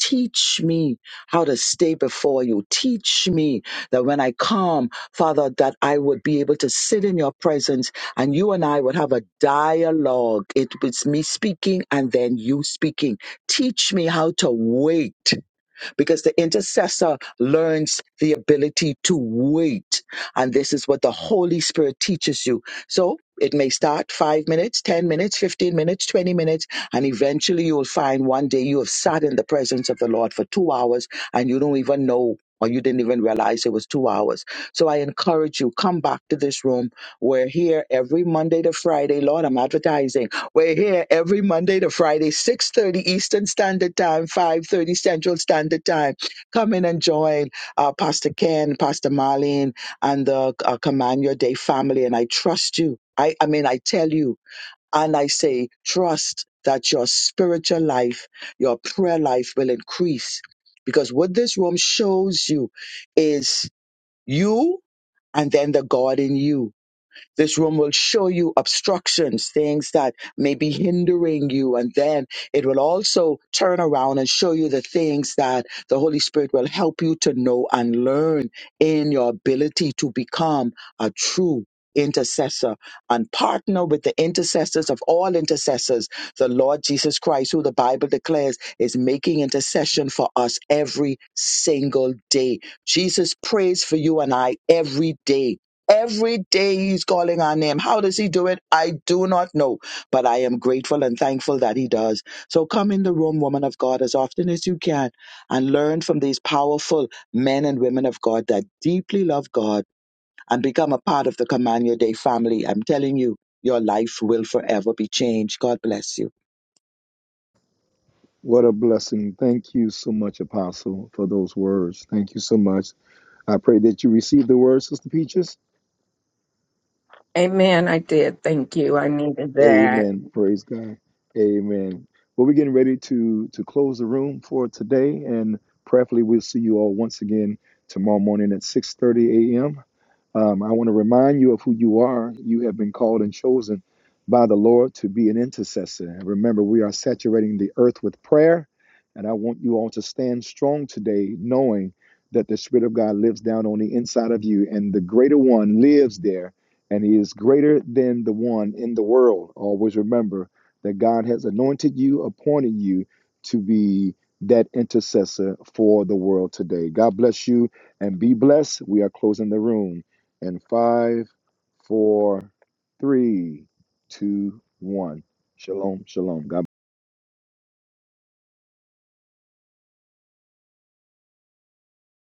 teach me how to stay before you teach me that when i come father that i would be able to sit in your presence and you and i would have a dialogue it was me speaking and then you speaking teach me how to wait because the intercessor learns the ability to wait. And this is what the Holy Spirit teaches you. So it may start five minutes, 10 minutes, 15 minutes, 20 minutes, and eventually you'll find one day you have sat in the presence of the Lord for two hours and you don't even know. Or you didn't even realize it was two hours. So I encourage you, come back to this room. We're here every Monday to Friday. Lord, I'm advertising. We're here every Monday to Friday, 6.30 Eastern Standard Time, 5.30 Central Standard Time. Come in and join uh, Pastor Ken, Pastor Marlene, and the uh, Command Your Day family. And I trust you. I, I mean, I tell you, and I say, trust that your spiritual life, your prayer life will increase. Because what this room shows you is you and then the God in you this room will show you obstructions, things that may be hindering you. And then it will also turn around and show you the things that the Holy Spirit will help you to know and learn in your ability to become a true intercessor and partner with the intercessors of all intercessors, the Lord Jesus Christ, who the Bible declares is making intercession for us every single day. Jesus prays for you and I every day Every day he's calling our name. How does he do it? I do not know, but I am grateful and thankful that he does. So come in the room, woman of God, as often as you can and learn from these powerful men and women of God that deeply love God and become a part of the Command Your Day family. I'm telling you, your life will forever be changed. God bless you.
What a blessing. Thank you so much, Apostle, for those words. Thank you so much. I pray that you receive the word, Sister Peaches.
Amen. I did. Thank you. I needed that.
Amen. Praise God. Amen. Well, we're getting ready to to close the room for today, and prayerfully, we'll see you all once again tomorrow morning at 6:30 a.m. Um, I want to remind you of who you are. You have been called and chosen by the Lord to be an intercessor. And remember, we are saturating the earth with prayer, and I want you all to stand strong today, knowing that the Spirit of God lives down on the inside of you, and the greater one lives there and he is greater than the one in the world. Always remember that God has anointed you, appointed you to be that intercessor for the world today. God bless you and be blessed. We are closing the room in five, four, three, two, one. Shalom, shalom. God